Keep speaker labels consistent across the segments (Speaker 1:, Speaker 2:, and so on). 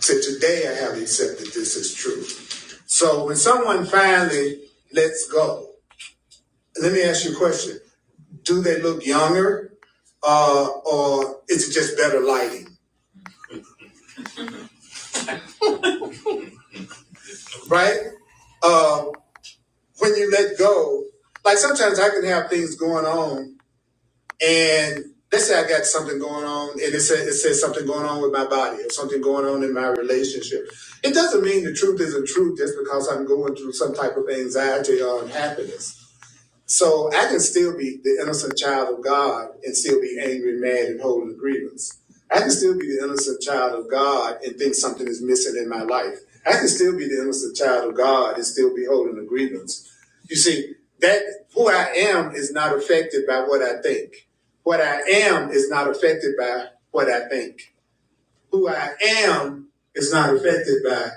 Speaker 1: So today I have accepted this as true. So when someone finally lets go, let me ask you a question. Do they look younger uh, or is it just better lighting? Right? Uh, when you let go, like sometimes I can have things going on and let's say I got something going on and it says, it says something going on with my body or something going on in my relationship. It doesn't mean the truth isn't true just because I'm going through some type of anxiety or unhappiness So I can still be the innocent child of God and still be angry, mad, and holding a grievance. I can still be the innocent child of God and think something is missing in my life. I can still be the innocent child of God and still be holding a grievance. You see, that who I am is not affected by what I think. What I am is not affected by what I think. Who I am is not affected by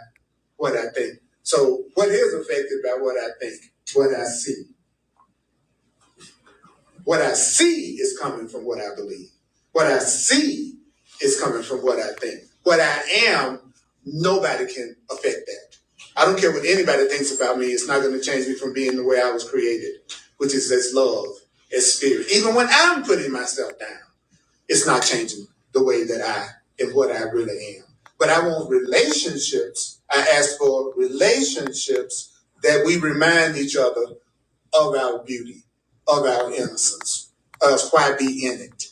Speaker 1: what I think. So what is affected by what I think? What I see. What I see is coming from what I believe. What I see is coming from what I think. What I am, nobody can affect that. I don't care what anybody thinks about me. It's not going to change me from being the way I was created, which is as love, as spirit. Even when I'm putting myself down, it's not changing the way that I am what I really am. But I want relationships. I ask for relationships that we remind each other of our beauty, of our innocence. Us, why be in it?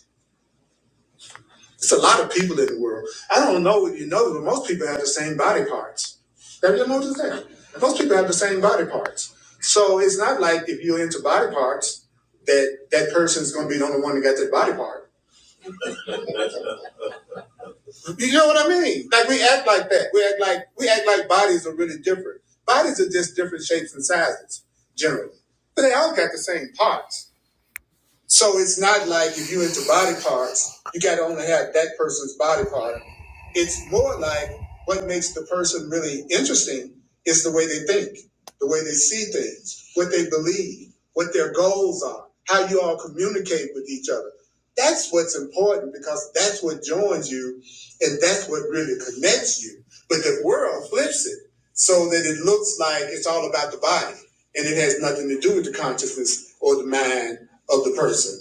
Speaker 1: It's a lot of people in the world. I don't know if you know, but most people have the same body parts. Have you noticed that? Most people have the same body parts. So it's not like if you're into body parts, that that person's going to be the only one that got that body part. You know what I mean? Like we act like that. We act like we act like bodies are really different. Bodies are just different shapes and sizes, generally, but they all got the same parts. So it's not like if you're into body parts, you got to only have that person's body part. It's more like what makes the person really interesting is the way they think, the way they see things, what they believe, what their goals are, how you all communicate with each other. That's what's important because that's what joins you and that's what really connects you. But the world flips it so that it looks like it's all about the body and it has nothing to do with the consciousness or the mind of the person.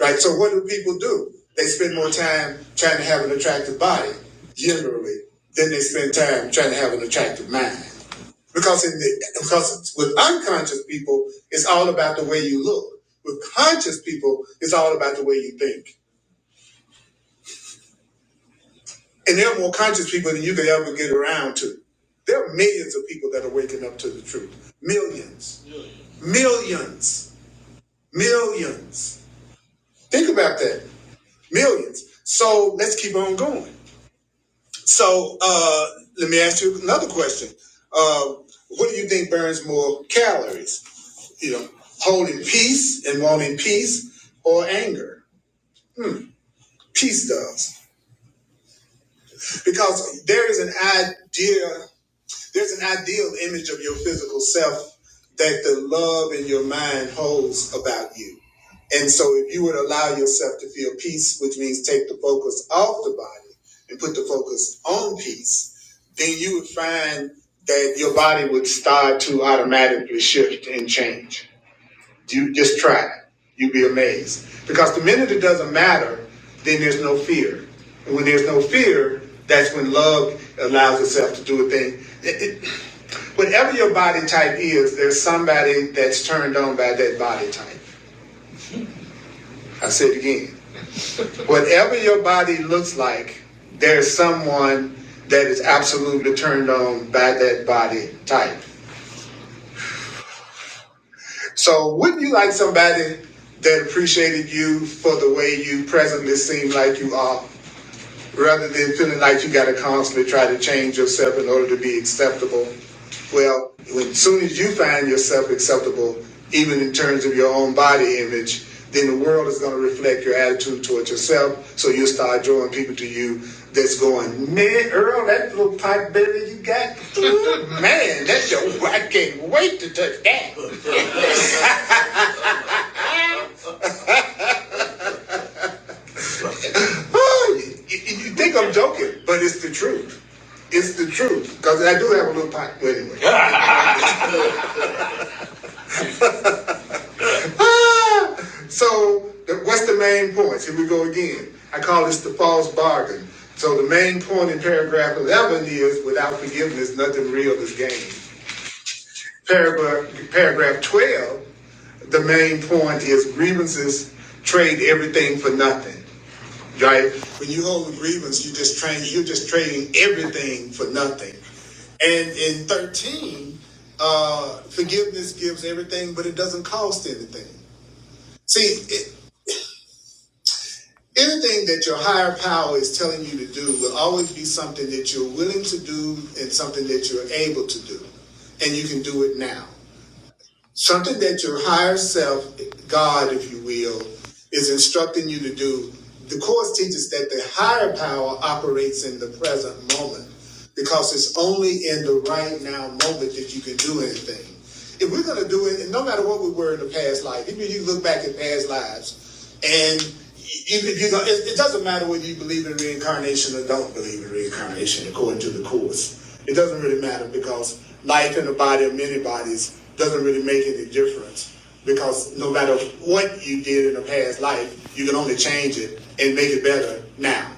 Speaker 1: Right? So what do people do? They spend more time trying to have an attractive body, generally, than they spend time trying to have an attractive mind. Because in the because with unconscious people, it's all about the way you look. With conscious people, it's all about the way you think. And there are more conscious people than you could ever get around to. There are millions of people that are waking up to the truth. Millions Millions. Millions. Think about that. Millions. So let's keep on going. So uh, let me ask you another question. Uh, what do you think burns more calories? You know, holding peace and wanting peace or anger? Peace does. Because there is an idea There's an ideal image of your physical self that the love in your mind holds about you. And so if you would allow yourself to feel peace, which means take the focus off the body and put the focus on peace, then you would find that your body would start to automatically shift and change. You just try. You'll be amazed. Because the minute it doesn't matter, then there's no fear. And when there's no fear, that's when love allows itself to do a thing. It- it- whatever your body type is, there's somebody that's turned on by that body type. I said it again. Whatever your body looks like, there's someone that is absolutely turned on by that body type. So wouldn't you like somebody that appreciated you for the way you presently seem like you are, rather than feeling like you got to constantly try to change yourself in order to be acceptable? Well, when soon as you find yourself acceptable, even in terms of your own body image, then the world is going to reflect your attitude towards yourself. So you'll start drawing people to you that's going, man, Earl, that little pot belly you got, ooh, man, that's your, I can't wait to touch that. Oh, you, you think I'm joking, but it's the truth. It's the truth because I do have a little pot. But anyway, Yeah. Ah! so the, what's the main points? Here we go again. I call this the false bargain. So the main point in paragraph 11 is without forgiveness, nothing real is gained. Paragraph paragraph 12, the main point is grievances trade everything for nothing. right? When you hold a grievance, you just train, you're just trading everything for nothing. And in 13, uh, forgiveness gives everything, but it doesn't cost anything. See, it, anything that your higher power is telling you to do will always be something that you're willing to do and something that you're able to do. And you can do it now. Something that your higher self, God, if you will, is instructing you to do. The Course teaches that the higher power operates in the present moment because it's only in the right now moment that you can do anything. If we're going to do it, and no matter what we were in the past life, even if you look back at past lives, and you, you know, it, it doesn't matter whether you believe in reincarnation or don't believe in reincarnation, according to the Course. It doesn't really matter because life in the body of many bodies doesn't really make any difference because no matter what you did in a past life, you can only change it and make it better now.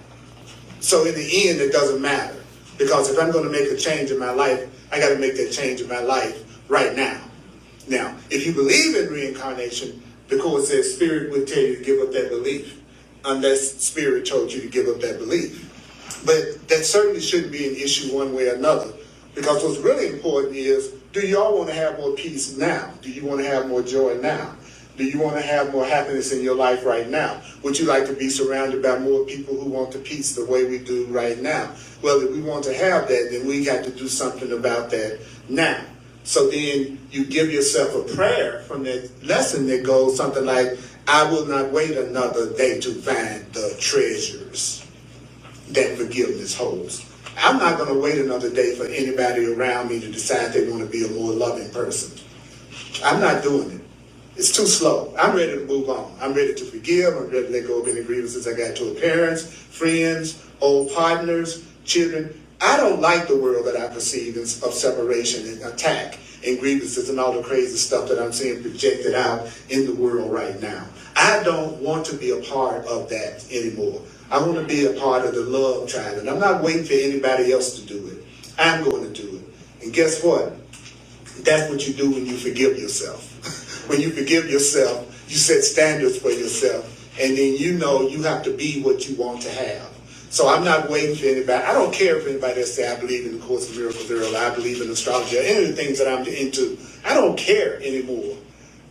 Speaker 1: So in the end, it doesn't matter because if I'm going to make a change in my life, I got to make that change in my life right now. Now, if you believe in reincarnation, the court says spirit would tell you to give up that belief unless spirit told you to give up that belief. But that certainly shouldn't be an issue one way or another. Because what's really important is do y'all want to have more peace now? Do you want to have more joy now? Do you want to have more happiness in your life right now? Would you like to be surrounded by more people who want the peace the way we do right now? Well, if we want to have that, then we got to do something about that now. So then you give yourself a prayer from that lesson that goes something like, I will not wait another day to find the treasures that forgiveness holds. I'm not going to wait another day for anybody around me to decide they want to be a more loving person. I'm not doing it. It's too slow. I'm ready to move on. I'm ready to forgive. I'm ready to let go of any grievances I got toward parents, friends, old partners, children. I don't like the world that I perceive of separation and attack and grievances and all the crazy stuff that I'm seeing projected out in the world right now. I don't want to be a part of that anymore. I want to be a part of the love tribe, and I'm not waiting for anybody else to do it. I'm going to do it. And guess what? That's what you do when you forgive yourself. when you forgive yourself, you set standards for yourself, and then you know you have to be what you want to have. So I'm not waiting for anybody. I don't care if anybody says I believe in the Course of Miracles or I believe in astrology or any of the things that I'm into. I don't care anymore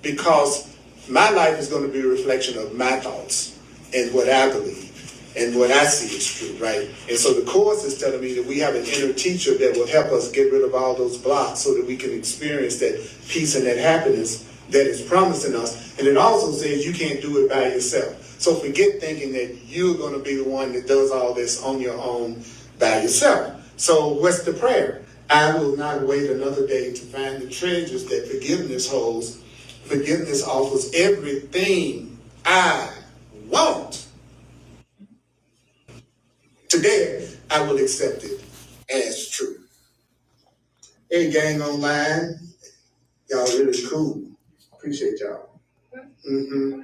Speaker 1: because my life is going to be a reflection of my thoughts and what I believe and what I see is true, right? And so the course is telling me that we have an inner teacher that will help us get rid of all those blocks so that we can experience that peace and that happiness that is promising us. And it also says you can't do it by yourself. So forget thinking that you're going to be the one that does all this on your own by yourself. So what's the prayer? I will not wait another day to find the treasures that forgiveness holds. Forgiveness offers everything I want Today, I will accept it as true. Hey, gang online, y'all really cool. Appreciate y'all. Mm-hmm.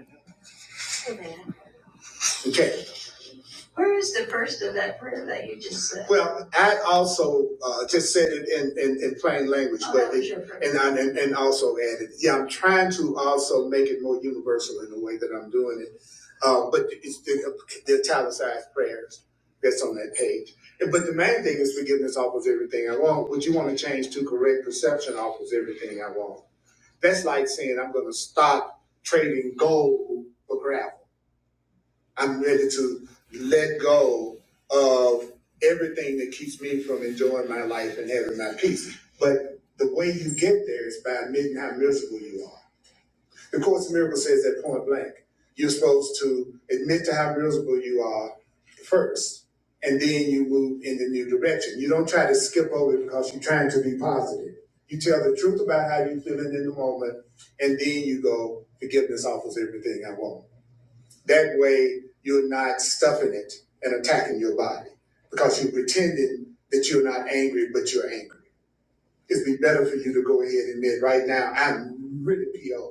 Speaker 1: Okay. Where is the first of that prayer that you just said? Well, I also uh, just said it in, in, in plain language, Oh, but that was it, your prayer. and, I, and and also added, yeah, I'm trying to also make it more universal in the way that I'm doing it. Uh, but it's the, the italicized prayers that's on that page. But the main thing is forgiveness offers everything I want. What you want to change to correct perception offers everything I want. That's like saying I'm going to stop trading gold for gravel. I'm ready to let go of everything that keeps me from enjoying my life and having my peace. But the way you get there is by admitting how miserable you are. The Course in Miracles says that point blank. You're supposed to admit to how miserable you are first, and then you move in the new direction. You don't try to skip over it because you're trying to be positive. You tell the truth about how you're feeling in the moment, and then you go, forgiveness offers everything I want. That way, you're not stuffing it and attacking your body because you're pretending that you're not angry, but you're angry. It'd be better for you to go ahead and admit right now, I'm really PO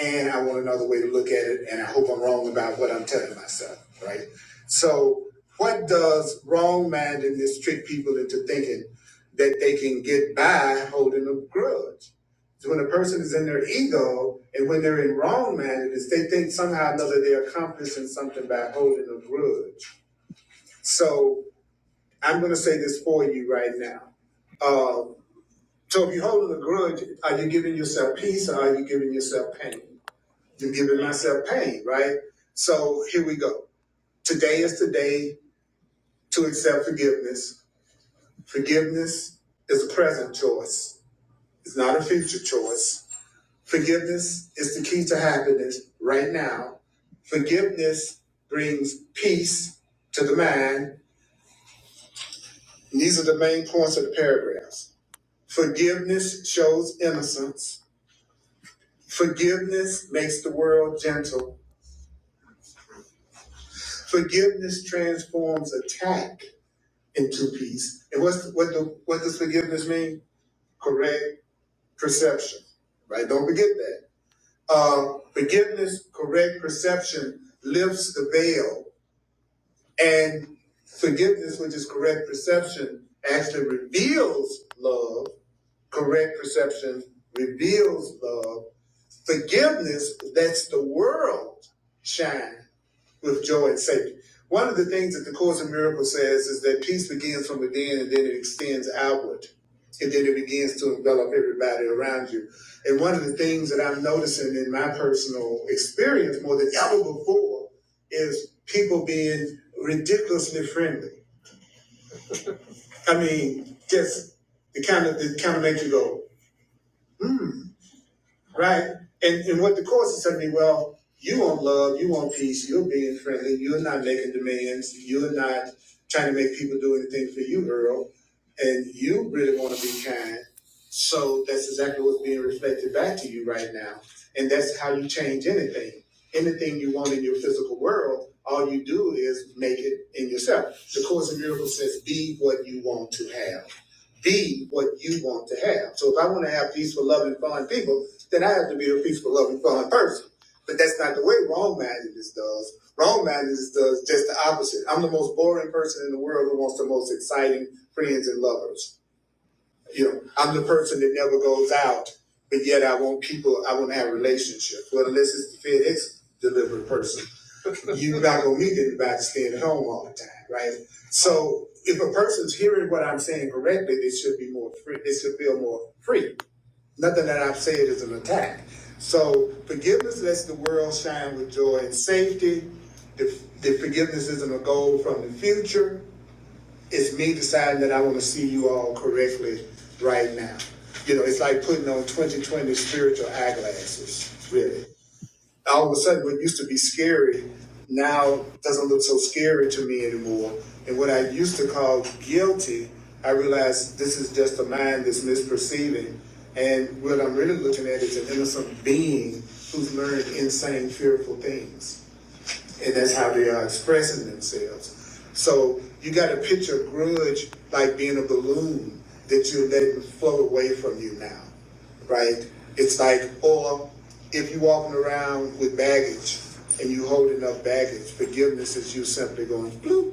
Speaker 1: and I want another way to look at it, and I hope I'm wrong about what I'm telling myself, right? So, what does wrong mindedness trick people into thinking that they can get by holding a grudge? So when a person is in their ego and when they're in wrong mindedness, they think somehow or another they're accomplishing something by holding a grudge. So, I'm going to say this for you right now. Um, so, if you're holding a grudge, are you giving yourself peace or are you giving yourself pain? and giving myself pain, right? So here we go. Today is the day to accept forgiveness. Forgiveness is a present choice, it's not a future choice. Forgiveness is the key to happiness right now. Forgiveness brings peace to the mind. And these are the main points of the paragraphs. Forgiveness shows innocence. Forgiveness makes the world gentle. Forgiveness transforms attack into peace. And what's what the what does forgiveness mean? Correct perception, right? Don't forget that. Um, forgiveness, correct perception lifts the veil, and forgiveness, which is correct perception, actually reveals love. Correct perception reveals love. Forgiveness lets the world shine with joy and safety. One of the things that the Course in Miracles says is that peace begins from within and then it extends outward. And then it begins to envelop everybody around you. And one of the things that I'm noticing in my personal experience more than ever before is people being ridiculously friendly. I mean, just the kind of the kind of make you go, hmm. right? And and what the course is telling me, well, you want love, you want peace, you're being friendly, you're not making demands, you're not trying to make people do anything for you, Earl, and you really want to be kind. So that's exactly what's being reflected back to you right now, and that's how you change anything. Anything you want in your physical world, all you do is make it in yourself. The Course in Miracles says, "Be what you want to have." Be what you want to have. So if I want to have peaceful, loving, fun people then I have to be a peaceful, loving, fun person. But that's not the way wrong mindedness does. Wrong mindedness does just the opposite. I'm the most boring person in the world who wants the most exciting friends and lovers. You know, I'm the person that never goes out, but yet I want people, I want to have relationships. Well, unless it's the FedEx delivered person, you're not going to meet anybody staying at home all the time, right? So if a person's hearing what I'm saying correctly, they should be more free. They should feel more free. Nothing that I've said is an attack. So forgiveness lets the world shine with joy and safety. The, the forgiveness isn't a goal from the future. It's me deciding that I want to see you all correctly right now. You know, it's like putting on 2020 spiritual eyeglasses, really all of a sudden what used to be scary now doesn't look so scary to me anymore. And what I used to call guilty, I realized this is just a mind that's misperceiving. And what I'm really looking at is an innocent being who's learned insane, fearful things. And that's how they are expressing themselves. So you got to picture grudge like being a balloon that you're letting float away from you now right? It's like, or if you are walking around with baggage and you holding up baggage, forgiveness is you simply going bloop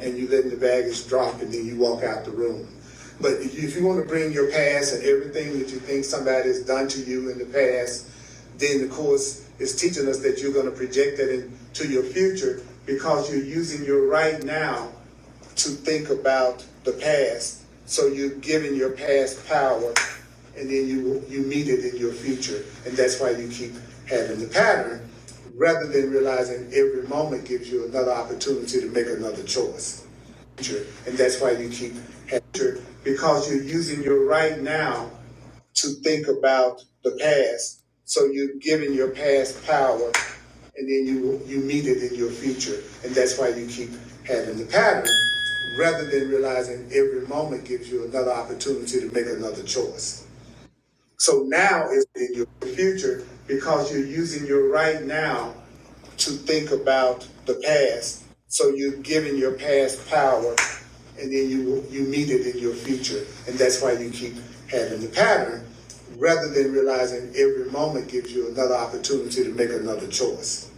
Speaker 1: and you letting the baggage drop and then you walk out the room. But if you want to bring your past and everything that you think somebody has done to you in the past, then the course is teaching us that you're going to project that into your future because you're using your right now to think about the past. So you're giving your past power, and then you you meet it in your future, and that's why you keep having the pattern, rather than realizing every moment gives you another opportunity to make another choice. And that's why you keep having because you're using your right now to think about the past. So you're giving your past power and then you you meet it in your future, and that's why you keep having the pattern, rather than realizing every moment gives you another opportunity to make another choice. So now is in your future because you're using your right now to think about the past. So you're giving your past power, and then you you meet it in your future, and that's why you keep having the pattern, rather than realizing every moment gives you another opportunity to make another choice.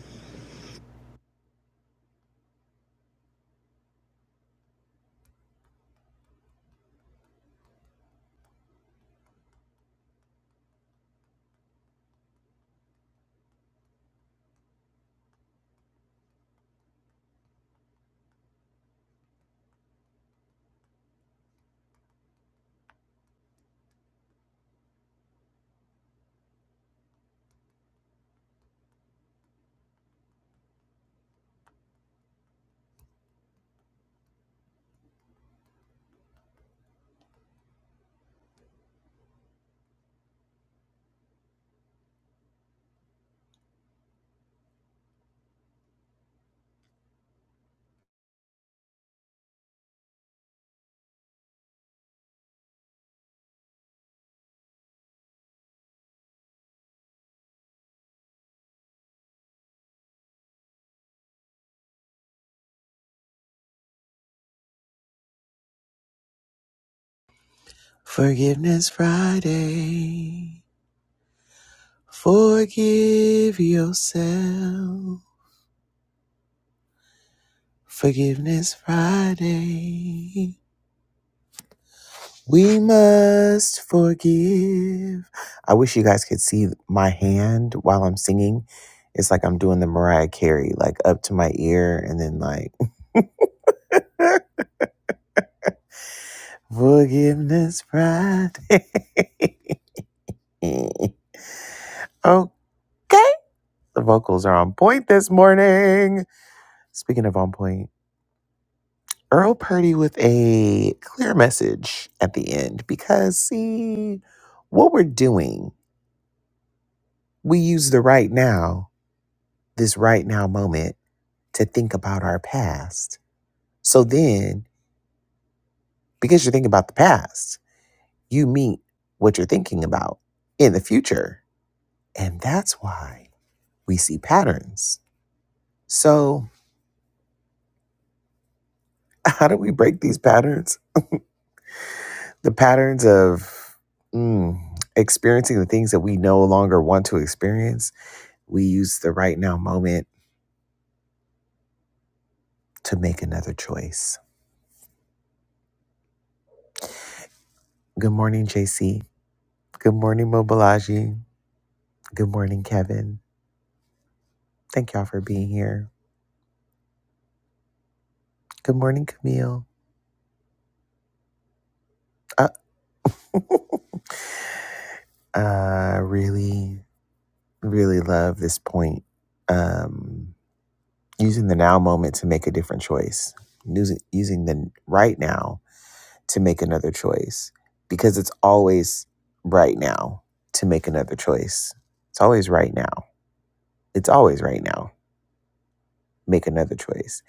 Speaker 1: Forgiveness Friday. Forgive yourself. Forgiveness Friday. We must forgive. I wish you guys could see my hand while I'm singing. It's like I'm doing the Mariah Carey, like up to my ear, and then like forgiveness, pride. okay. The vocals are on point this morning. Speaking of on point, Earl Purdy with a clear message at the end because, see, what we're doing, we use the right now, this right now moment to think about our past. So then, because you're thinking about the past, you meet what you're thinking about in the future. And that's why we see patterns. So, how do we break these patterns? The patterns of mm, experiencing the things that we no longer want to experience. We use the right now moment to make another choice. Good morning, JC. Good morning, Mobilaji. Good morning, Kevin. Thank y'all for being here. Good morning, Camille. I, I really, really love this point. Um, using the now moment to make a different choice, using, using the right now to make another choice, because it's always right now to make another choice. It's always right now. It's always right now. Make another choice.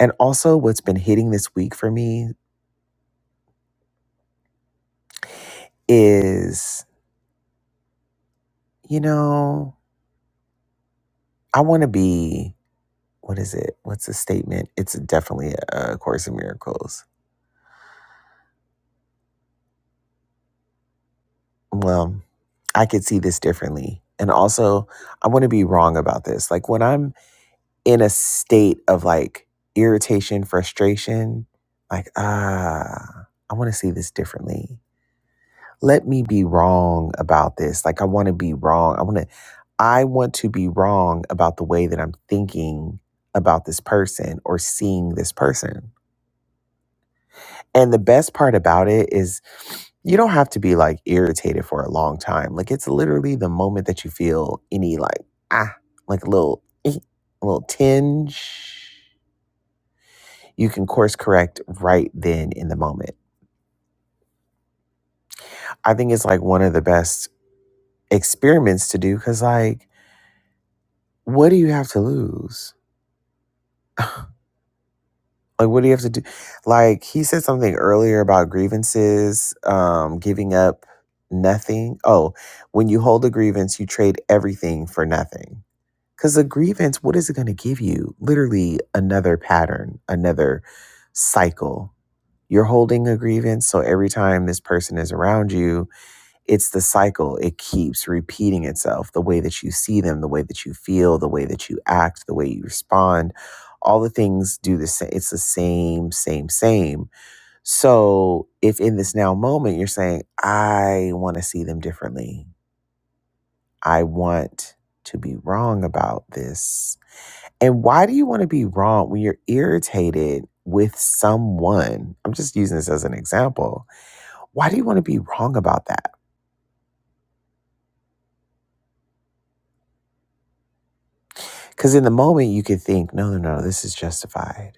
Speaker 1: And also, what's been hitting this week for me is, you know, I want to be, what is it? What's the statement? It's definitely a Course in Miracles Well, I could see this differently. And also, I want to be wrong about this. Like when I'm in a state of like irritation, frustration, like, ah, I want to see this differently. Let me be wrong about this. Like I want to be wrong. I want to I want to be wrong about the way that I'm thinking about this person or seeing this person and the best part about it is you don't have to be like irritated for a long time. Like it's literally the moment that you feel any like ah, like a little eh, a little tinge. You can course correct right then in the moment. I think it's like one of the best experiments to do because like what do you have to lose? Like, what do you have to do? Like, he said something earlier about grievances, um, giving up nothing. Oh, when you hold a grievance, you trade everything for nothing. Because a grievance, what is it going to give you? Literally, another pattern, another cycle. You're holding a grievance. So every time this person is around you, it's the cycle. It keeps repeating itself. The way that you see them, the way that you feel, the way that you act, the way you respond, all the things do the same. It's the same, same, same. So if in this now moment you're saying, I want to see them differently, I want to be wrong about this. And why do you want to be wrong when you're irritated with someone? I'm just using this as an example. Why do you want to be wrong about that? Because in the moment, you could think, no, no, no, this is justified.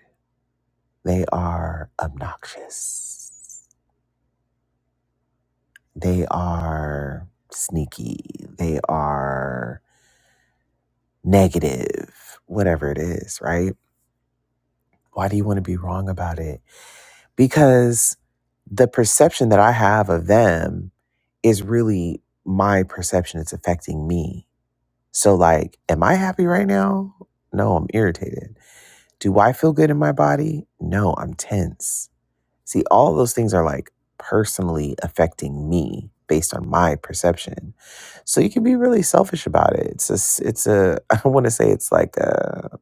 Speaker 1: They are obnoxious. They are sneaky. They are negative, whatever it is, right? Why do you want to be wrong about it? Because the perception that I have of them is really my perception. It's affecting me. So, like, am I happy right now? No, I'm irritated. Do I feel good in my body? No, I'm tense See, all those things are like personally affecting me based on my perception. So you can be really selfish about it. It's a, s- it's a I want to say it's like a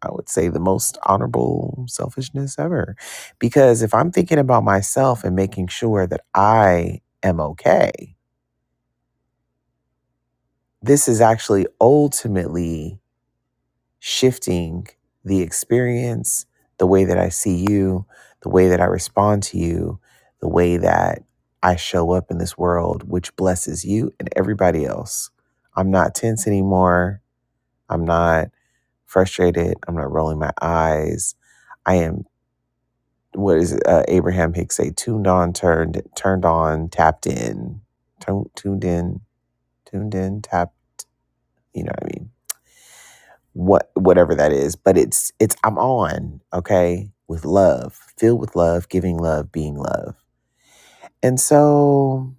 Speaker 1: I would say the most honorable selfishness ever. Because if I'm thinking about myself and making sure that I am okay, this is actually ultimately shifting the experience, the way that I see you, the way that I respond to you, the way that I show up in this world, which blesses you and everybody else. I'm not tense anymore. I'm not frustrated. I'm not rolling my eyes. I am, what is it, uh, Abraham Hicks say, tuned on, turned, turned on, tapped in, tuned, tuned in, tuned in, tapped, you know what I mean? what whatever that is but it's it's i'm on okay with love filled with love giving love being love and so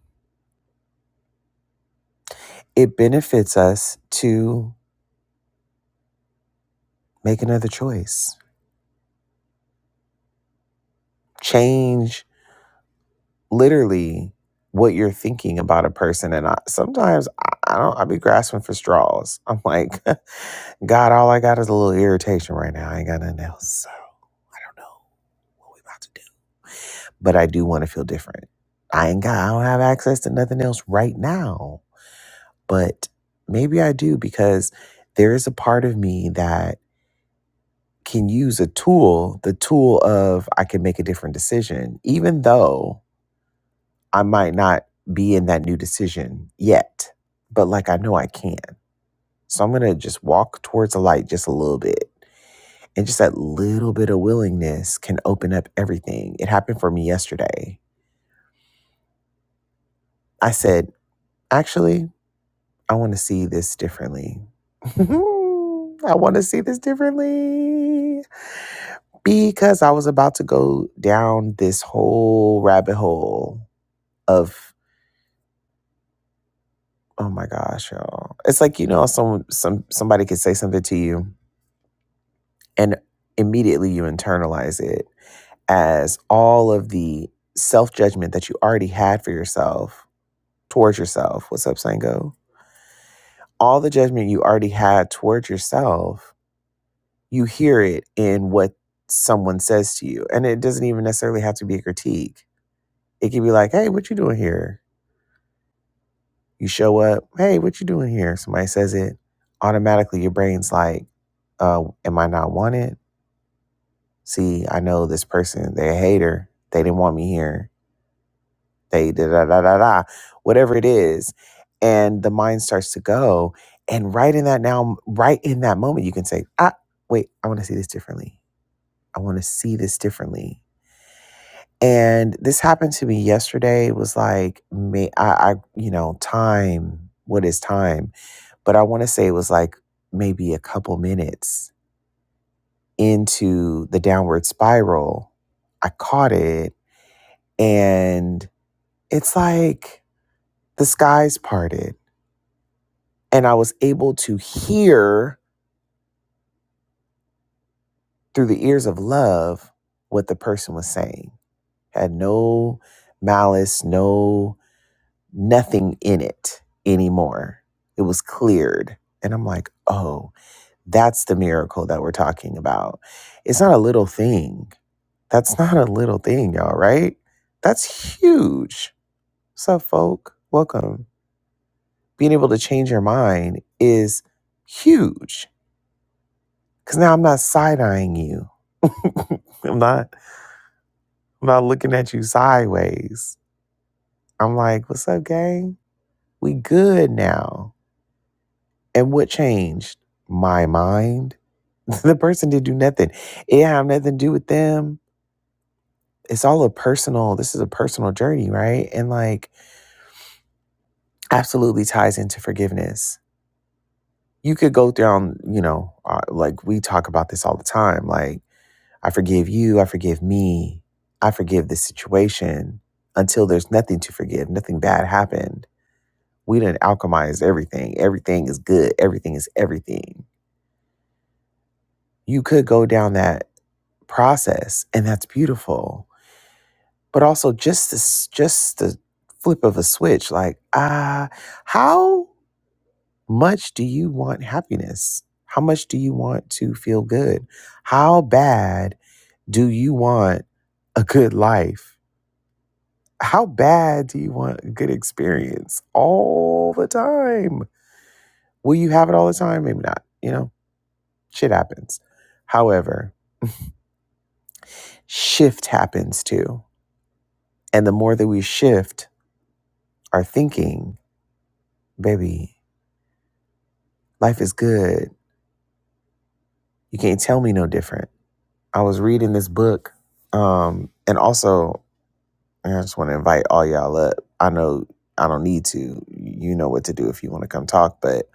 Speaker 1: it benefits us to make another choice change literally what you're thinking about a person and i sometimes i, I don't i be grasping for straws i'm like god all i got is a little irritation right now i ain't got nothing else so i don't know what we about to do but I do want to feel different. I ain't got, I don't have access to nothing else right now, but maybe I do because there is a part of me that can use a tool, the tool of I can make a different decision, even though I might not be in that new decision yet, but like I know I can. So I'm going to just walk towards the light just a little bit. And just that little bit of willingness can open up everything. It happened for me yesterday. I said, actually, I want to see this differently. I want to see this differently because I was about to go down this whole rabbit hole of oh my gosh, y'all. It's like you know some some somebody could say something to you and immediately you internalize it as all of the self-judgment that you already had for yourself towards yourself. What's up, Sango? All the judgment you already had towards yourself you hear it in what someone says to you. And it doesn't even necessarily have to be a critique. It can be like, hey, what you doing here? You show up, hey, what you doing here? Somebody says it, automatically your brain's like, uh, am I not wanted? See, I know this person, they're a hater. They didn't want me here. They da da da da da, whatever it is. And the mind starts to go. And right in that now, right in that moment, you can say, ah, wait, I want to see this differently. I want to see this differently And this happened to me yesterday. It was like, may, I, I, you know, time, what is time? But I want to say it was like maybe a couple minutes into the downward spiral. I caught it and it's like the skies parted. And I was able to hear through the ears of love what the person was saying. Had no malice, no nothing in it anymore. It was cleared. And I'm like, oh, that's the miracle that we're talking about. It's not a little thing. That's not a little thing, y'all, right? That's huge. What's up, folk? Welcome. Being able to change your mind is huge. Cause now I'm not side eyeing you. I'm not I'm not looking at you sideways. I'm like, what's up, gang? We good now And what changed? My mind. the person did do nothing. It have nothing to do with them. It's all a personal, this is a personal journey, right? And like absolutely ties into forgiveness. You could go down, you know, uh, like we talk about this all the time. Like, I forgive you, I forgive me, I forgive this situation until there's nothing to forgive, nothing bad happened. We didn't alchemize everything. Everything is good, everything is everything you could go down that process and that's beautiful but also just this just the flip of a switch like ah how much do you want happiness how much do you want to feel good how bad do you want a good life how bad do you want a good experience all the time will you have it all the time maybe not you know shit happens however shift happens too And the more that we shift our thinking, baby, life is good. You can't tell me no different. I was reading this book, um, and also I just want to invite all y'all up. I know I don't need to. You know what to do if you want to come talk, but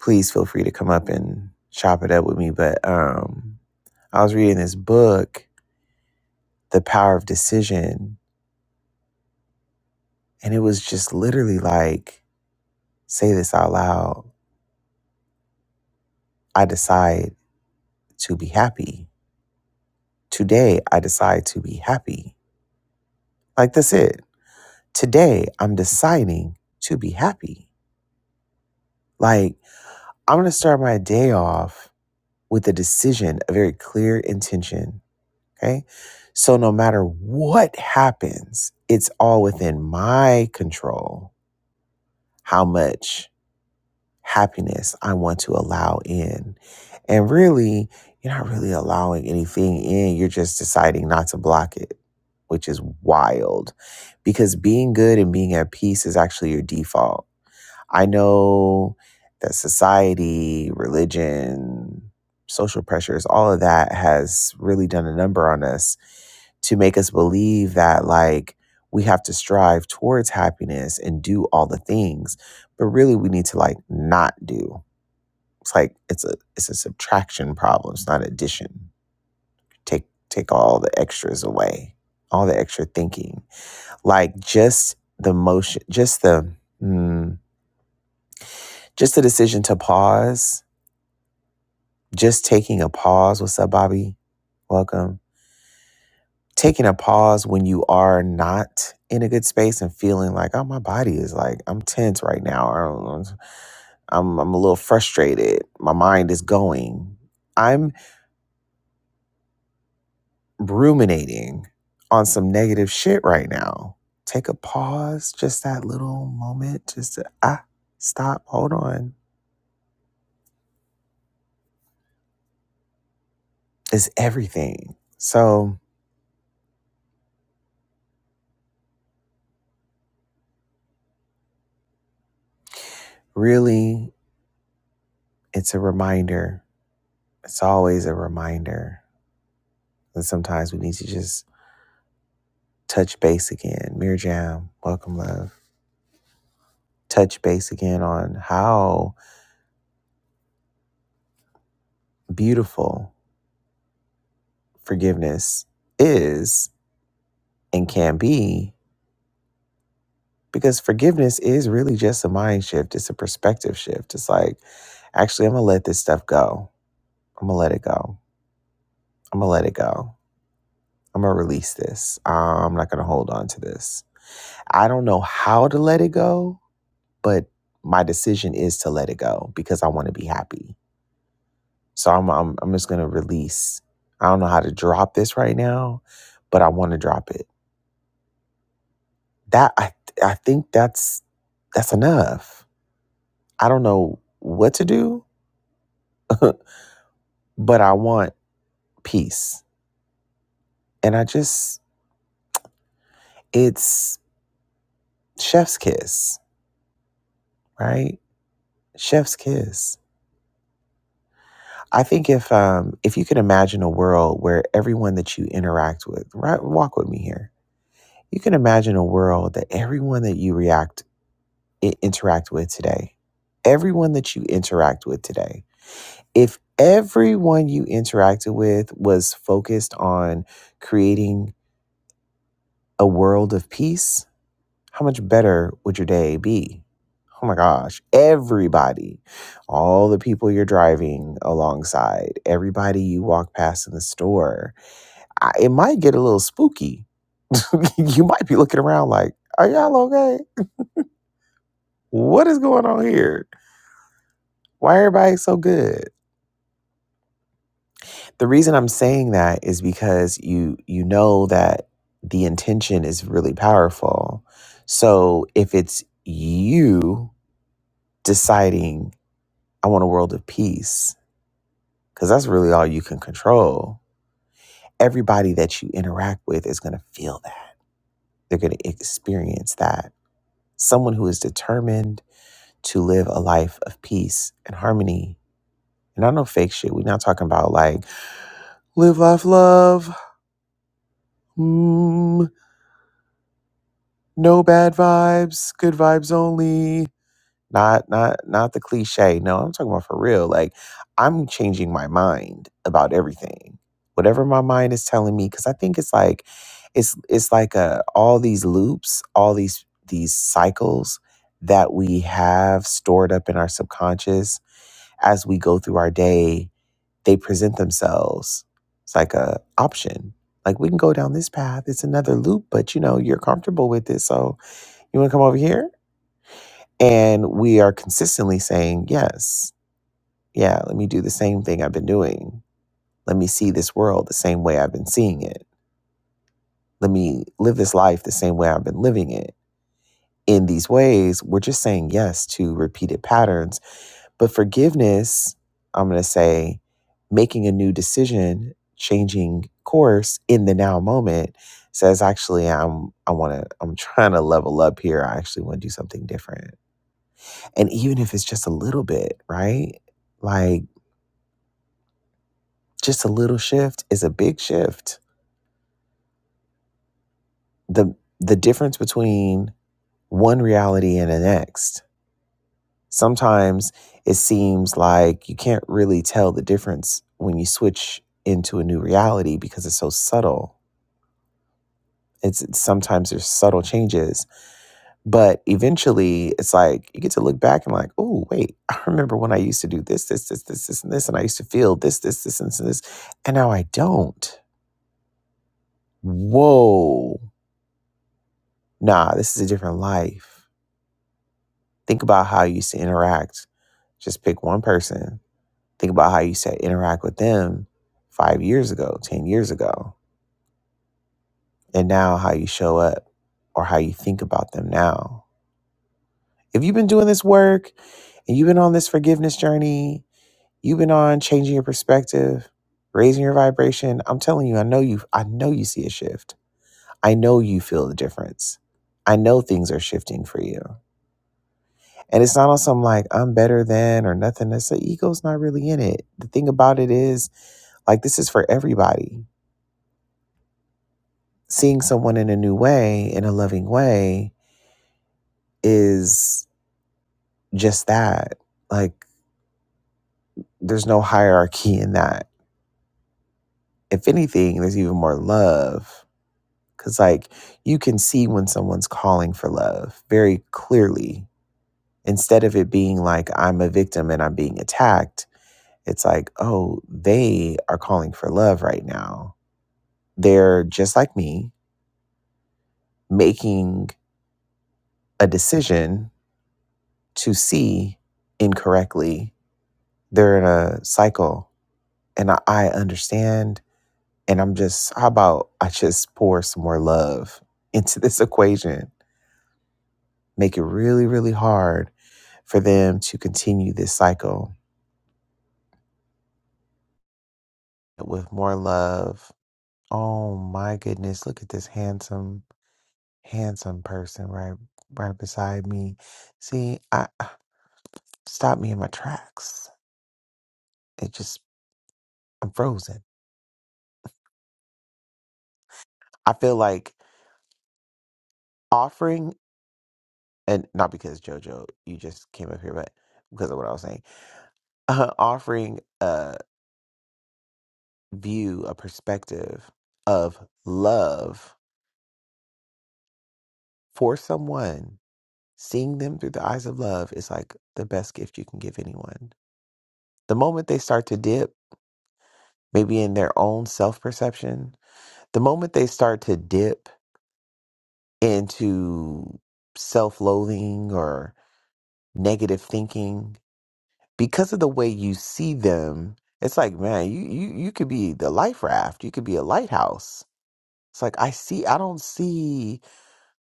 Speaker 1: please feel free to come up and chop it up with me. But um, I was reading this book, The Power of Decision, and it was just literally like, say this out loud. I decide to be happy. Today, I decide to be happy. Like, that's it. Today, I'm deciding to be happy. Like, I'm going to start my day off with a decision, a very clear intention. Okay. So, no matter what happens, it's all within my control. How much? happiness I want to allow in. And really, you're not really allowing anything in. You're just deciding not to block it, which is wild because being good and being at peace is actually your default I know that society, religion, social pressures, all of that has really done a number on us to make us believe that, like, we have to strive towards happiness and do all the things, but really we need to like not do. It's like it's a it's a subtraction problem. It's not addition. Take take all the extras away, all the extra thinking. Like just the motion, just the mm, just the decision to pause Just taking a pause. What's up, Bobby? Welcome. Taking a pause when you are not in a good space and feeling like, oh, my body is like, I'm tense right now. Or I'm, I'm a little frustrated. My mind is going. I'm ruminating on some negative shit right now. Take a pause, just that little moment, just to, ah, stop, hold on, It's everything. So, really, it's a reminder. It's always a reminder And sometimes we need to just touch base again. Mirror Jam, welcome, love. Touch base again on how beautiful forgiveness is and can be because forgiveness is really just a mind shift, it's a perspective shift. It's like, actually, I'm going to let this stuff go. I'm going to let it go. I'm going to let it go. I'm going to release this. I'm not going to hold on to this. I don't know how to let it go, but my decision is to let it go because I want to be happy So I'm I'm, I'm just gonna release. I don't know how to drop this right now, but I want to drop it. That I I think that's that's enough. I don't know what to do, but I want peace. And I just it's chef's kiss, right? Chef's kiss. I think if um if you can imagine a world where everyone that you interact with, right walk with me here. You can imagine a world that everyone that you react i- interact with today. Everyone that you interact with today. If everyone you interacted with was focused on creating a world of peace, how much better would your day be? Oh my gosh, everybody, all the people you're driving alongside, everybody you walk past in the store, I, it might get a little spooky. you might be looking around like, are y'all okay? What is going on here? Why are everybody so good? The reason I'm saying that is because you you know that the intention is really powerful. So if it's you deciding I want a world of peace cuz that's really all you can control. Everybody that you interact with is going to feel that. They're going to experience that. Someone who is determined to live a life of peace and harmony. And I know fake shit. We're not talking about like live life love. Mm, No bad vibes, good vibes only. Not not not the cliche. No, I'm talking about for real. Like I'm changing my mind about everything. Whatever my mind is telling me cuz I think it's like it's it's like uh all these loops, all these these cycles that we have stored up in our subconscious as we go through our day, they present themselves. It's like a option. Like we can go down this path. It's another loop, but you know, you're comfortable with it. So you want to come over here? And we are consistently saying, yes, yeah, let me do the same thing I've been doing. Let me see this world the same way I've been seeing it. Let me live this life the same way I've been living it. In these ways, we're just saying yes to repeated patterns. But forgiveness, I'm going to say, making a new decision, changing course in the now moment says actually I'm I want to I'm trying to level up here. I actually want to do something different And even if it's just a little bit, right? Like just a little shift is a big shift. The the difference between one reality and the next. Sometimes it seems like you can't really tell the difference when you switch into a new reality because it's so subtle. It's sometimes there's subtle changes, but eventually it's like you get to look back and like, oh wait, I remember when I used to do this, this, this, this, this, and this, and I used to feel this, this, this, and this, and this, and now I don't Whoa, nah, this is a different life. Think about how you used to interact. Just pick one person. Think about how you used to interact with them five years ago, 10 years ago, and now how you show up or how you think about them now. If you've been doing this work and you've been on this forgiveness journey, you've been on changing your perspective, raising your vibration, I'm telling you, I know you I know you see a shift. I know you feel the difference. I know things are shifting for you. And it's not on some like I'm better than or nothing. That's the ego's not really in it. The thing about it is, like, this is for everybody. Seeing someone in a new way, in a loving way, is just that. Like, there's no hierarchy in that. If anything, there's even more love. Cause like you can see when someone's calling for love very clearly. Instead of it being like I'm a victim and I'm being attacked, it's like, oh, they are calling for love right now They're just like me, making a decision to see incorrectly. They're in a cycle, and I, I understand. And I'm just, how about I just pour some more love into this equation, make it really, really hard for them to continue this cycle with more love. Oh my goodness, look at this handsome, handsome person right right beside me. See, I stop me in my tracks. it just I'm frozen. I feel like offering and not because JoJo, you just came up here, but because of what I was saying, uh, offering a view, a perspective of love for someone, seeing them through the eyes of love is like the best gift you can give anyone. The moment they start to dip, maybe in their own self perception, the moment they start to dip into self loathing or negative thinking, because of the way you see them, it's like, man, you you you could be the life raft, you could be a lighthouse. It's like I see I don't see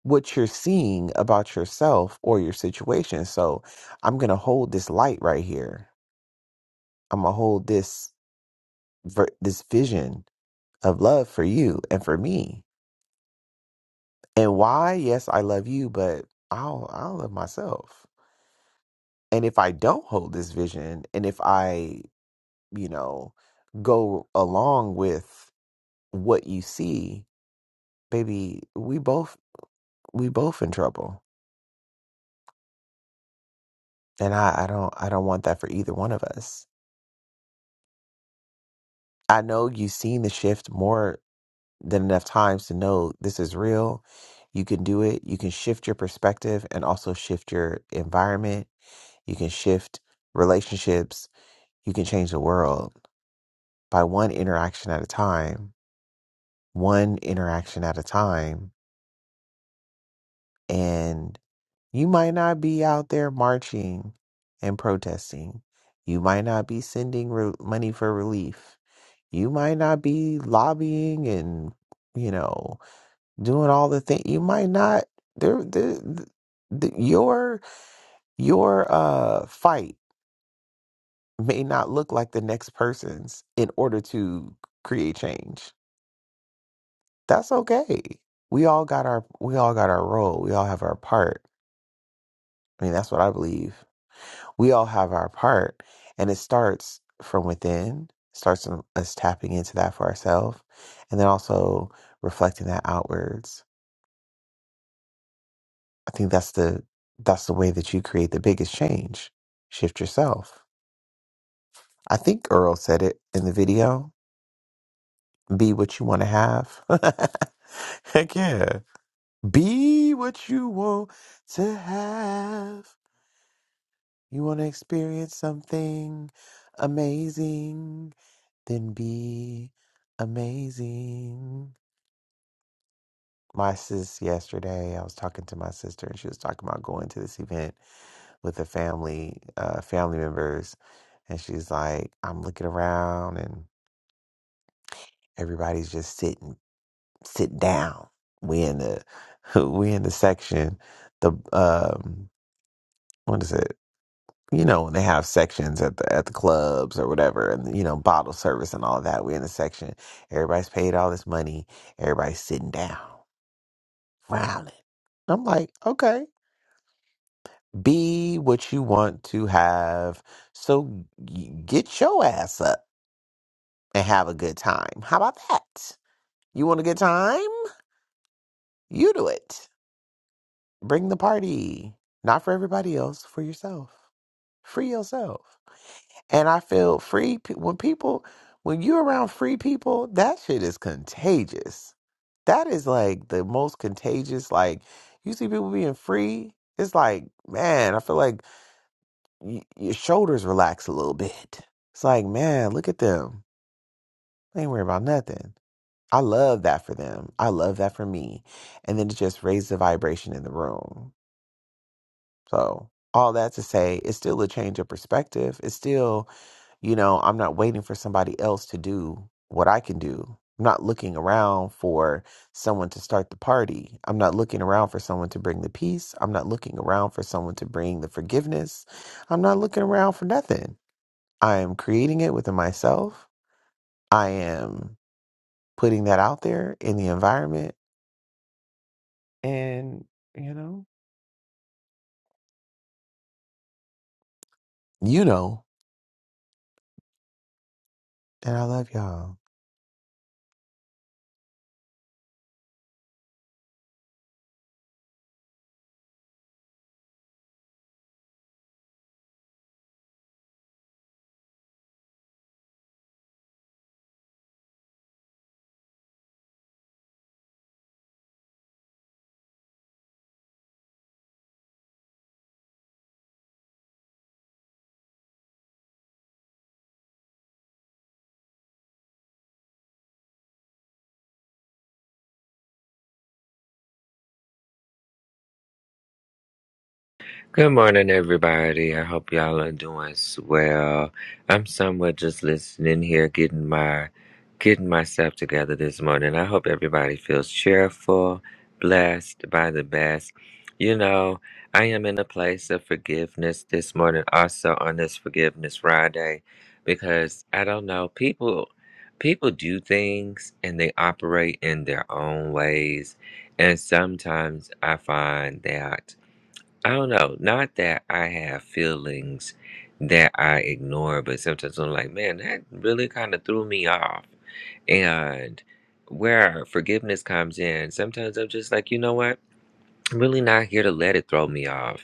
Speaker 1: what you're seeing about yourself or your situation. So I'm going to hold this light right here. I'm going to hold this ver- this vision of love for you and for me. And why? Yes, I love you, but I don't, I don't love myself. And if I don't hold this vision and if I, you know, go along with what you see, baby, we both we both in trouble. And I, I don't I don't want that for either one of us. I know you've seen the shift more than enough times to know this is real. You can do it. You can shift your perspective and also shift your environment. You can shift relationships. You can change the world by one interaction at a time. One interaction at a time And you might not be out there marching and protesting. You might not be sending re- money for relief. You might not be lobbying and, you know, doing all the things. You might not. There, there, th- th- your your uh fight may not look like the next person's in order to create change. That's okay. We all got our we all got our role. We all have our part. I mean, that's what I believe we all have our part and it starts from within starts from us tapping into that for ourselves and then also reflecting that outwards i think that's the that's the way that you create the biggest change shift yourself i think earl said it in the video be what you want to have heck yeah be what you want to have you want to experience something amazing then be amazing. My sis yesterday, I was talking to my sister and she was talking about going to this event with her family, uh, family members. And she's like, I'm looking around and everybody's just sitting, sit down. We in the, we in the section, the, um, what is it? you know, they have sections at the at the clubs or whatever, and you know, bottle service and all of that. We're in the section. Everybody's paid all this money. Everybody's sitting down, frowning. I'm like, okay, be what you want to have. So y- get your ass up and have a good time. How about that? You want a good time? You do it. Bring the party. Not for everybody else, for yourself. Free yourself. And I feel free pe- when people, when you're around free people, that shit is contagious. That is like the most contagious. Like you see people being free, it's like man, I feel like y- your shoulders relax a little bit. It's like man, look at them. They ain't worried about nothing. I love that for them. I love that for me. And then it just raises the vibration in the room. So, all that to say, it's still a change of perspective. It's still, you know, I'm not waiting for somebody else to do what I can do. I'm not looking around for someone to start the party. I'm not looking around for someone to bring the peace. I'm not looking around for someone to bring the forgiveness. I'm not looking around for nothing. I am creating it within myself. I am putting that out there in the environment. And, you know, you know, and I love y'all.
Speaker 2: Good morning, everybody. I hope y'all are doing s- well. I'm somewhat just listening here, getting my getting myself together this morning. I hope everybody feels cheerful, blessed by the best. You know, I am in a place of forgiveness this morning, also on this forgiveness Friday, because I don't know, people people do things and they operate in their own ways. And sometimes I find that I don't know. Not that I have feelings that I ignore, but sometimes I'm like, man, that really kind of threw me off. And where forgiveness comes in, sometimes I'm just like, you know what? I'm really not here to let it throw me off.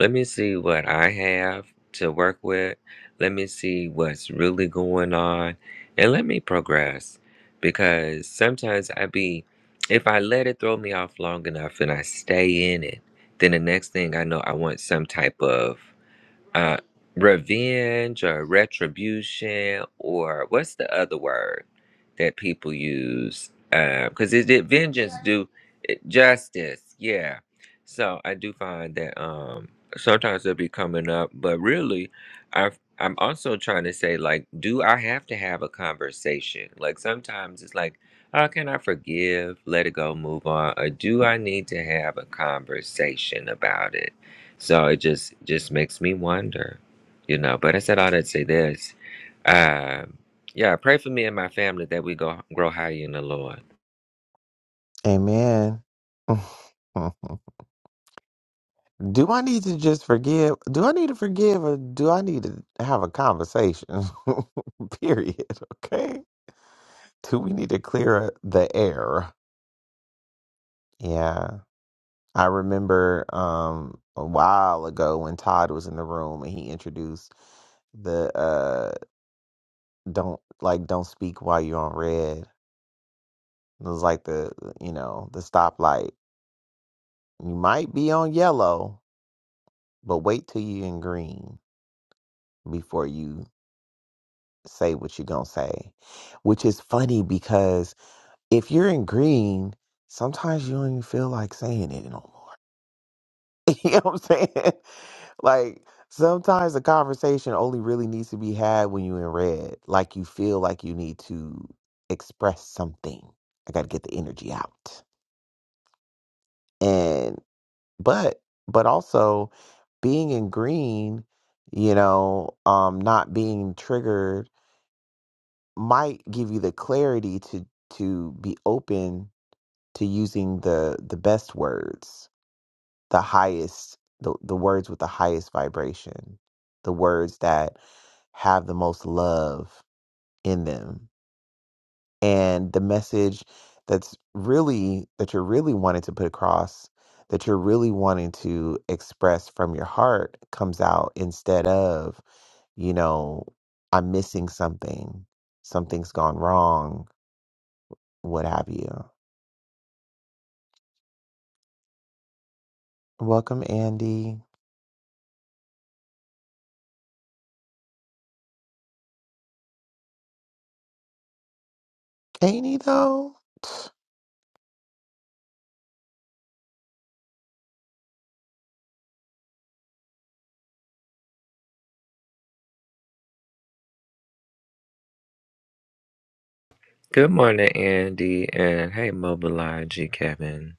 Speaker 2: Let me see what I have to work with. Let me see what's really going on and let me progress because sometimes I be if I let it throw me off long enough and I stay in it, then the next thing I know I want some type of uh, revenge or retribution or what's the other word that people use? Because it did vengeance do it, justice? Yeah. So I do find that um sometimes it'll be coming up, but really, I I'm also trying to say like, do I have to have a conversation? Like sometimes it's like, how can I forgive, let it go, move on, or do I need to have a conversation about it? So it just just makes me wonder, you know. But I said all that to say this. Um, yeah, pray for me and my family that we go grow higher in the Lord.
Speaker 1: Amen. do I need to just forgive? Do I need to forgive or do I need to have a conversation? Period. Okay. Do we need to clear the air? Yeah. I remember um a while ago when Todd was in the room and he introduced the uh don't like don't speak while you're on red. It was like the you know, the stoplight. You might be on yellow, but wait till you're in green. before you say what you're going to say, which is funny because if you're in green, sometimes you don't even feel like saying it no more. you know what I'm saying? Like, sometimes the conversation only really needs to be had when you're in red. Like, you feel like you need to express something. I got to get the energy out. And, but, but also being in green, you know, um, not being triggered might give you the clarity to to be open to using the the best words the highest the, the words with the highest vibration the words that have the most love in them and the message that's really that you're really wanting to put across that you're really wanting to express from your heart comes out instead of you know i'm missing something something's gone wrong what have you. Welcome, Andy. Andy, though,
Speaker 2: Good morning, Andy, and hey, Mobilize, Kevin,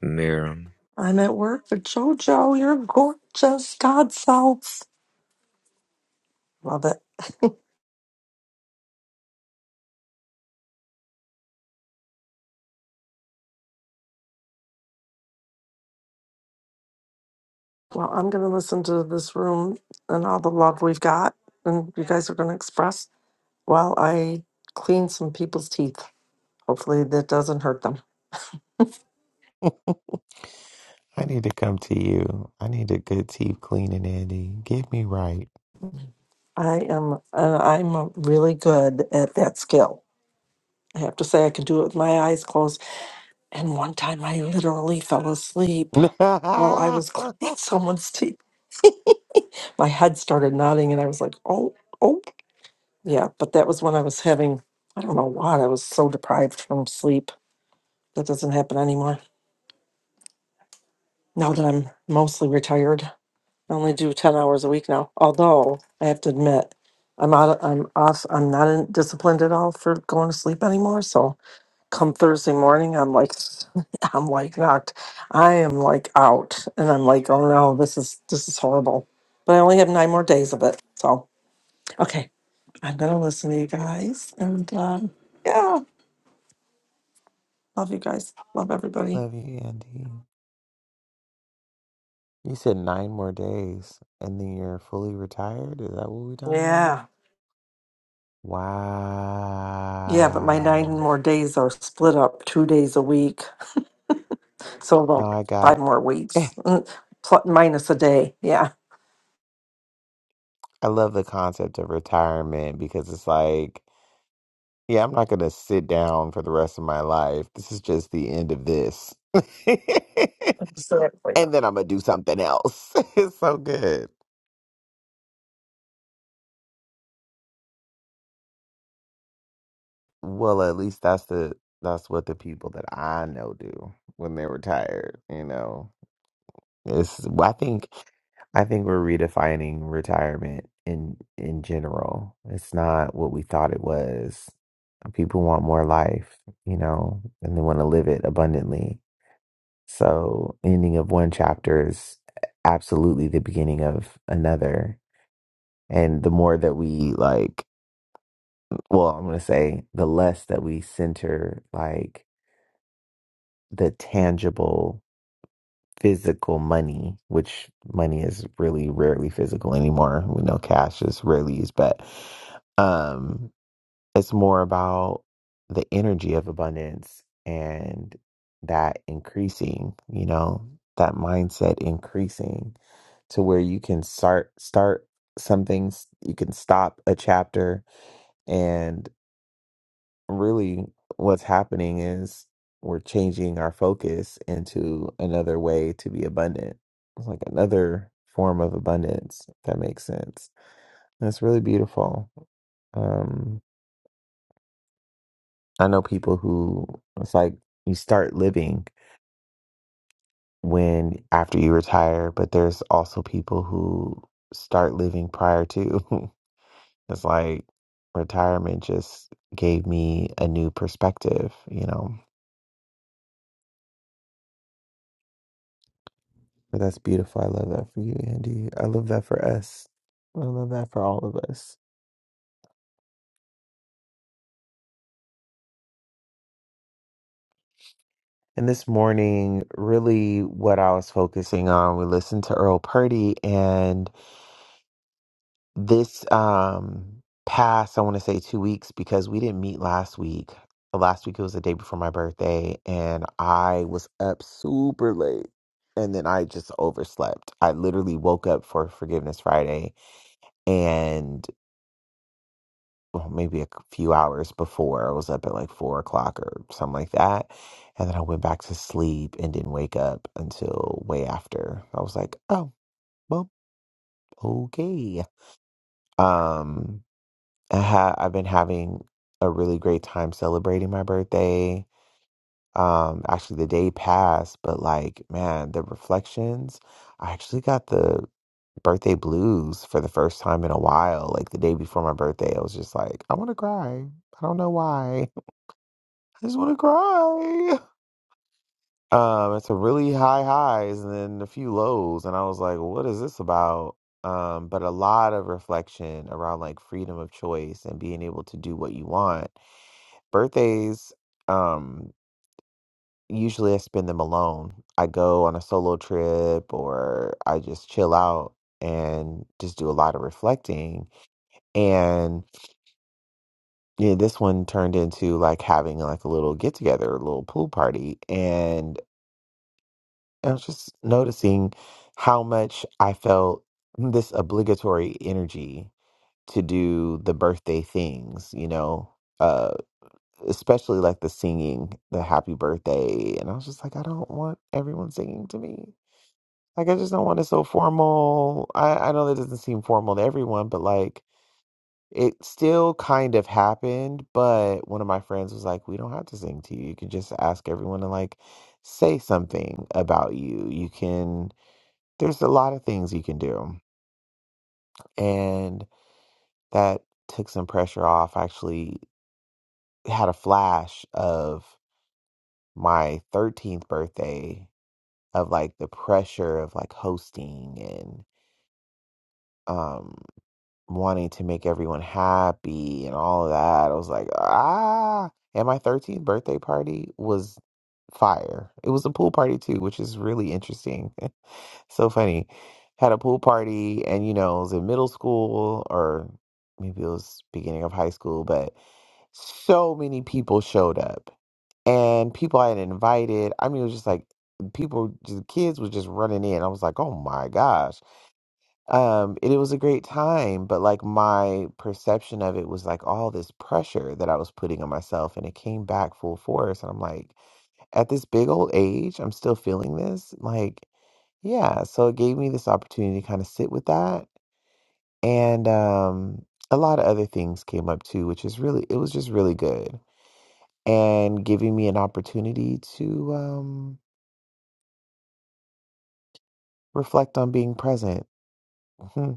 Speaker 2: Miriam.
Speaker 3: I'm at work for JoJo. You're gorgeous, God self. Love it. Well, I'm going to listen to this room and all the love we've got, and you guys are going to express while I clean some people's teeth. Hopefully, that doesn't hurt them.
Speaker 1: I need to come to you. I need a good teeth cleaning, Andy. Get me right.
Speaker 3: I am, uh, I'm uh, really good at that skill. I have to say, I can do it with my eyes closed. And one time, I literally fell asleep while I was cleaning someone's teeth. My head started nodding, and I was like, "Oh, oh!" Yeah, but that was when I was having, I don't know why, I was so deprived from sleep. That doesn't happen anymore. Now that I'm mostly retired, I only do 10 hours a week now. Although I have to admit, I'm out, I'm off, I'm not in, disciplined at all for going to sleep anymore. So come Thursday morning, I'm like, I'm like knocked. I am like out and I'm like, oh no, this is, this is horrible. But I only have nine more days of it. So, okay, I'm going to listen to you guys and, um, yeah. Love you guys. Love everybody.
Speaker 1: Love you, Andy. You said nine more days and then you're fully retired? Is that what we're talking about?
Speaker 3: Yeah. Yeah, but my nine
Speaker 1: Wow.
Speaker 3: more days are split up two days a week. So
Speaker 1: No,
Speaker 3: about
Speaker 1: I
Speaker 3: five
Speaker 1: got,
Speaker 3: more
Speaker 1: I
Speaker 3: weeks, Mm, plus, minus a day. Yeah.
Speaker 1: love the concept of retirement because it's like, Yeah, I'm not gonna sit down for the rest of my life. This is just the end of this. and
Speaker 3: Exactly.
Speaker 1: then I'm gonna do something else. it's so good. Well, at least that's the that's what the people that I know do when they're retired, you know. It's well, I think I think we're redefining retirement in in general. It's not what we thought it was. People want more life, you know, and they want to live it abundantly So, ending of one chapter is absolutely the beginning of another. And the more that we like, well, I'm going to say the less that we center like the tangible physical money, which money is really rarely physical anymore. We know cash is rarely used, but um It's more about the energy of abundance and that increasing, you know, that mindset increasing to where you can start start some things, you can stop a chapter and really what's happening is we're changing our focus into another way to be abundant. It's like another form of abundance, if that makes sense. That's really beautiful. Um I know people who it's like you start living when after you retire, but there's also people who start living prior to. It's like retirement just gave me a new perspective, you know. But that's beautiful. I love that for you, Andy. I love that for us. I love that for all of us. And this morning, really what I was focusing on, we listened to Earl Purdy and this um past i want to say two weeks because we didn't meet last week last week it was the day before my birthday and i was up super late and then i just overslept i literally woke up for forgiveness friday and well, maybe a few hours before i was up at like four o'clock or something like that and then i went back to sleep and didn't wake up until way after i was like oh well okay um I ha- I've been having a really great time celebrating my birthday. Um, actually, the day passed, but like, man, the reflections. I actually got the birthday blues for the first time in a while. Like the day before my birthday, I was just like, I want to cry. I don't know why. I just want to cry. Um, it's a really high highs and then a few lows, and I was like, what is this about? Um, but a lot of reflection around like freedom of choice and being able to do what you want Birthdays, um, usually I spend them alone. I go on a solo trip or I just chill out and just do a lot of reflecting. And yeah, this one turned into like having like a little get together, a little pool party. And I was just noticing how much I felt this obligatory energy to do the birthday things, you know. uh, especially like the singing, the happy birthday. And I was just like, I don't want everyone singing to me. Like, I just don't want it so formal. I, I know that doesn't seem formal to everyone, but like, it still kind of happened. But one of my friends was like, We don't have to sing to you. You can just ask everyone to like say something about you. You can, there's a lot of things you can do. And that took some pressure off. I actually had a flash of my 13th birthday of like the pressure of like hosting and um wanting to make everyone happy and all of that. I was like, ah. And my 13th birthday party was fire. It was a pool party too, which is really interesting. so funny. Had a pool party and you know, it was in middle school or maybe it was beginning of high school, but so many people showed up and people I had invited. I mean, it was just like people, just kids was just running in. I was like, oh my gosh. Um, and it was a great time, but like my perception of it was like all this pressure that I was putting on myself, and it came back full force. And I'm like, at this big old age, I'm still feeling this. Like, yeah. So it gave me this opportunity to kind of sit with that. And um, a lot of other things came up too, which is really, it was just really good and giving me an opportunity to. um. Reflect on being present. Hmm.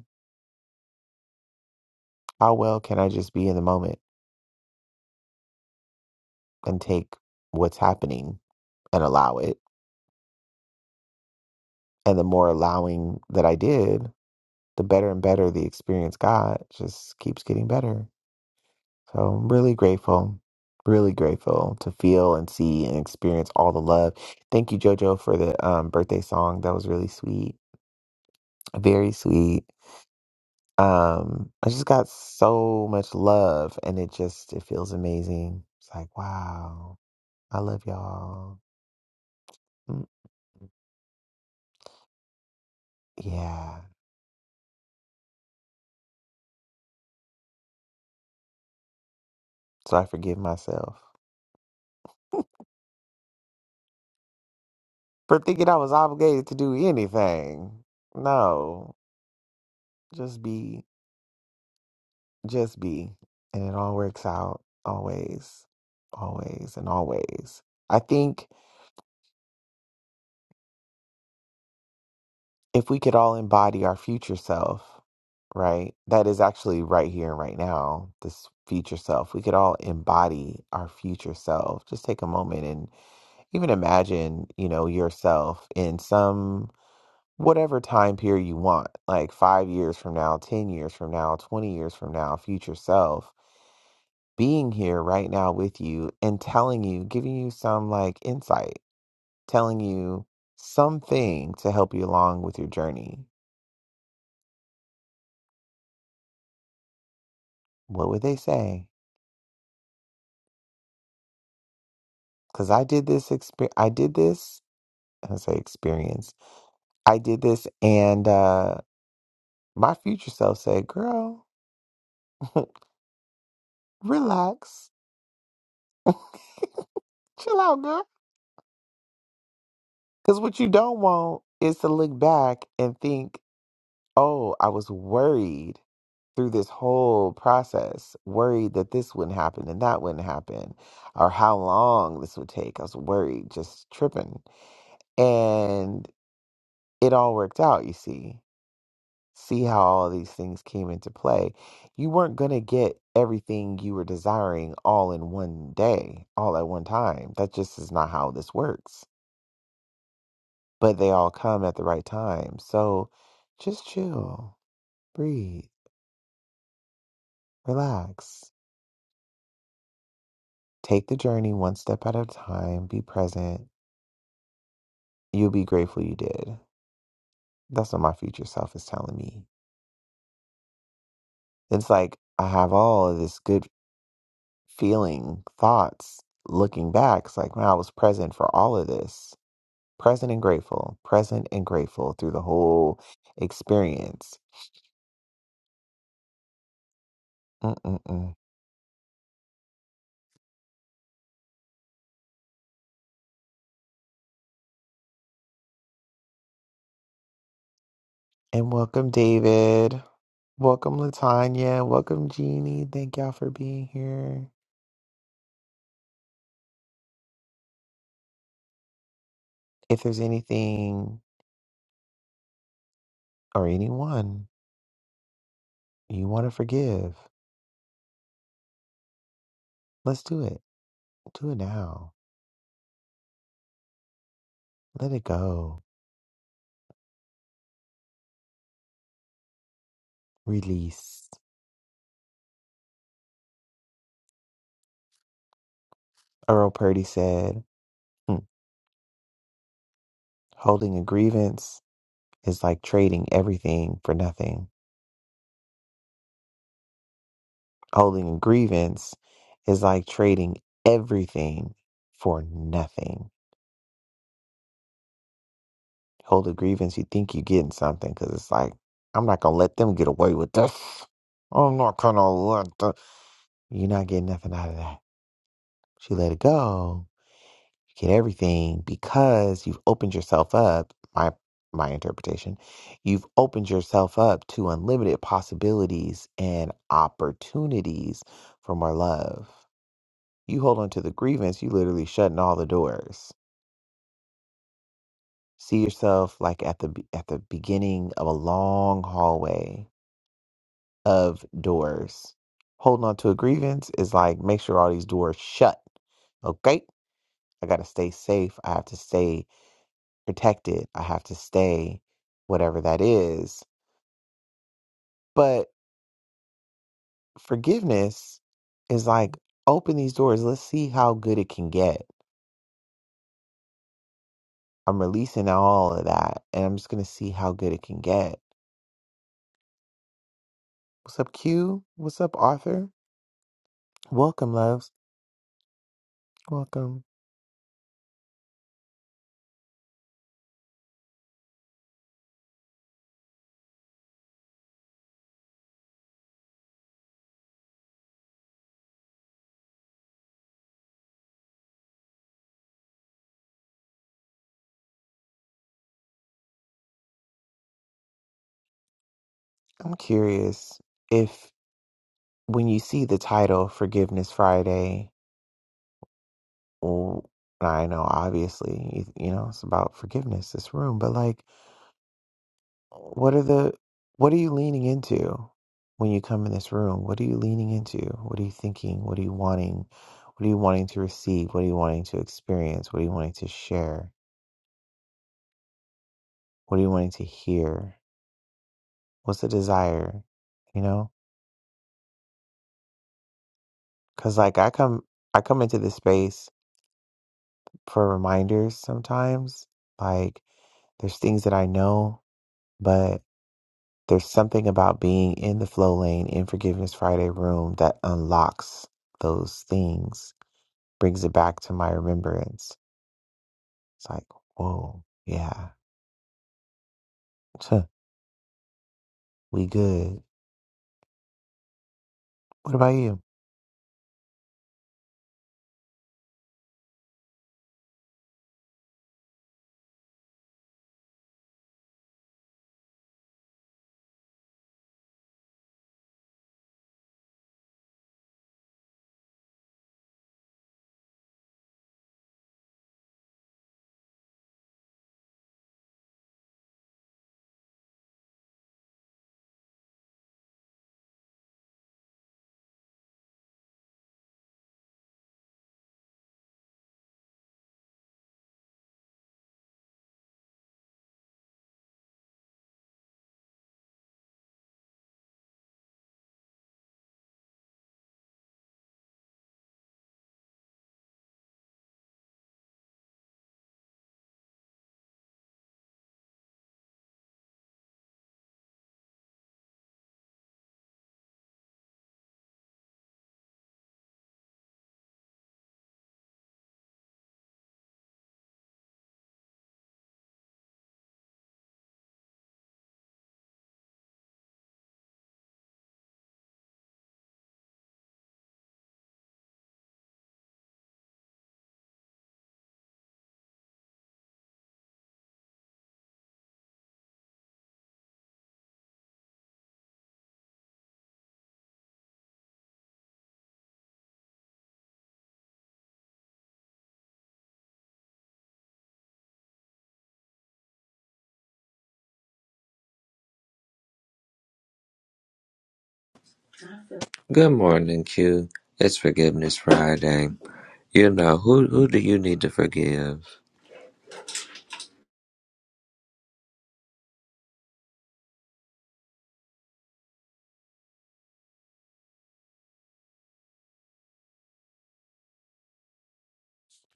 Speaker 1: How well can I just be in the moment and take what's happening and allow it? And the more allowing that I did, the better and better the experience got. It Just keeps getting better. So I'm really grateful, really grateful to feel and see and experience all the love. Thank you, JoJo, for the um, birthday song. That was really sweet, very sweet. Um, I just got so much love, and it just it feels amazing. It's like wow. I love y'all. Mm, Yeah. So I forgive myself for thinking I was obligated to do anything. No, just be, just be. And it all works out always, always, and always. I think if we could all embody our future self, right? That is actually right here and right now, this future self. We could all embody our future self. Just take a moment and even imagine, you know, yourself in some whatever time period you want, like five years from now, 10 years from now, 20 years from now, future self, being here right now with you and telling you, giving you some like insight, telling you something to help you along with your journey. What would they say? Because I did this experience, I did this, I say experience, I did this, and uh, my future self said, girl, relax, chill out, girl. Because what you don't want is to look back and think oh, I was worried through this whole process, worried that this wouldn't happen and that wouldn't happen, or how long this would take. I was worried, just tripping. And it all worked out, you see. See how all these things came into play. You weren't going to get everything you were desiring all in one day, all at one time. That just is not how this works. But they all come at the right time. So just chill, breathe, relax Take the journey one step at a time, be present. You'll be grateful you did. That's what my future self is telling me. It's like I have all of this good feeling, thoughts looking back. It's like, man, I was present for all of this. Present and grateful, present and grateful through the whole experience. Mm-mm-mm. And welcome, David. Welcome, Latanya. Welcome, Jeannie. Thank y'all for being here. If there's anything or anyone you want to forgive, Let's do it. Do it now. Let it go. Release. Earl Purdy said, "Hmm, holding a grievance is like trading everything for nothing. Holding a grievance is like trading everything for nothing. Hold a grievance, you think you're getting something because it's like, I'm not going to let them get away with this. I'm not going to let the. You're not getting nothing out of that. She let it go get everything because you've opened yourself up my my interpretation you've opened yourself up to unlimited possibilities and opportunities for more love you hold on to the grievance you literally shutting all the doors see yourself like at the be- at the beginning of a long hallway of doors holding on to a grievance is like make sure all these doors shut okay i gotta stay safe i have to stay protected. I have to stay, whatever that is. But forgiveness is like, open these doors. Let's see how good it can get. I'm releasing all of that and I'm just going to see how good it can get. What's up, Q? What's up, Arthur? Welcome, loves. Welcome. I'm curious if when you see the title Forgiveness Friday, oh, I know obviously, you, you know, it's about forgiveness, this room, but like, What are the what are you leaning into when you come in this room? What are you leaning into? What are you thinking? What are you wanting? What are you wanting to receive? What are you wanting to experience? What are you wanting to share? What are you wanting to hear? What's the desire? You know? Cuz like I come I come into this space for reminders sometimes. Like there's things that I know, but there's something about being in the flow lane in Forgiveness Friday room that unlocks those things brings it back to my remembrance. It's like, whoa, yeah, Tuh, we good. What about you?
Speaker 2: Good morning, Q. It's Forgiveness Friday. You know who who do you need to forgive?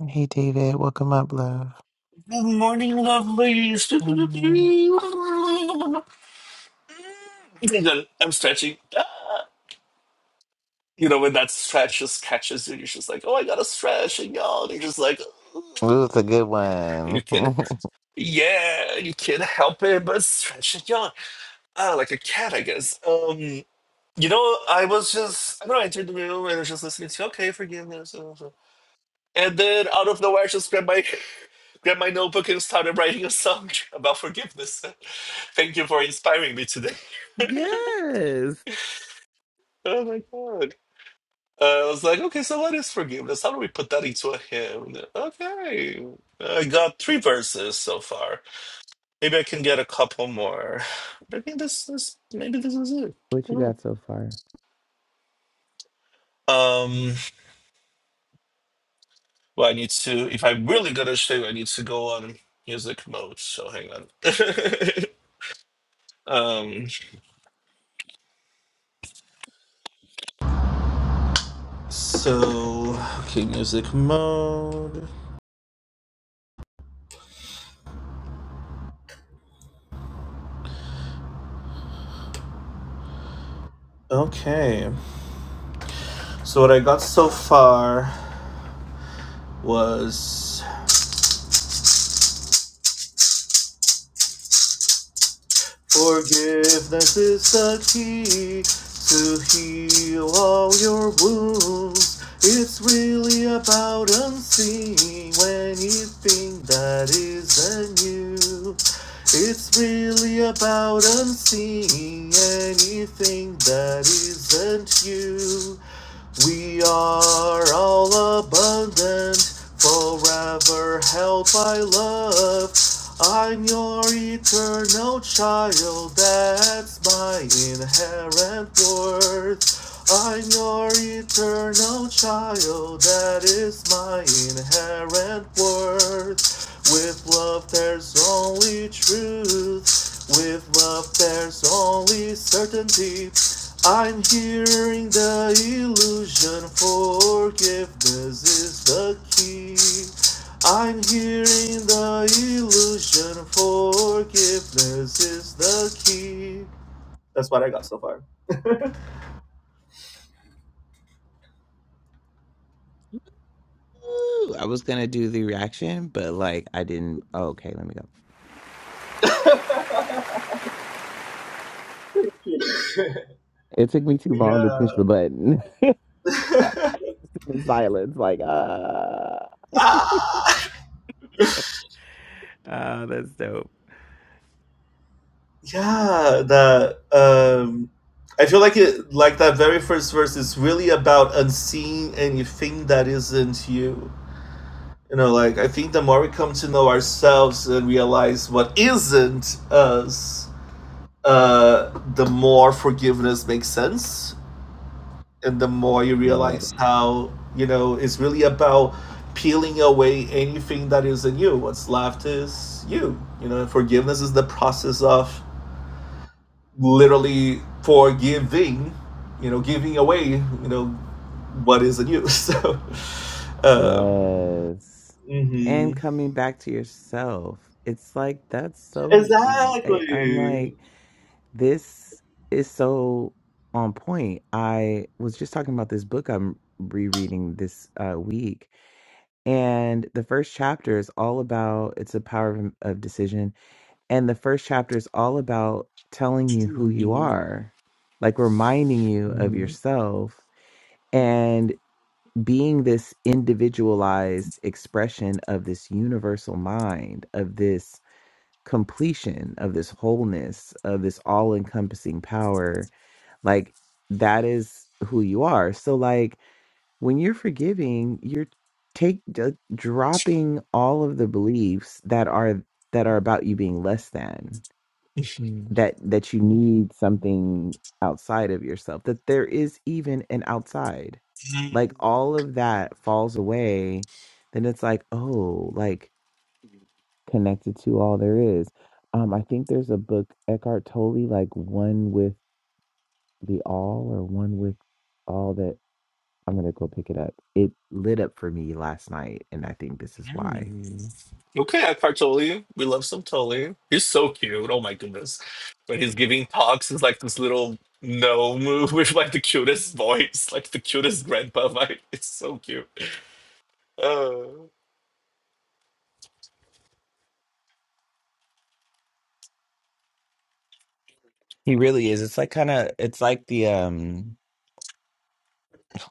Speaker 1: Hey, David, welcome up, love.
Speaker 4: Good morning, lovelies.
Speaker 1: Good morning.
Speaker 4: Then I'm stretching. Ah. You know, when that stretch just catches you, you're just like, oh, I gotta stretch. And y'all, and you're just like, "Ooh."
Speaker 1: Ooh, it's a good
Speaker 4: And
Speaker 1: one.
Speaker 4: you can't, yeah, you can't help it, but stretch and yawn. Ah, like a cat, I guess. Um, you know, I was just, I don't know, I entered the room and I was just listening to, okay, forgiveness. And then out of nowhere, I just grabbed my grabbed my notebook and started writing a song about forgiveness. Thank you for inspiring me today.
Speaker 1: Yes.
Speaker 4: oh my god. Uh, I was like, okay, so what is forgiveness? How do we put that into a hymn? Okay. I got three verses so far. Maybe I can get a couple more. Maybe this is maybe this is it.
Speaker 1: what
Speaker 4: I
Speaker 1: you
Speaker 4: don't
Speaker 1: got so far?
Speaker 4: know. Um well I need to if I'm really gonna show you, I need to go on music mode, so hang on. um So, okay, music mode. Okay. So, what I got so far was Forgiveness is the key to heal all your wounds. It's really about unseeing anything that isn't you. It's really about unseeing anything that isn't you. We are all abundant, forever held by love. I'm your eternal child, that's my inherent worth. I'm your eternal child, that is my inherent worth. With love, there's only truth. With love, there's only certainty. I'm hearing the illusion forgiveness is the key. I'm hearing the illusion forgiveness is the key. That's what I got so far.
Speaker 1: Ooh, I was gonna do the reaction, but like I didn't. Oh, okay, let me go. It took me too long to
Speaker 4: Yeah.
Speaker 1: push the button. In silence, like, ah.
Speaker 4: Ah!
Speaker 1: Oh, that's dope.
Speaker 4: yeah, that um I feel like it like that very first verse is really about unseeing anything that isn't you. You know, like I think the more we come to know ourselves and realize what isn't us, uh, the more forgiveness makes sense, and the more you realize how you know it's really about peeling away anything that isn't you. What's left is you. You know, forgiveness is the process of literally forgiving. You know, giving away. You know, what isn't you. So, uh,
Speaker 1: Yes. And
Speaker 4: mhm.
Speaker 1: coming back to yourself. It's like that's so I, I'm
Speaker 4: exactly.
Speaker 1: like this is so on point. I was just talking about this book I'm rereading this uh week and the first chapter is all about it's a power of, of decision and the first chapter is all about telling you who you
Speaker 4: Mhm.
Speaker 1: are like reminding you of
Speaker 4: Mhm.
Speaker 1: yourself being this individualized expression of this universal mind, of this completion, of this wholeness, of this all encompassing power, like that is who you are. So, like, when you're forgiving, you're take d- dropping all of the beliefs that are that are about you being less than
Speaker 4: Mhm.
Speaker 1: that that you need something outside of yourself that there is even an outside like all of that falls away then it's like oh like connected to all there is um i think there's a book Eckhart Tolle like one with the all or one with all that I'm going to go pick it up it lit up for me last night and I think this is why
Speaker 4: Mhm. Okay, I Cartoli. We love some Toli. He's so cute. Oh my goodness. When he's giving talks, he's like this little gnome with like the cutest voice, like the cutest grandpa vibe. It's so cute. Oh,
Speaker 1: He really is. It's like kind of, it's like the, um,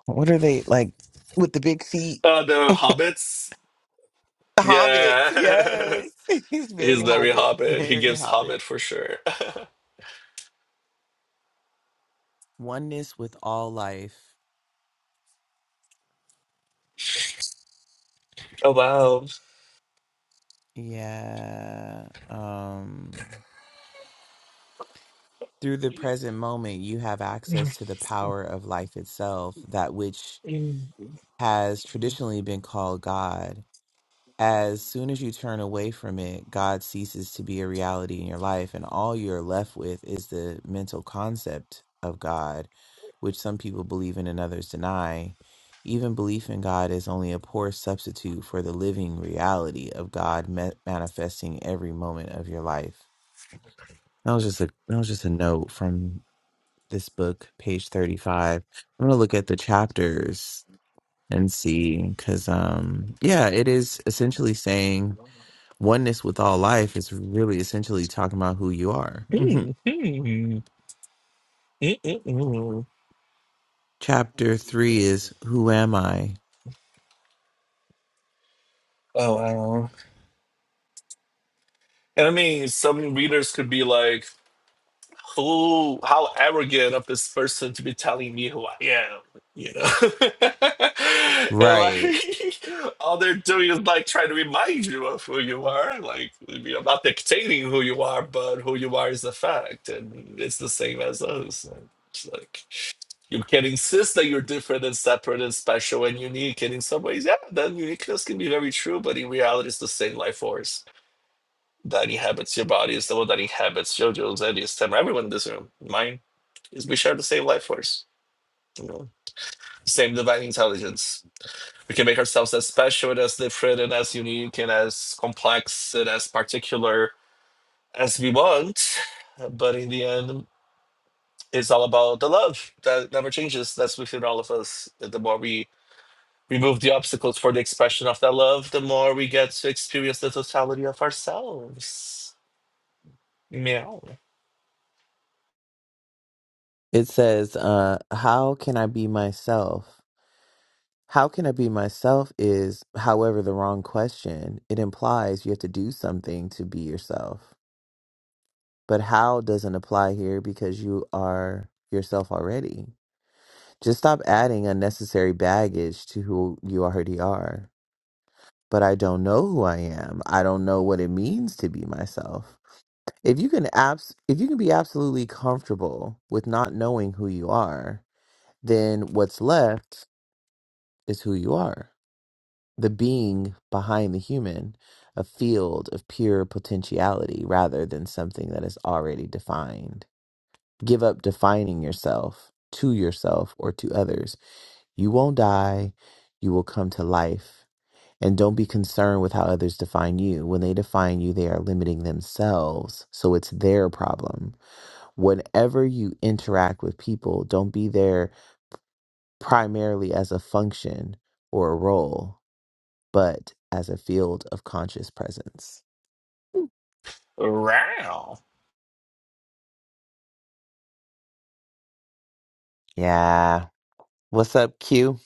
Speaker 1: what are they like with the big feet?
Speaker 4: uh, the hobbits.
Speaker 1: The Hobbit,
Speaker 4: Yeah.
Speaker 1: yes. He's
Speaker 4: he's
Speaker 1: very
Speaker 4: very
Speaker 1: Hobbit,
Speaker 4: hobbit. He
Speaker 1: very
Speaker 4: gives hobbit
Speaker 1: Hobbit.
Speaker 4: for sure.
Speaker 1: Oneness with all life.
Speaker 4: oh wow.
Speaker 1: Yeah. Um through the present moment you have access to the power of life itself, that which has traditionally been called God. as soon as you turn away from it, God ceases to be a reality in your life, and all you're left with is the mental concept of God, which some people believe in and others deny. Even belief in God is only a poor substitute for the living reality of God ma- manifesting every moment of your life. That was just a that was just a note from this book, page thirty-five. I'm gonna look at the chapters and see, because um, yeah, it is essentially saying oneness with all life is really essentially talking about who you are. Mhm.
Speaker 4: Mhm. Mm, mm, mm. mm.
Speaker 1: Chapter three is Who Am I?
Speaker 4: Oh wow. And I mean, some readers could be like, "Who? How arrogant of this person to be telling me who I am?" You know, and
Speaker 1: Right.
Speaker 4: like all they're doing is like trying to remind you of who you are. Like, I mean, I'm not dictating who you are, but who you are is a fact, and it's the same as us. And It's like you can insist that you're different and separate and special and unique, and in some ways, yeah, that uniqueness can be very true, but in reality, it's the same life force that inhabits your body is the one that inhabits JoJo's, Eddie's, Sam, everyone in this room. Mine is we share the same life force, you know, same divine intelligence. We can make ourselves as special and as different and as unique and as complex and as particular as we want. But in the end, it's all about the love that never changes. That's within all of us. The more we remove the obstacles for the expression of that love, the more we get to experience the totality of ourselves. Meow.
Speaker 1: It says, uh, How can I be myself? How can I be myself is, however, the wrong question. It implies you have to do something to be yourself. But how doesn't apply here because you are yourself already. Just stop adding unnecessary baggage to who you already are. but I don't know who I am. I don't know what it means to be myself. If you can abs- if you can be absolutely comfortable with not knowing who you are, then what's left is who you are. The being behind the human, a field of pure potentiality rather than something that is already defined. Give up defining yourself to yourself or to others. You won't die. You will come to life And don't be concerned with how others define you. When they define you, they are limiting themselves. So it's their problem. Whenever you interact with people, don't be there primarily as a function or a role, but as a field of conscious presence. Mm.
Speaker 4: Wow.
Speaker 1: Yeah. What's up, Q?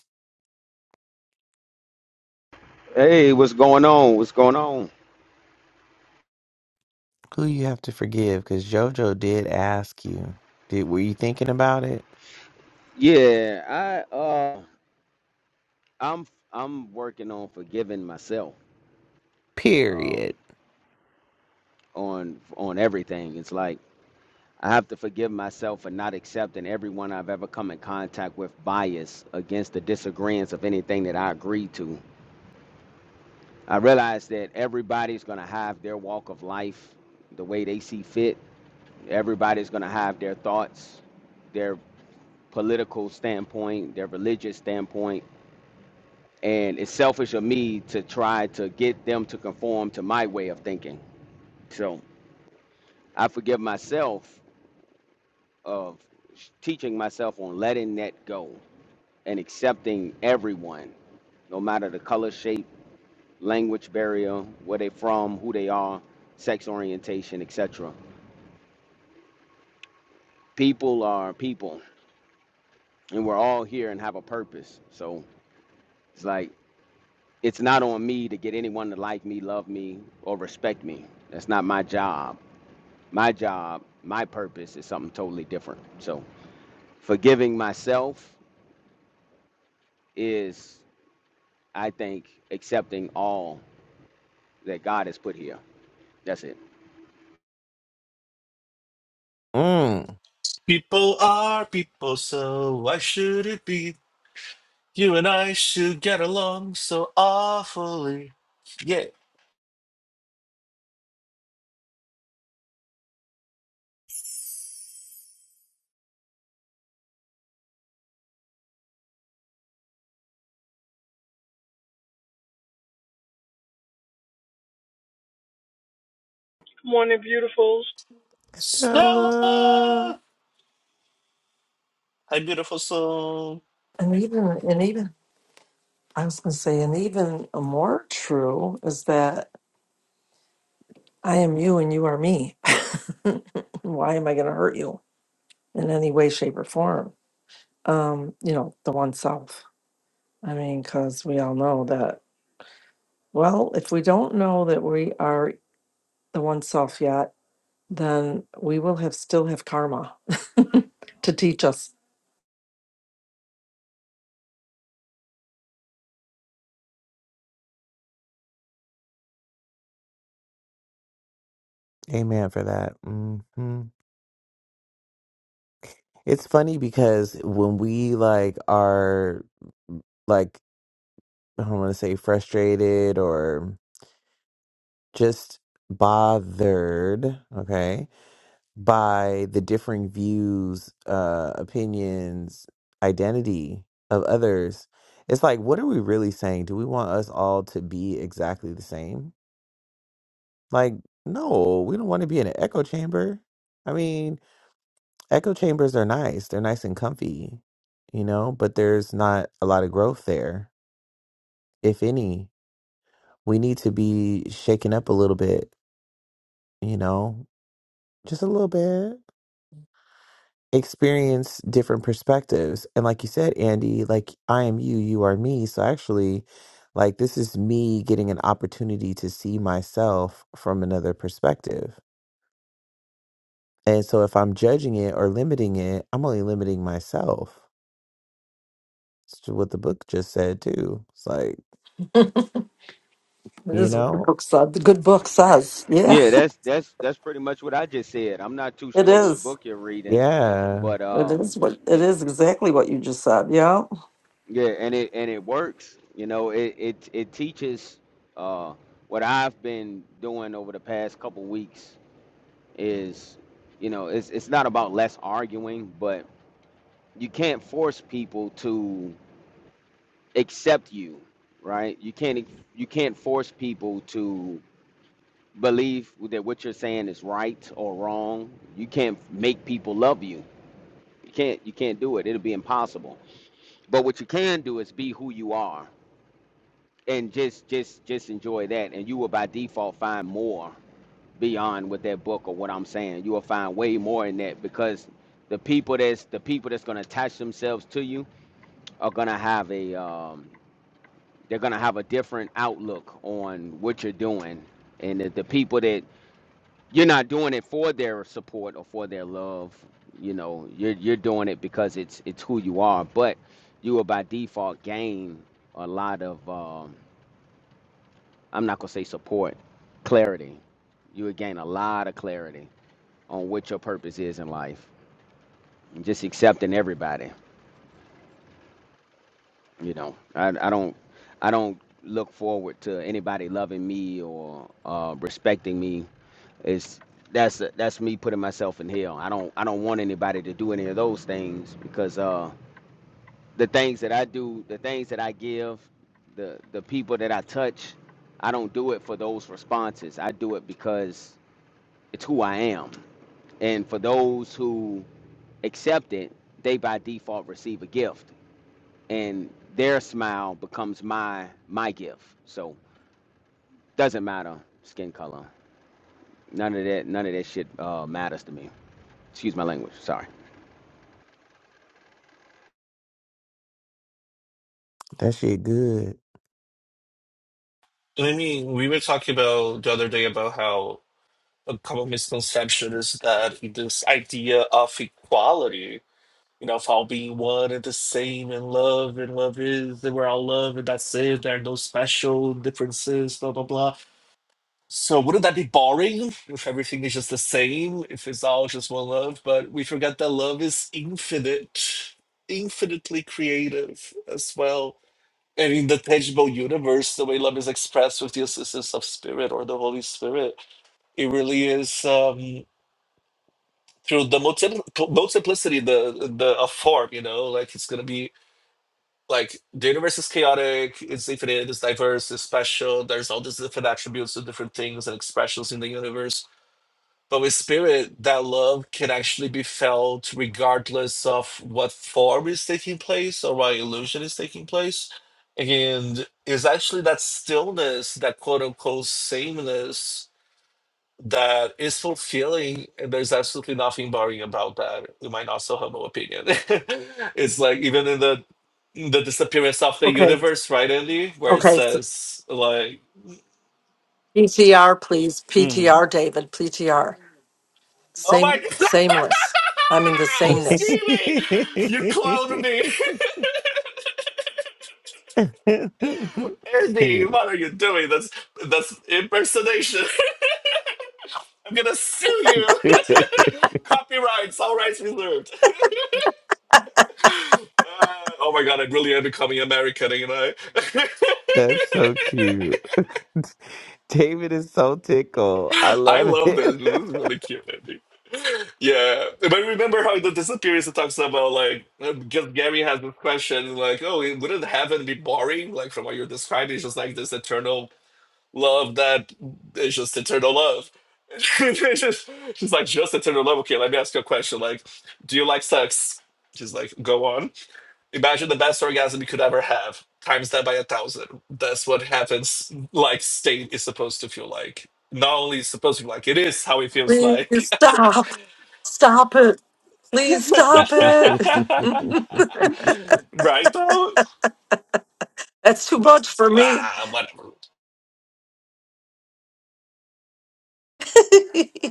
Speaker 5: Hey, what's going on? What's going on?
Speaker 1: Who you have to forgive? Because JoJo did ask you. Did were you thinking about it?
Speaker 5: Yeah, I uh I'm I'm working on forgiving myself um
Speaker 1: Period.
Speaker 5: on on everything. It's like I have to forgive myself for not accepting everyone I've ever come in contact with bias against the disagreements of anything that I agree to. I realize that everybody's going to have their walk of life the way they see fit. Everybody's going to have their thoughts, their political standpoint, their religious standpoint and it's selfish of me to try to get them to conform to my way of thinking. So I forgive myself of teaching myself on letting that go and accepting everyone, no matter the color, shape, language barrier, where they from, who they are, sex orientation, etc. People are people, and we're all here and have a purpose. So it's like it's not on me to get anyone to like me, love me, or respect me. That's not my job my job, my purpose is something totally different. So, forgiving myself is, I think, accepting all that God has put here. That's it.
Speaker 1: Mm.
Speaker 4: People are people, so why should it be? You and I should get along so awfully. Yeah.
Speaker 6: Morning, beautifuls.
Speaker 1: Stella.
Speaker 4: Stella! Hi, beautiful soul.
Speaker 3: And even, and even, I was going to say, and even more true is that I am you and you are me. Why am I going to hurt you in any way, shape, or form? Um, you know, the one self. I mean, because we all know that, well, if we don't know that we are the one self yet, then we will have still have karma to teach us.
Speaker 1: Amen for that. hmm It's funny because when we like are like I don't want to say frustrated or just bothered, okay, by the differing views, uh, opinions, identity of others. It's like, what are we really saying? Do we want us all to be exactly the same? Like, no, we don't want to be in an echo chamber. I mean, echo chambers are nice, they're nice and comfy, you know, but there's not a lot of growth there, if any. We need to be shaken up a little bit, you know, just a little bit experience different perspectives. And like you said, Andy, like I am you, you are me. So actually, like this is me getting an opportunity to see myself from another perspective. And so if I'm judging it or limiting it, I'm only limiting myself. It's ju- what the book just said too. It's like,
Speaker 3: It
Speaker 1: you
Speaker 3: is what the
Speaker 1: know,
Speaker 3: book said. The good book says. Yeah,
Speaker 5: Yeah, that's that's that's pretty much what I just said. I'm not too
Speaker 3: it
Speaker 5: sure which
Speaker 3: is.
Speaker 5: book you're reading,
Speaker 1: yeah,
Speaker 5: but
Speaker 3: It
Speaker 5: um,
Speaker 3: is what it
Speaker 5: yeah,
Speaker 3: is exactly what you just said. Yeah.
Speaker 5: yeah, and it and it works. You know, it it it teaches uh what I've been doing over the past couple weeks is, you know, it's it's not about less arguing, but you can't force people to accept you right you can't you can't force people to believe that what you're saying is right or wrong you can't make people love you you can't you can't do it it'll be impossible but what you can do is be who you are and just just just enjoy that and you will by default find more beyond with that book or what i'm saying you will find way more in that because the people that's the people that's going to attach themselves to you are going to have a um, they're going to have a different outlook on what you're doing and if the people that you're not doing it for their support or for their love you know you're you're doing it because it's it's who you are but you will by default gain a lot of um, i'm not going to say support clarity you would gain a lot of clarity on what your purpose is in life and just accepting everybody you know i, I don't i don't look forward to anybody loving me or uh, respecting me It's that's that's me putting myself in hell. I don't I don't want anybody to do any of those things because uh the things that I do, the things that I give, the the people that I touch, I don't do it for those responses. I do it because it's who I am. And for those who accept it, they by default receive a gift and their smile becomes my my gift. So doesn't matter skin color. None of that none of that shit uh matters to me. Excuse my language. Sorry.
Speaker 1: that shit good.
Speaker 4: And I mean, we were talking about the other day about how a common misconception is that this idea of equality, you know, of all being one and the same and love and love is, and we're all love and that's it, there are no special differences, blah, blah, blah So wouldn't that be boring if everything is just the same, if it's all just one love? But we forget that love is infinite, infinitely creative as well. And in the tangible universe, the way love is expressed with the assistance of spirit or the Holy Spirit, it really is um, through the multi- multiplicity, the the of form. You know, like it's gonna be like the universe is chaotic, it's infinite, it's diverse, it's special. There's all these different attributes of different things and expressions in the universe But with spirit, that love can actually be felt regardless of what form is taking place or what illusion is taking place. And it's actually that stillness, that quote unquote sameness that is fulfilling. And there's absolutely nothing boring about that, in my not so humble opinion. it's like even in the in the disappearance of the
Speaker 3: Okay.
Speaker 4: universe, right, Andy? Where it
Speaker 3: Okay.
Speaker 4: says like,
Speaker 3: PTR, please.
Speaker 4: mm,
Speaker 3: PTR, David. PTR.
Speaker 4: oh
Speaker 3: Same.
Speaker 4: my god.
Speaker 3: Sameless. I mean the
Speaker 4: I'm
Speaker 3: sameness.
Speaker 4: screaming. You cloned me. Andy, what
Speaker 1: Cute.
Speaker 4: are you doing? That's that's impersonation. I'm gonna sue you. Copyrights, all rights reserved. Uh, oh my god, I really am becoming American, ain't I?
Speaker 1: That's so cute. David is so tickled. I
Speaker 4: I
Speaker 1: love
Speaker 4: love this.
Speaker 1: it.
Speaker 4: This is really cute, Andy. Yeah, but remember how the disappearance talks about like uh, because Gary has this question like, oh, wouldn't heaven be boring? Like from what you're describing, it's just like this eternal love that is just eternal love. It's just- she's like, just eternal love. Okay, let me ask you a question. Like, do you like sex? She's like, go on. Imagine the best orgasm you could ever have. Times that by a thousand. That's what happens. Like, state is supposed to feel like. Not only is supposed to be like, it is how it feels
Speaker 3: Please
Speaker 4: like.
Speaker 3: stop. Stop it. Please stop it.
Speaker 1: it's
Speaker 4: right though?
Speaker 3: That's too much for me.
Speaker 4: Ah, whatever.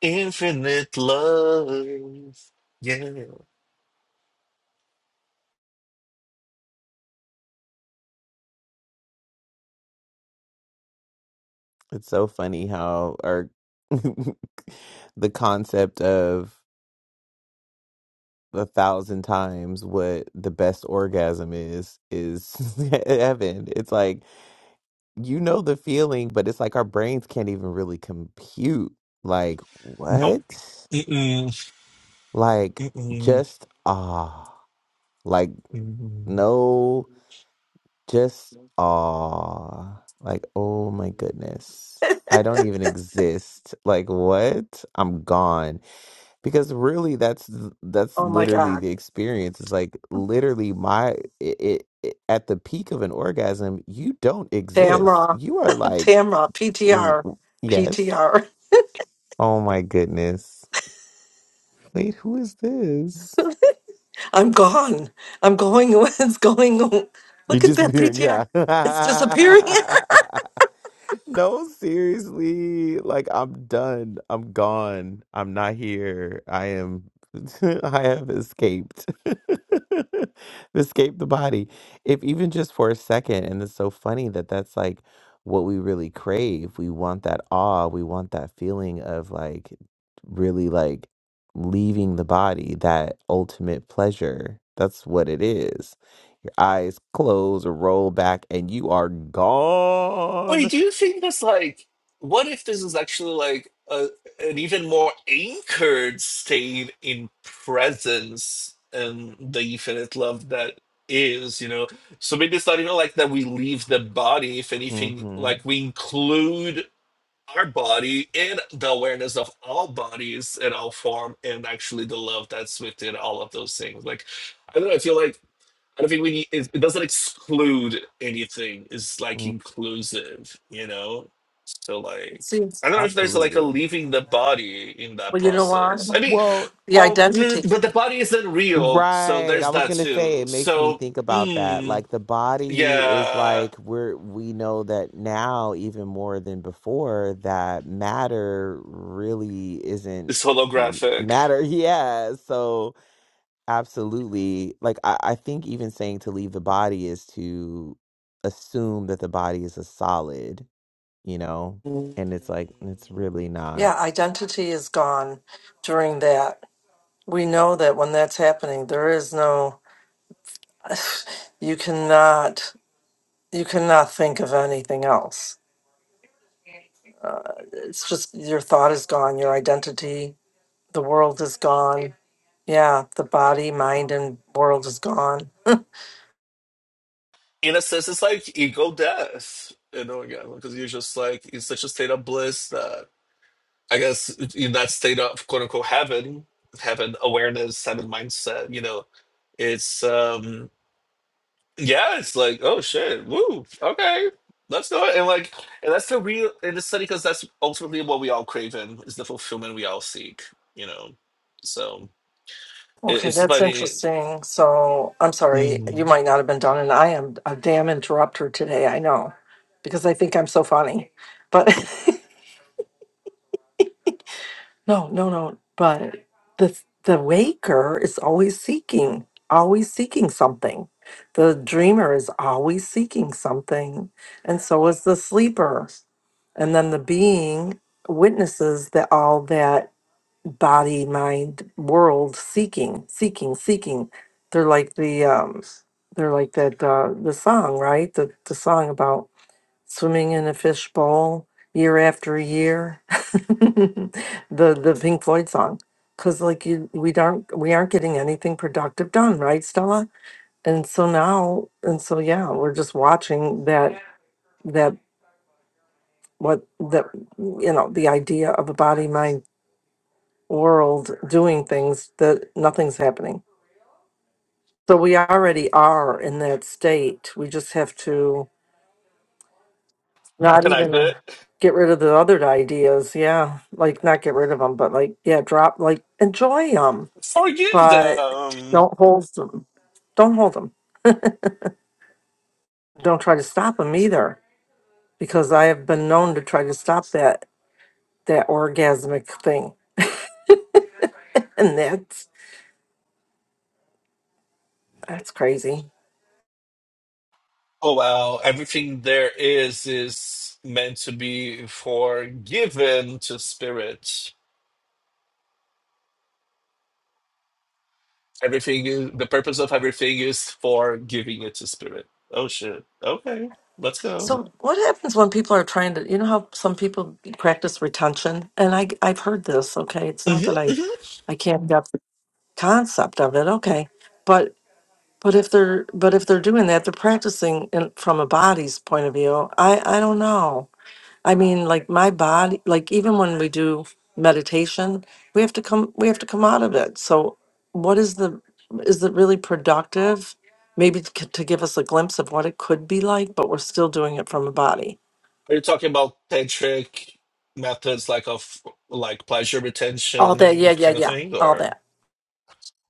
Speaker 4: Infinite love. Yeah.
Speaker 1: so funny how our the concept of a thousand times what the best orgasm is is heaven. It's like you know the feeling, but it's like our brains can't even really compute. Like
Speaker 4: Nope.
Speaker 1: what?
Speaker 4: Mm-mm.
Speaker 1: Like
Speaker 4: Mm-mm.
Speaker 1: just ah. Like
Speaker 4: Mhm.
Speaker 1: no. Just awe. Like, oh my goodness. I don't even exist. Like, what? I'm gone. Because really that's that's
Speaker 3: oh my
Speaker 1: literally
Speaker 3: God.
Speaker 1: the experience. It's like literally my it, it, it at the peak of an orgasm, you don't exist.
Speaker 3: Tamra.
Speaker 1: You are like
Speaker 3: Tamra, P T
Speaker 1: w-
Speaker 3: R,
Speaker 1: w- yes. Oh my goodness. Wait, who is this?
Speaker 3: am gone. I'm going. It's going.
Speaker 1: You
Speaker 3: Look at that
Speaker 1: disappearing. Yeah.
Speaker 3: PTR. It's disappearing.
Speaker 1: No, seriously. Like I'm done. I'm gone. I'm not here. I am I have escaped. Escaped the body. If even just for a second, and it's so funny that that's like what we really crave. We want that awe. We want that feeling of like really like leaving the body, that ultimate pleasure. That's what it is. eyes close, roll back, and you are gone
Speaker 4: Wait, do you think that's like, what if this is actually like a, an even more anchored state in presence and the infinite love that is, you know? So maybe it's not even like that we leave the body, if anything,
Speaker 1: Mm-hmm.
Speaker 4: like we include our body in the awareness of all bodies and all form and actually the love that's within all of those things. Like, I don't know, I feel like And I don't think we need, it, it doesn't exclude anything. It's like
Speaker 1: Mm,
Speaker 4: inclusive, you know? So
Speaker 3: It
Speaker 4: like
Speaker 3: seems.
Speaker 4: I don't know if there's like a
Speaker 1: absolutely.
Speaker 4: leaving the body in that
Speaker 3: Well, you know what?
Speaker 4: process. I mean,
Speaker 1: Well,
Speaker 3: The
Speaker 4: well, mm,
Speaker 3: identity.
Speaker 4: but the body isn't real, so
Speaker 1: right. I
Speaker 4: there's
Speaker 1: was
Speaker 4: that
Speaker 1: gonna say
Speaker 4: too.
Speaker 1: it makes me
Speaker 4: So
Speaker 1: think about that.
Speaker 4: mm,
Speaker 1: Like the body is
Speaker 4: yeah,
Speaker 1: like we're we know that now even more than before that matter really isn't
Speaker 4: it's
Speaker 1: m-
Speaker 4: holographic.
Speaker 1: matter. Yeah. So absolutely. Like I, I think even saying to leave the body is to assume that the body is a solid, you know?
Speaker 4: Mm.
Speaker 1: And it's like it's really not.
Speaker 3: Yeah, identity is gone during that. We know that when that's happening, there is no. You cannot. You cannot think of anything else. Uh, it's just your thought is gone. Your identity. The world is gone. Yeah, the body, mind, and world is gone
Speaker 4: In a sense, it's like ego death. You know, again, because you're just like in such a state of bliss that. I guess in that state of quote unquote heaven, heaven awareness, heaven mindset, you know, it's um yeah, it's like, oh shit, woo, okay, let's do it. And like and that's the real and it's funny because that's ultimately what we all crave in is the fulfillment we all seek, you know. So it,
Speaker 3: Okay,
Speaker 4: it's
Speaker 3: that's
Speaker 4: funny.
Speaker 3: interesting. So I'm sorry, you
Speaker 4: Mm,
Speaker 3: might not have been done, and I am a damn interrupter today. I know, because I think I'm so funny. But no, no, no. But the the waker is always seeking, always seeking something. The dreamer is always seeking something, and so is the sleeper. And then the being witnesses that all that body mind world seeking seeking seeking they're like the um they're like that uh the song right the the song about swimming in a fishbowl year after year the the pink floyd song because like you we don't we aren't getting anything productive done right stella and so now and so yeah we're just watching that that what that you know the idea of a body mind world doing things that nothing's happening. So we already are in that state. We just have to not
Speaker 4: recognize
Speaker 3: even uh,
Speaker 4: it.
Speaker 3: get rid of the other ideas. Yeah. Like not get rid of them, but like, yeah, drop, like enjoy them,
Speaker 4: Forgive
Speaker 3: but
Speaker 4: them.
Speaker 3: don't hold them. Don't hold them. Don't try to stop them either, because I have been known to try to stop that, that orgasmic thing. And that's, that's crazy.
Speaker 4: Oh wow, everything there is is meant to be forgiven to spirit Everything is the purpose of everything is for giving it to spirit. Oh shit. Okay. Let's go.
Speaker 3: So, what happens when people are trying to, you know, how some people practice retention? And I, I've heard this. Okay, it's
Speaker 4: hmm
Speaker 3: not that I,
Speaker 4: hmm
Speaker 3: I can't get the concept of it. Okay, but but if they're but if they're doing that, they're practicing in, from a body's point of view. I I don't know. I mean, like my body, like even when we do meditation, we have to come we have to come out of it. So, what is the is it really productive? Maybe to, to give us a glimpse of what it could be like, but we're still doing it from a body.
Speaker 4: Are you talking about tantric methods like of like pleasure
Speaker 3: All day. Yeah,
Speaker 4: retention
Speaker 3: yeah,
Speaker 4: kind of
Speaker 3: yeah.
Speaker 4: thing
Speaker 3: All
Speaker 4: or
Speaker 3: that.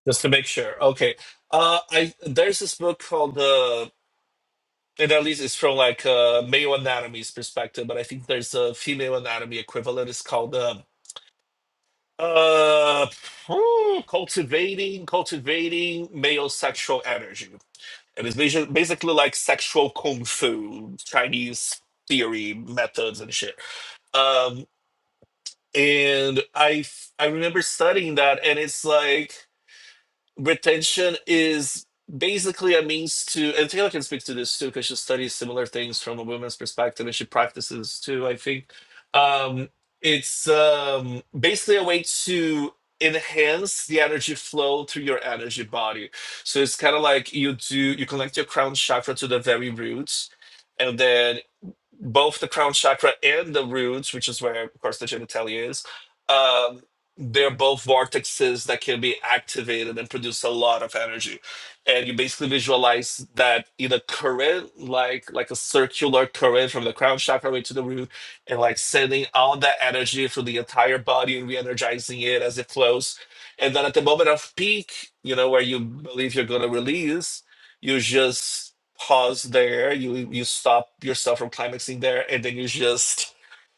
Speaker 4: just to make sure? Okay. Uh I there's this book called uh and at least it's from like uh male anatomy's perspective, but I think there's a female anatomy equivalent. It's called um uh, hmm, cultivating cultivating male sexual energy It is basi- basically like sexual kung fu, Chinese theory methods and shit. Um, and I f- I remember studying that, and it's like retention is basically a means to and taylor can speak to this too because she studies similar things from a woman's perspective and she practices too i think um, it's um, basically a way to enhance the energy flow through your energy body so it's kind of like you do you connect your crown chakra to the very roots and then both the crown chakra and the roots, which is where, of course, the genitalia is, um, they're both vortexes that can be activated and produce a lot of energy. And you basically visualize that in a current, like like a circular current from the crown chakra way to the root, and like sending all that energy through the entire body and re-energizing it as it flows. And then at the moment of peak, you know, where you believe you're gonna release, you just pause there. You you stop yourself from climaxing there, and then you just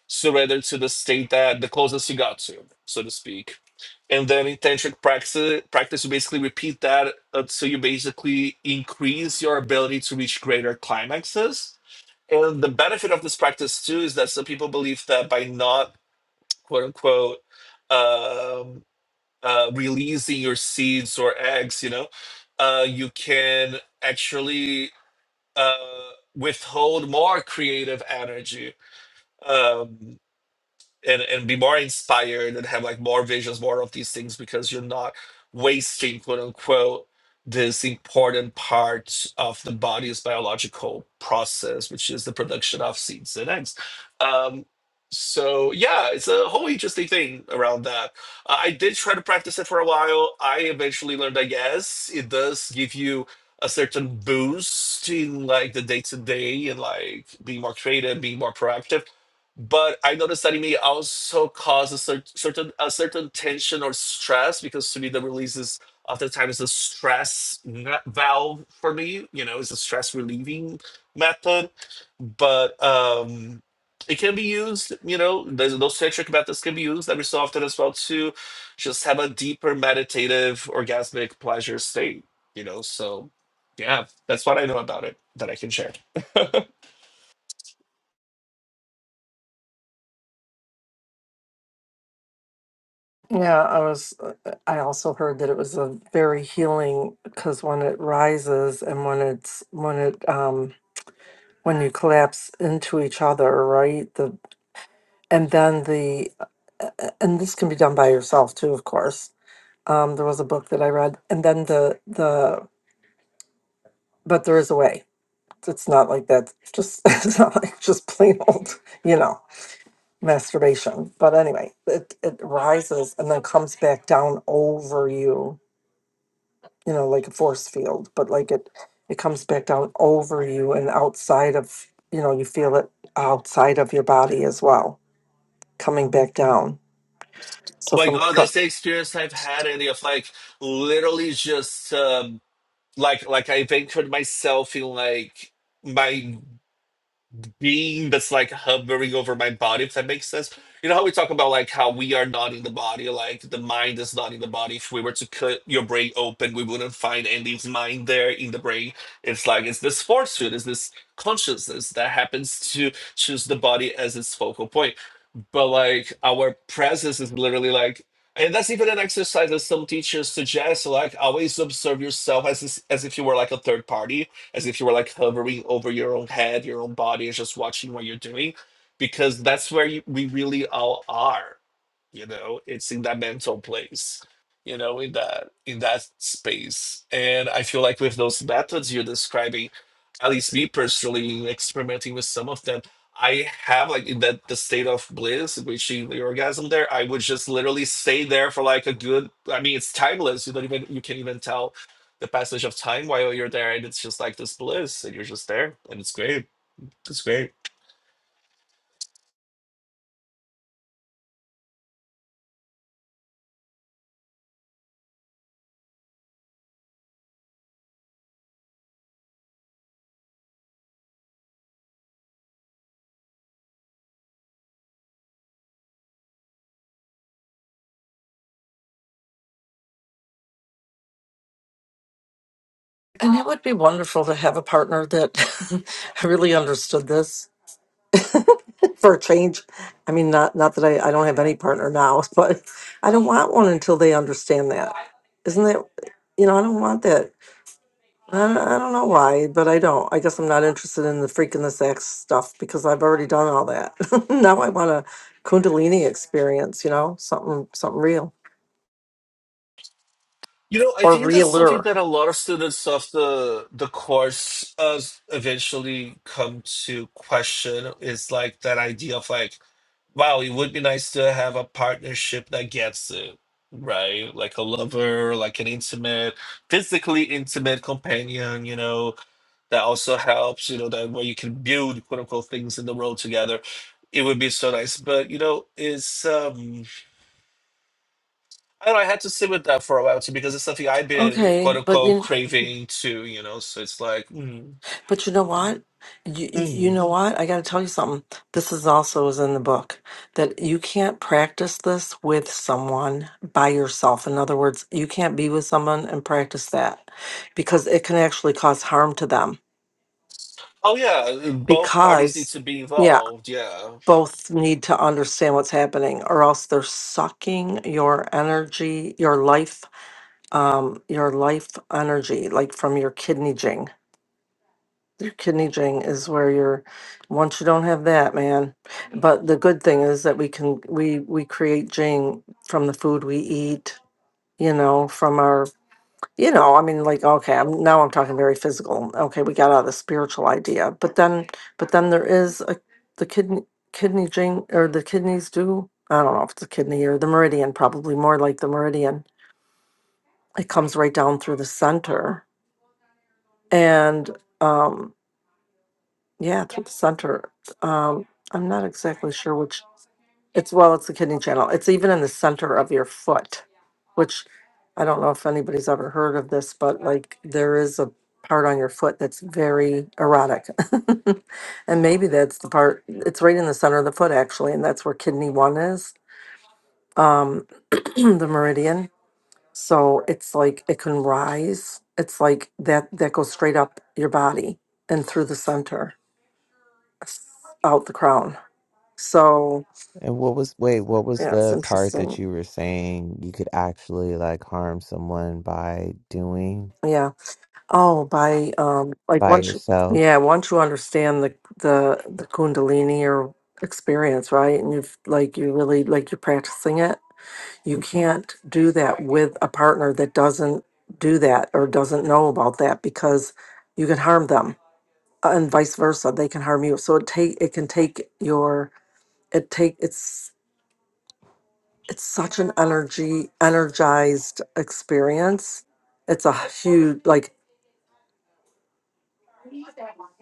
Speaker 4: surrender to the state that the closest you got to, so to speak. And then in tantric practice, practice you basically repeat that until you basically increase your ability to reach greater climaxes. And the benefit of this practice too is that some people believe that by not quote unquote um, uh, releasing your seeds or eggs, you know, uh, you can actually uh, withhold more creative energy. Um, and and be more inspired and have like more visions, more of these things because you're not wasting quote unquote this important part of the body's biological process, which is the production of seeds and eggs. Um, so yeah, it's a whole interesting thing around that. Uh, I did try to practice it for a while. I eventually learned that yes, it does give you a certain boost in like the day to day and like being more creative, being more proactive but I noticed that it may also cause a cer- certain a certain tension or stress because to me the release is oftentimes a stress va- valve for me. You know, it's a stress relieving method, but um, it can be used. You know, there's those tantric methods can be used every so often as well to just have a deeper meditative orgasmic pleasure state. You know, so yeah, that's what I know about it that I can share.
Speaker 3: Yeah, I was. uh, uh, I also heard that it was a very healing because when it rises and when it's when it um when you collapse into each other, right? The and then the uh, uh, and this can be done by yourself too, of course. Um, there was a book that I read, and then the the but there is a way. It's not like that. It's Just it's not like just plain old, you know. masturbation. But anyway, it, it rises and then comes back down over you, you know, like a force field, but like it, it comes back down over you and outside of, you know, you feel it outside of your body as well, coming back down.
Speaker 4: Oh
Speaker 3: So
Speaker 4: my
Speaker 3: from,
Speaker 4: God,
Speaker 3: cr-
Speaker 4: that's the experience I've had, Andy, of like literally just um, like like I ventured myself in like my being that's like hovering over my body, if that makes sense. You know how we talk about like how we are not in the body, like the mind is not in the body. If we were to cut your brain open, we wouldn't find Andy's mind there in the brain. It's like it's this force field, it's this consciousness that happens to choose the body as its focal point but like our presence is literally like and that's even an exercise that some teachers suggest like always observe yourself as is- as if you were like a third party as if you were like hovering over your own head your own body and just watching what you're doing because that's where you, we really all are you know it's in that mental place you know in that in that space and i feel like with those methods you're describing at least me personally experimenting with some of them i have like in that the state of bliss reaching the orgasm there i would just literally stay there for like a good i mean it's timeless you don't even you can not even tell the passage of time while you're there and it's just like this bliss and you're just there and it's great it's great
Speaker 3: and it would be wonderful to have a partner that really understood this for a change. I mean, not not that I, I don't have any partner now, but I don't want one until they understand that. Isn't that, you know, I don't want that. I don't, I don't know why, but I don't. I guess I'm not interested in the freaking the sex stuff because I've already done all that. now I want a Kundalini experience, you know, something something real
Speaker 4: You know, I
Speaker 3: or
Speaker 4: think that's something
Speaker 3: realer.
Speaker 4: that a lot of students of the the course uh, eventually come to question is like that idea of like, wow, it would be nice to have a partnership that gets it, right? Like a lover, like an intimate, physically intimate companion, you know, that also helps, you know, that where you can build quote unquote things in the world together. It would be so nice. But you know, it's um I don't know. I had to sit with that for a while too because it's something I've been
Speaker 3: Okay,
Speaker 4: quote
Speaker 3: but
Speaker 4: unquote
Speaker 3: you
Speaker 4: craving too, you know. So it's like, mm,
Speaker 3: But you know what? You, you you
Speaker 4: mm.
Speaker 3: know what? I got to tell you something. This is also is in the book that you can't practice this with someone by yourself. In other words, you can't be with someone and practice that because it can actually cause harm to them.
Speaker 4: oh yeah, both parties need
Speaker 3: Because,
Speaker 4: to be
Speaker 3: yeah,
Speaker 4: involved. Yeah,
Speaker 3: both need to understand what's happening, or else they're sucking your energy, your life, um, your life energy, like from your kidney Your kidney drain is where you're, once you don't have that, man. But the good thing is that we can, we, we create drain from the food we eat, you know, from our, you know, I mean, like, okay, I'm, now I'm talking very physical. Okay, we got out of the spiritual idea, but then, but then there is a, the kidney, kidney drain, or the kidneys do, I don't know if it's the kidney or the meridian, probably more like the meridian. It comes right down through the center and, um, Yeah, through the center. Um, I'm not exactly sure which. It's well, it's the kidney channel. It's even in the center of your foot, which I don't know if anybody's ever heard of this, but like there is a part on your foot that's very erotic. And maybe that's the part, it's right in the center of the foot actually, and that's where kidney one is, um, the meridian. So it's like it can rise. It's like that that goes straight up your body and through the center, s- out the crown. So
Speaker 1: And what was, wait, what was
Speaker 3: yeah, it's
Speaker 1: the part that
Speaker 3: interesting.
Speaker 1: you were saying you could actually like harm someone by doing
Speaker 3: Yeah. Oh, by um, like
Speaker 1: by
Speaker 3: once you,
Speaker 1: yourself?
Speaker 3: yeah, once you understand the the the Kundalini or experience, right? And you've like you really like you're practicing it. You can't do that with a partner that doesn't do that or doesn't know about that because you can harm them uh, and vice versa. They can harm you. So it take it can take your it take it's it's such an energy energized experience it's a huge like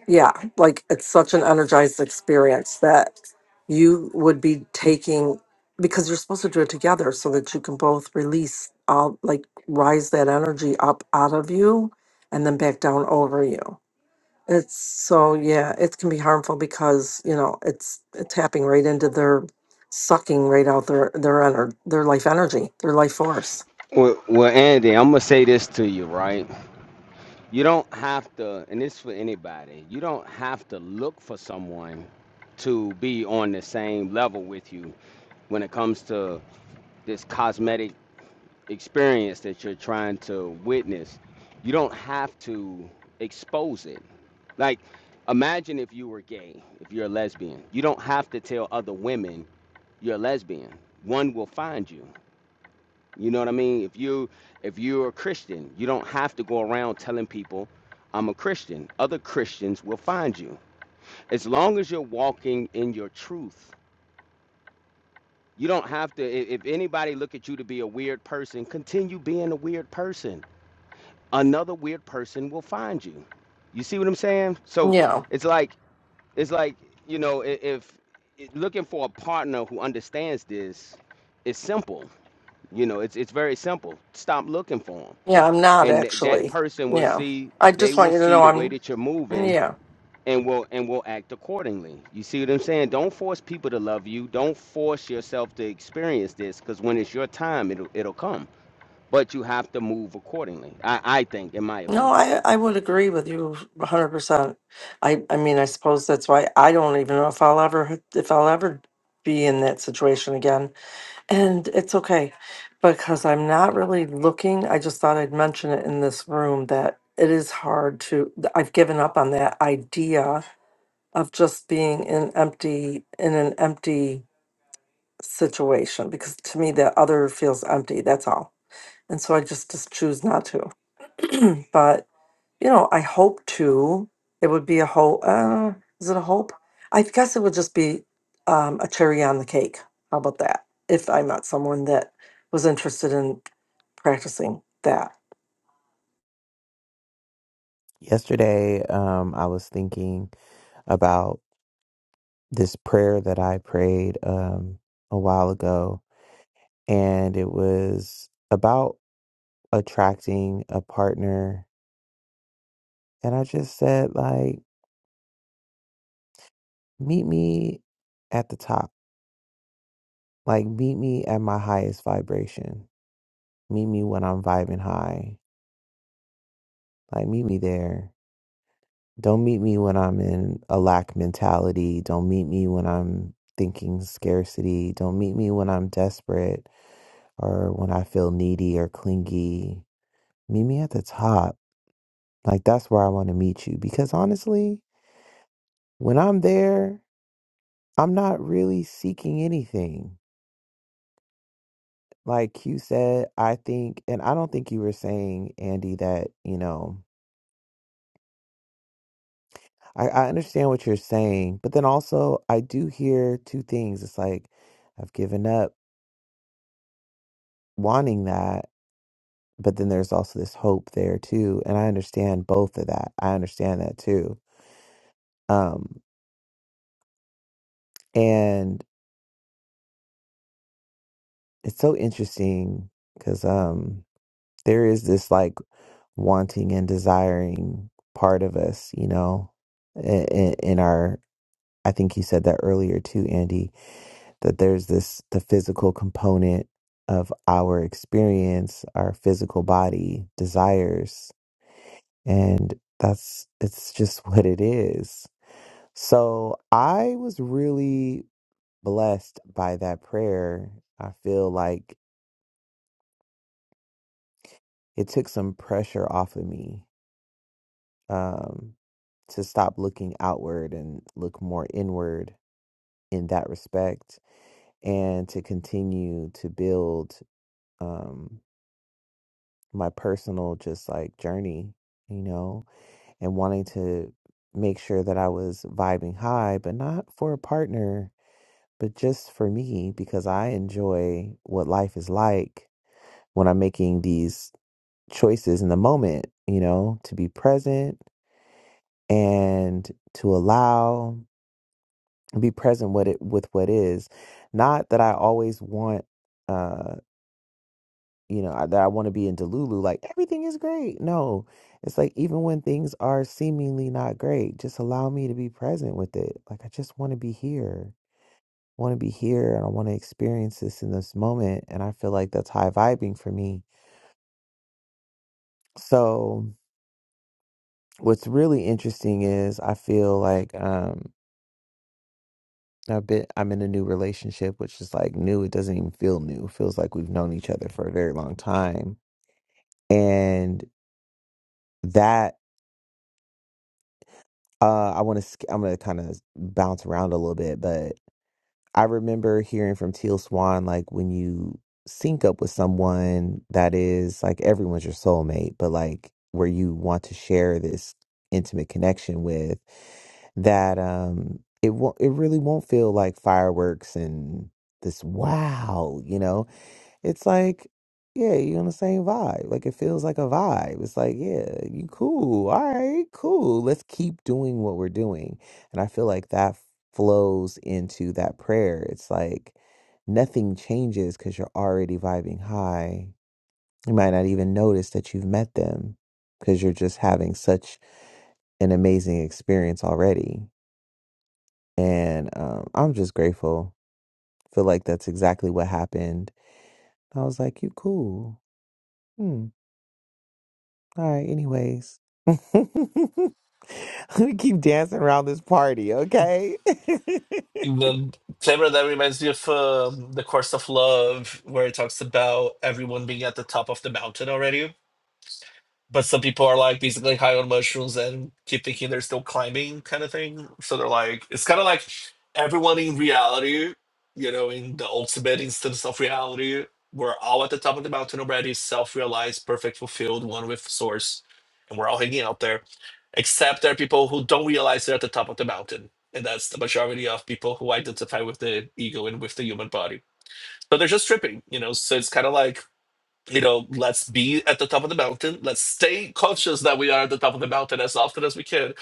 Speaker 3: yeah like it's such an energized experience that you would be taking because you're supposed to do it together so that you can both release all like rise that energy up out of you and then back down over you it's so yeah it can be harmful because you know it's it's tapping right into their sucking right out their their energy their life energy their life force
Speaker 5: Well, well, Andy, I'm gonna say this to you, right? You don't have to, and this for anybody. You don't have to look for someone to be on the same level with you when it comes to this cosmetic experience that you're trying to witness. You don't have to expose it. Like, imagine if you were gay, if you're a lesbian. You don't have to tell other women you're a lesbian. One will find you. You know what I mean? If you if you're a Christian, you don't have to go around telling people I'm a Christian. Other Christians will find you. As long as you're walking in your truth. You don't have to i- if anybody look at you to be a weird person, continue being a weird person. Another weird person will find you. You see what I'm saying? So
Speaker 3: yeah
Speaker 5: it's like it's like, you know, i- if i- looking for a partner who understands this, it's simple. You know, it's it's very simple. Stop looking for 'em
Speaker 3: Yeah, I'm not
Speaker 5: and th- that
Speaker 3: actually.
Speaker 5: person will
Speaker 3: Yeah.
Speaker 5: see
Speaker 3: I
Speaker 5: they
Speaker 3: just
Speaker 5: will
Speaker 3: want you to
Speaker 5: see
Speaker 3: know
Speaker 5: the way
Speaker 3: I'm
Speaker 5: that you're moving
Speaker 3: yeah.
Speaker 5: and will and will act accordingly you see what i'm saying don't force people to love you don't force yourself to experience this because when it's your time it'll it'll come but you have to move accordingly i i think in my
Speaker 3: No,
Speaker 5: opinion
Speaker 3: I I would agree with you 100%. I I mean, I suppose that's why I don't even know if I'll ever if I'll ever be in that situation again. And it's okay because I'm not really looking. I just thought I'd mention it in this room that it is hard to I've given up on that idea of just being in empty in an empty situation because to me that other feels empty. That's all and so I just just choose not to. but you know, I hope to. It would be a hope. Uh, is it a hope? I guess it would just be um, a cherry on the cake. How about that? If I met someone that was interested in practicing that,
Speaker 1: Yesterday, um, I was thinking about this prayer that I prayed um a while ago, and it was about attracting a partner. And I just said, like, meet me at the top. Like, meet me at my highest vibration. Meet me when I'm vibing high. Like, meet me there Don't meet me when I'm in a lack mentality. Don't meet me when I'm thinking scarcity. Don't meet me when I'm desperate or when I feel needy or clingy. Meet me at the top. Like that's where I want to meet you because honestly, when I'm there, I'm not really seeking anything. Like you said, I think, and I don't think you were saying, Andy, that, you know, I, I understand what you're saying, but then also I do hear two things. It's like, I've given up. wanting that, but then there's also this hope there too. And I understand both of that. I understand that too. Um, and it's so interesting because um, there is this like wanting and desiring part of us, you know, in, in our, I think you said that earlier too, Andy, that there's this, the physical component of our experience, our physical body desires. And that's, it's just what it is So I was really blessed by that prayer. I feel like it took some pressure off of me um, to stop looking outward and look more inward in that respect, and to continue to build um, my personal just like journey, you know, and wanting to make sure that I was vibing high, but not for a partner But just for me, because I enjoy what life is like when I'm making these choices in the moment, you know, to be present and to allow be present with it with what is. Not that I always want uh you know I- that I want to be in Delulu like everything is great. No, it's like even when things are seemingly not great, just allow me to be present with it. Like I just want to be here want to be here and I want to experience this in this moment. And I feel like that's high vibing for me. So what's really interesting is I feel like um I've been I'm in a new relationship, which is like new. It doesn't even feel new. It feels like we've known each other for a very long time. And that uh I want to I'm going to kind of bounce around a little bit, but I remember hearing from Teal Swan, like when you sync up with someone that is like everyone's your soulmate, but like where you want to share this intimate connection with, that um it won't it really won't feel like fireworks and this wow, you know it's like, yeah, you're on the same vibe. Like it feels like a vibe. It's like, yeah, you cool. All right, cool. Let's keep doing what we're doing. And I feel like that flows into that prayer. It's like nothing changes because you're already vibing high. You might not even notice that you've met them because you're just having such an amazing experience already. And um, I'm just grateful. feel like that's exactly what happened. I was like, you cool. hmm." All right, anyways. we keep dancing around this party, okay?
Speaker 4: the flavor that reminds me of um, the course of love, where it talks about everyone being at the top of the mountain already. but some people are like basically high on mushrooms and keep thinking they're still climbing kind of thing so they're like it's kind of like everyone in reality you know in the ultimate instance of reality we're all at the top of the mountain already self-realized perfect fulfilled one with source and we're all hanging out there except there are people who don't realize they're at the top of the mountain and that's the majority of people who identify with the ego and with the human body so they're just tripping you know so it's kind of like you know, let's be at the top of the mountain. Let's stay conscious that we are at the top of the mountain as often as we can.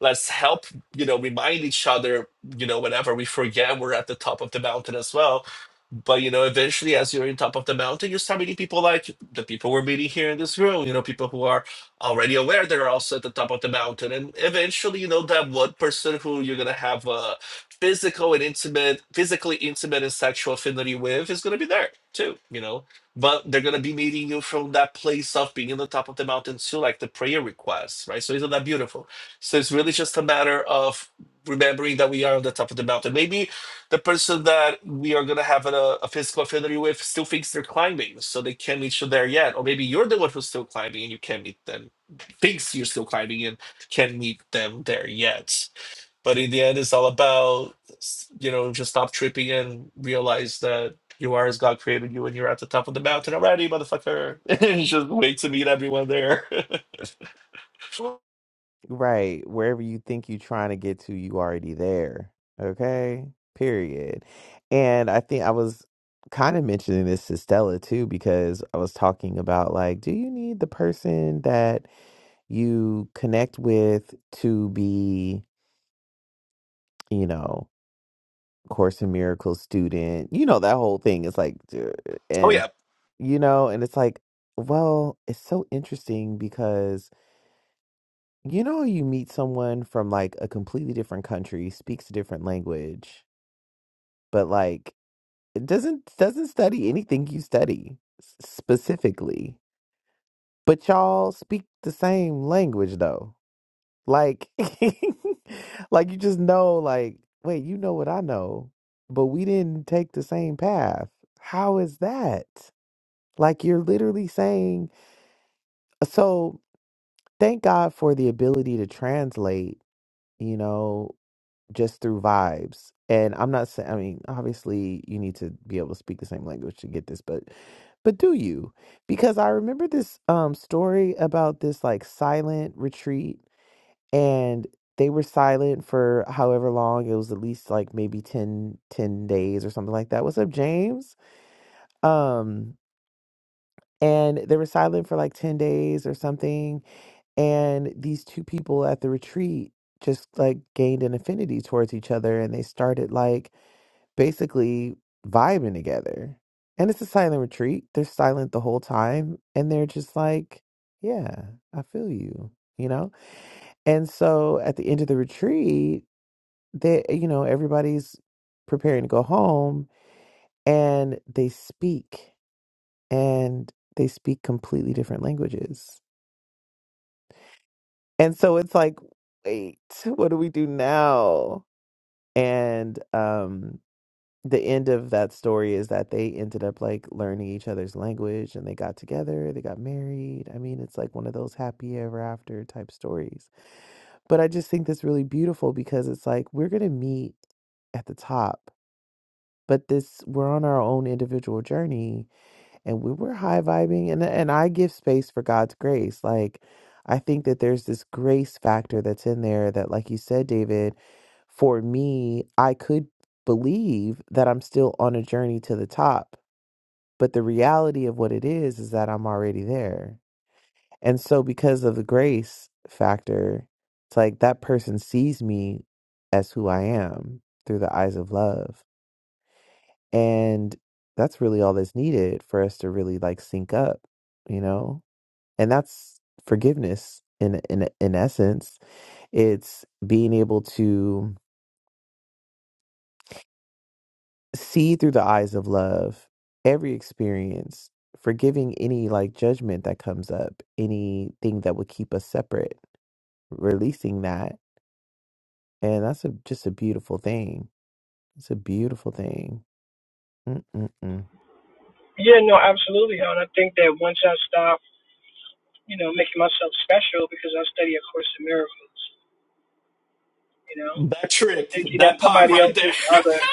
Speaker 4: Let's help, you know, remind each other, you know, whenever we forget we're at the top of the mountain as well. But you know, eventually, as you're in top of the mountain, you start meeting people like the people we're meeting here in this room. You know, people who are already aware they're also at the top of the mountain, and eventually, you know, that one person who you're gonna have a physical and intimate, physically intimate and sexual affinity with is gonna be there too. You know, but they're going to be meeting you from that place of being in the top of the mountain to like the prayer requests, right? So isn't that beautiful? So it's really just a matter of remembering that we are on the top of the mountain. Maybe the person that we are going to have a, a physical affinity with still thinks they're climbing, so they can't meet you there yet. Or maybe you're the one who's still climbing and you can't meet them, thinks you're still climbing and can't meet them there yet. But in the end, it's all about, you know, just stop tripping and realize that you are as God created you and you're at the top of the mountain already, motherfucker. And just wait to meet everyone there. oh,
Speaker 1: right. Wherever you think you're trying to get to, you already there. Okay? Period. And I think I was kind of mentioning this to Stella too, because I was talking about like, do you need the person that you connect with to be, you know, Course in Miracles student? You know, that whole thing is like, duh, and
Speaker 4: yeah.
Speaker 1: you know, and it's like, well, it's so interesting because you know, you meet someone from like a completely different country, speaks a different language, but like it doesn't doesn't study anything you study s- specifically. But y'all speak the same language though. Like like you just know like, wait, you know what I know, but we didn't take the same path. How is that? Like you're literally saying so thank God for the ability to translate, you know, just through vibes. And I'm not saying, I mean, obviously you need to be able to speak the same language to get this, but, but do you? Because I remember this um, story about this like silent retreat and they were silent for however long. It was at least like maybe 10, 10 days or something like that. What's up, James? Um, and they were silent for like 10 days or something and these two people at the retreat just like gained an affinity towards each other and they started like basically vibing together and it's a silent retreat they're silent the whole time and they're just like yeah i feel you you know and so at the end of the retreat they eh, you know everybody's preparing to go home and they speak and they speak completely different languages And so it's like, wait, what do we do now? And um the end of that story is that they ended up like learning each other's language and they got together, they got married. I mean, it's like one of those happy ever after type stories. But I just think that's really beautiful because it's like we're going to meet at the top, but this we're on our own individual journey and we were high vibing and and I give space for God's grace. Like I think that there's this grace factor that's in there that like you said David, for me, I could believe that I'm still on a journey to the top, but the reality of what it is is that I'm already there. And so because of the grace factor, it's like that person sees me as who I am through the eyes of love. And that's really all that's needed for us to really like sync up, you know? And that's forgiveness in in in essence. It's being able to see through the eyes of love every experience, forgiving any like judgment that comes up, anything that would keep us separate, releasing that. And that's a, just a beautiful thing. It's a beautiful thing. Mm-mm-mm.
Speaker 6: Yeah, no, absolutely. And I think that once I stop, you know, making myself special because I study A Course in Miracles, you know,
Speaker 4: That
Speaker 6: and
Speaker 4: trick,
Speaker 6: thinking that
Speaker 4: that part
Speaker 6: somebody
Speaker 4: right
Speaker 6: else is
Speaker 4: there.
Speaker 6: other,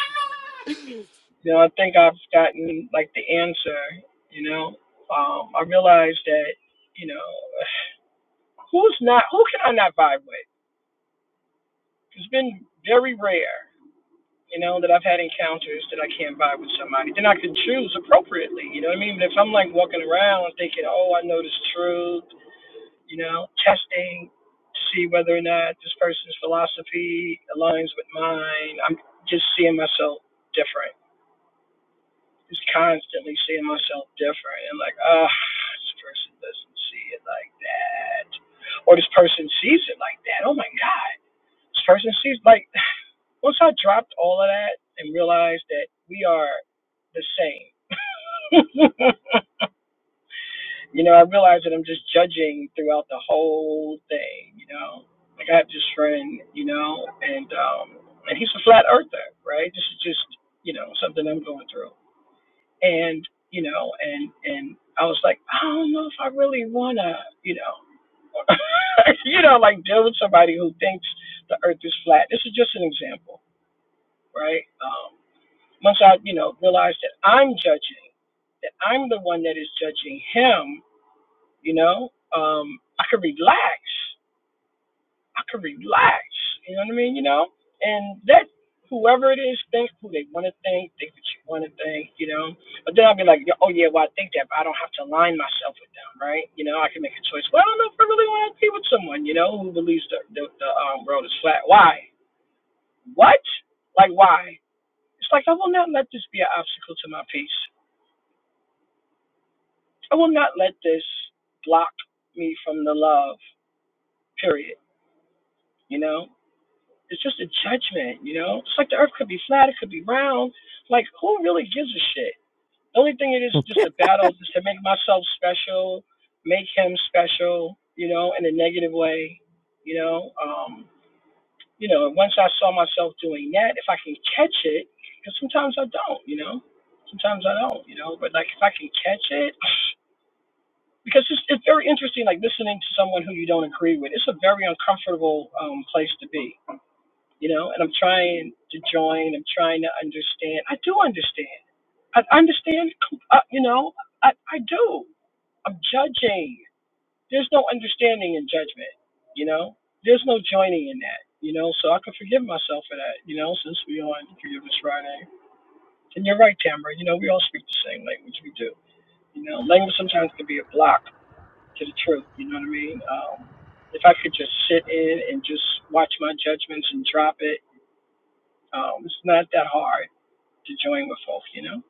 Speaker 6: you know, I think I've gotten like the answer, you know. Um, I realized that, you know, who's not, who can I not vibe with? It's been very rare, you know, that I've had encounters that I can't vibe with somebody. Then I can choose appropriately, you know what I mean? But if I'm like walking around thinking, oh, I know this truth you know, testing to see whether or not this person's philosophy aligns with mine. I'm just seeing myself different. Just constantly seeing myself different and like, ah, oh, this person doesn't see it like that. Or this person sees it like that. Oh my God. This person sees like once I dropped all of that and realized that we are the same. You know, I realize that I'm just judging throughout the whole thing, you know. Like I have this friend, you know, and um and he's a flat earther, right? This is just, you know, something I'm going through. And, you know, and and I was like, I don't know if I really wanna, you know you know, like deal with somebody who thinks the earth is flat. This is just an example, right? Um once I, you know, realize that I'm judging, that I'm the one that is judging him you know, um, I could relax. I could relax. You know what I mean? You know, and that whoever it is think who they want to think, think what you want to think, you know. But then I'll be like, oh yeah, well I think that, but I don't have to align myself with them, right? You know, I can make a choice. Well, I don't know if I really want to be with someone, you know, who believes the the, the um, world is flat. Why? What? Like why? It's like I will not let this be an obstacle to my peace. I will not let this block me from the love. Period. You know It's just a judgment, you know? It's like the earth could be flat, it could be round. Like, who really gives a shit? The only thing it is just a battle is to make myself special, make him special, you know, in a negative way, you know? Um, you know, once I saw myself doing that, if I can catch it, because sometimes I don't, you know? Sometimes I don't, you know? But, like, if I can catch it, because it's, it's very interesting, like listening to someone who you don't agree with. It's a very uncomfortable um, place to be you know, and I'm trying to join. I'm trying to understand. I do understand. I understand, uh, you know, I, I do. I'm judging. There's no understanding in judgment, you know? There's no joining in that, you know? So I can forgive myself for that, you know, since we on Forgiveness Friday. And you're right, Tamara, you know, we all speak the same language. We do. You know, language sometimes can be a block to the truth, you know what I mean? Um, if I could just sit in and just watch my judgments and drop it, um, it's not that hard to join with folks, you know.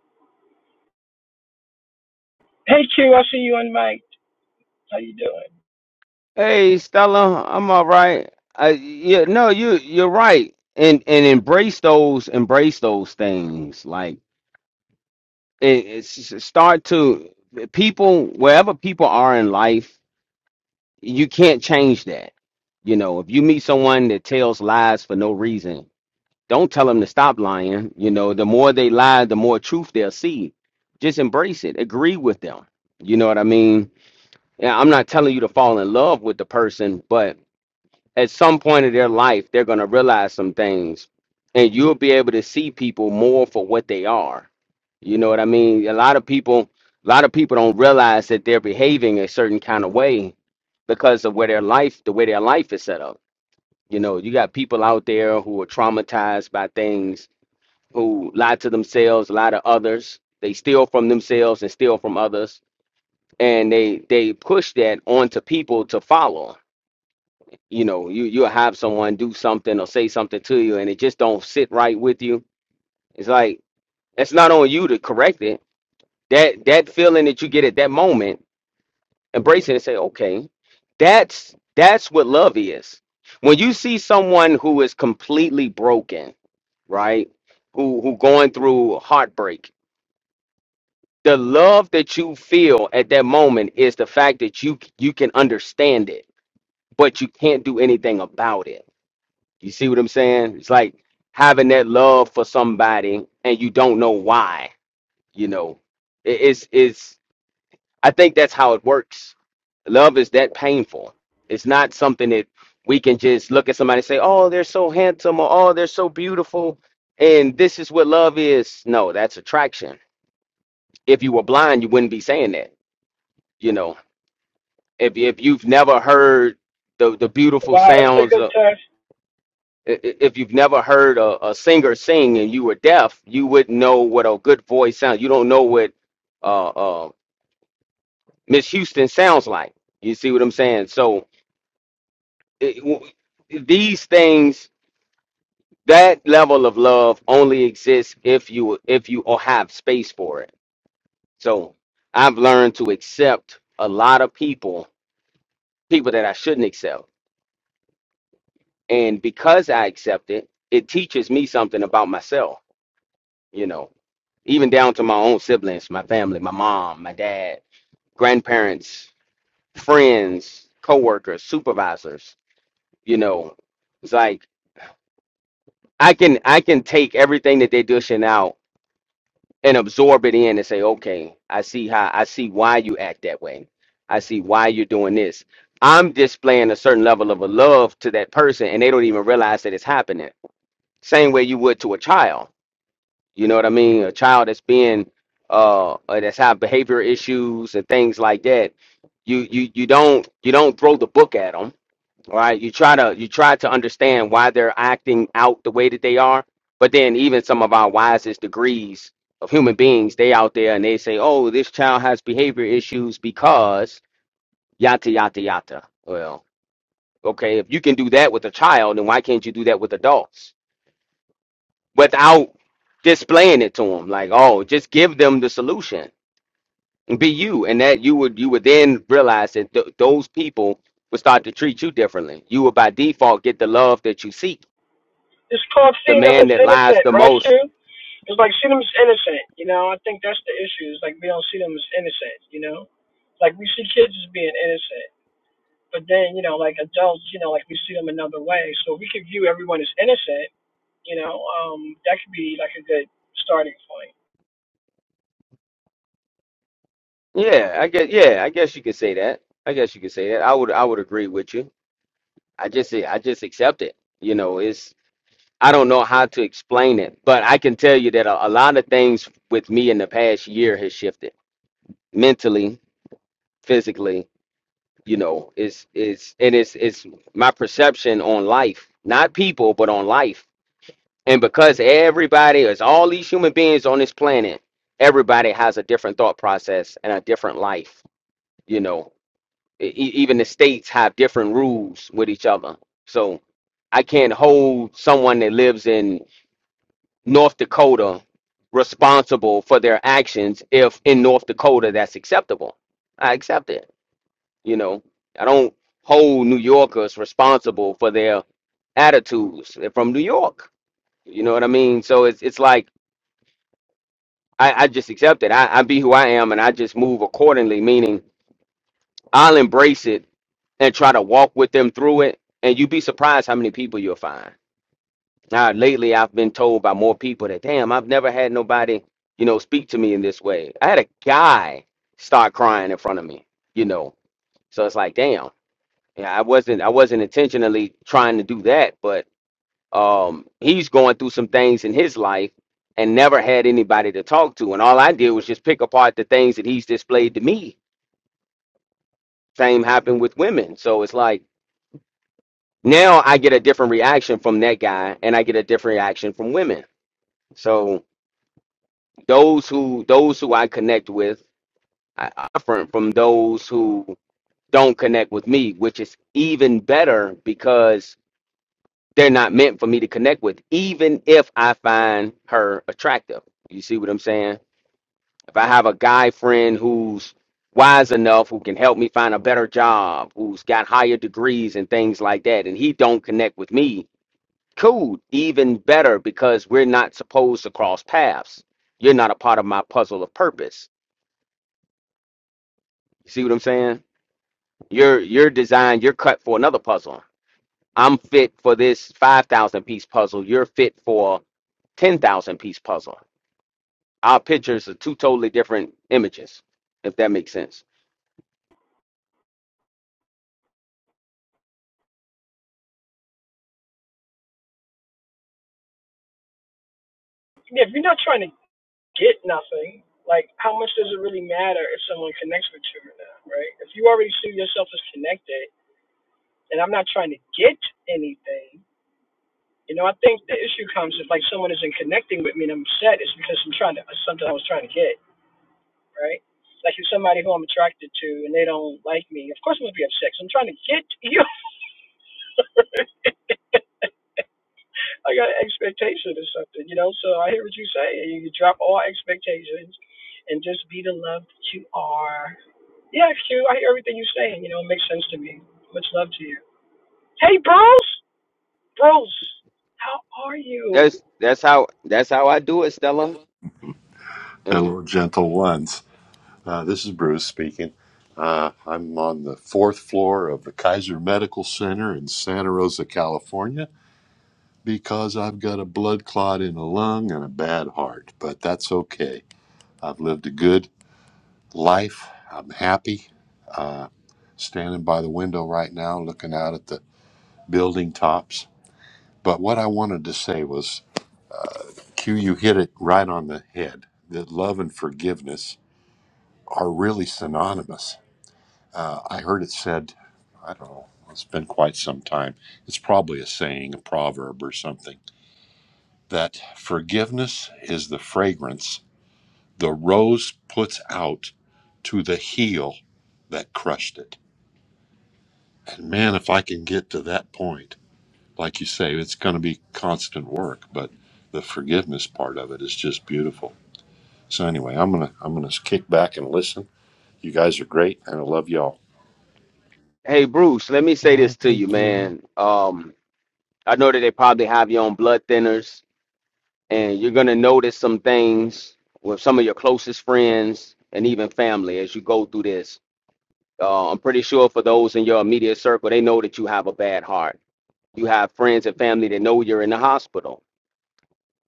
Speaker 6: Hey Q, I see you on mic. How you doing?
Speaker 5: hey stella i'm all right I, yeah no you you're right and and embrace those embrace those things like it, it's start to people wherever people are in life you can't change that. You know, if you meet someone that tells lies for no reason, don't tell them to stop lying. You know, the more they lie, the more truth they'll see. Just embrace it. Agree with them. You know what I mean? Yeah, I'm not telling you to fall in love with the person, but at some point of their life, they're going to realize some things, and you'll be able to see people more for what they are. You know what I mean? A lot of people, a lot of people don't realize that they're behaving a certain kind of way because of where their life, the way their life is set up. You know, you got people out there who are traumatized by things, who lie to themselves, lie to others. They steal from themselves and steal from others, and they they push that onto people to follow you know you you'll have someone do something or say something to you and it just don't sit right with you it's like that's not on you to correct it that that feeling that you get at that moment embrace it and say okay that's that's what love is when you see someone who is completely broken right who who going through heartbreak the love that you feel at that moment is the fact that you you can understand it but you can't do anything about it You see what I'm saying? It's like having that love for somebody and you don't know why. You know, It- it's it's. I think that's how it works. Love is that painful. It's not something that we can just look at somebody and say, "Oh, they're so handsome," or "Oh, they're so beautiful," and this is what love is. No, that's attraction. If you were blind, you wouldn't be saying that. You know, if if you've never heard the the beautiful
Speaker 6: Wow, that's a
Speaker 5: sounds.
Speaker 6: good test.
Speaker 5: if you've never heard a, a singer sing and you were deaf, you wouldn't know what a good voice sounds. You don't know what uh, uh, Miss Houston sounds like. You see what I'm saying? So it, w- these things, that level of love, only exists if you if you all have space for it. So I've learned to accept a lot of people, people that I shouldn't accept, and because I accept it, it teaches me something about myself. You know even down to my own siblings, my family, my mom, my dad, grandparents, friends, coworkers, supervisors. You know, it's like I can I can take everything that they're dishing out and absorb it in and say, okay, I see how I see why you act that way. I see why you're doing this. I'm displaying a certain level of a love to that person, and they don't even realize that it's happening. Same way you would to a child You know what I mean? A child that's being uh uh, that's have behavior issues and things like that. You you you don't you don't throw the book at them, right? You try to you try to understand why they're acting out the way that they are. But then even some of our wisest degrees of human beings, they out there and they say, "Oh, this child has behavior issues because yada yada yada." Well, okay, if you can do that with a child, then why can't you do that with adults? without displaying it to them like oh just give them the solution be you and that you would you would then realize that th- those people would start to treat you differently you would by default get the love that you seek
Speaker 6: It's called
Speaker 5: the
Speaker 6: seeing them
Speaker 5: man
Speaker 6: as
Speaker 5: that lies
Speaker 6: innocent,
Speaker 5: the
Speaker 6: right,
Speaker 5: most
Speaker 6: Q? It's like see them as innocent, you know. I think that's the issue. It's like we don't see them as innocent, you know. Like we see kids as being innocent, but then you know, like adults, you know, like we see them another way. So if we could view everyone as innocent, you know. Um, that could be like a good starting point.
Speaker 5: yeah i guess yeah i guess you could say that i guess you could say that i would i would agree with you i just i just accept it you know it's i don't know how to explain it but i can tell you that a, a lot of things with me in the past year has shifted mentally physically you know it's it's and it's it's my perception on life not people but on life and because everybody is all these human beings on this planet everybody has a different thought process and a different life you know E- e- even the states have different rules with each other so i can't hold someone that lives in north dakota responsible for their actions if in north dakota that's acceptable i accept it you know, I don't hold New Yorkers responsible for their attitudes. They're from New York. You know what I mean? So it's it's like I, I just accept it. I, I be who I am and I just move accordingly, meaning I'll embrace it and try to walk with them through it. And you'd be surprised how many people you'll find. Now, lately, I've been told by more people that, damn, I've never had nobody, you know, speak to me in this way. I had a guy start crying in front of me, you know. So it's like, damn. Yeah, I wasn't I wasn't intentionally trying to do that, but um he's going through some things in his life and never had anybody to talk to. And all I did was just pick apart the things that he's displayed to me. Same happened with women. So it's like now I get a different reaction from that guy and I get a different reaction from women. So those who those who I connect with are different from those who don't connect with me, which is even better because they're not meant for me to connect with, even if I find her attractive. You see what I'm saying? If I have a guy friend who's wise enough, who can help me find a better job, who's got higher degrees and things like that, and he don't connect with me, cool, even better because we're not supposed to cross paths. You're not a part of my puzzle of purpose. You see what I'm saying? You're you're designed, you're cut for another puzzle. I'm fit for this 5,000 piece puzzle. You're fit for 10,000 piece puzzle Our pictures are two totally different images, if that makes sense.
Speaker 6: Yeah, if you're not trying to get nothing, like how much does it really matter if someone connects with you or not, right? If you already see yourself as connected, and I'm not trying to get anything, you know, I think the issue comes if like someone isn't connecting with me and I'm upset, it's because I'm trying to something I was trying to get, right? Like if somebody who I'm attracted to and they don't like me, of course I'm gonna be upset. 'cause I'm trying to get you. I got an expectation or something, you know. So I hear what you say. You drop all expectations and just be the love that you are Yeah, Q, I hear everything you're saying. You know, it makes sense to me. Much love to you. Hey, Bruce. Bruce, how are you?
Speaker 5: That's that's how that's how I do it, Stella. Is-
Speaker 7: Hello, gentle ones. Uh, this is Bruce speaking. Uh, I'm on the fourth floor of the Kaiser Medical Center in Santa Rosa, California, because I've got a blood clot in a lung and a bad heart. But that's okay. I've lived a good life. I'm happy. Uh, standing by the window right now, looking out at the building tops. But what I wanted to say was, Q, you hit it right on the head. That love and forgiveness are really synonymous Uh, I heard it said, I don't know, it's been quite some time. It's probably a saying, a proverb or something, that forgiveness is the fragrance the rose puts out to the heel that crushed it. And man, if I can get to that point, like you say, it's going to be constant work, but the forgiveness part of it is just beautiful. So anyway, I'm gonna I'm gonna kick back and listen. You guys are great, and I love y'all.
Speaker 5: Hey Bruce, let me say
Speaker 1: Wow,
Speaker 5: this to you,
Speaker 1: thank you.
Speaker 5: man. Um, I know that they probably have you on blood thinners, and you're gonna notice some things with some of your closest friends and even family as you go through this. Uh, I'm pretty sure for those in your immediate circle, they know that you have a bad heart. You have friends and family that know you're in the hospital.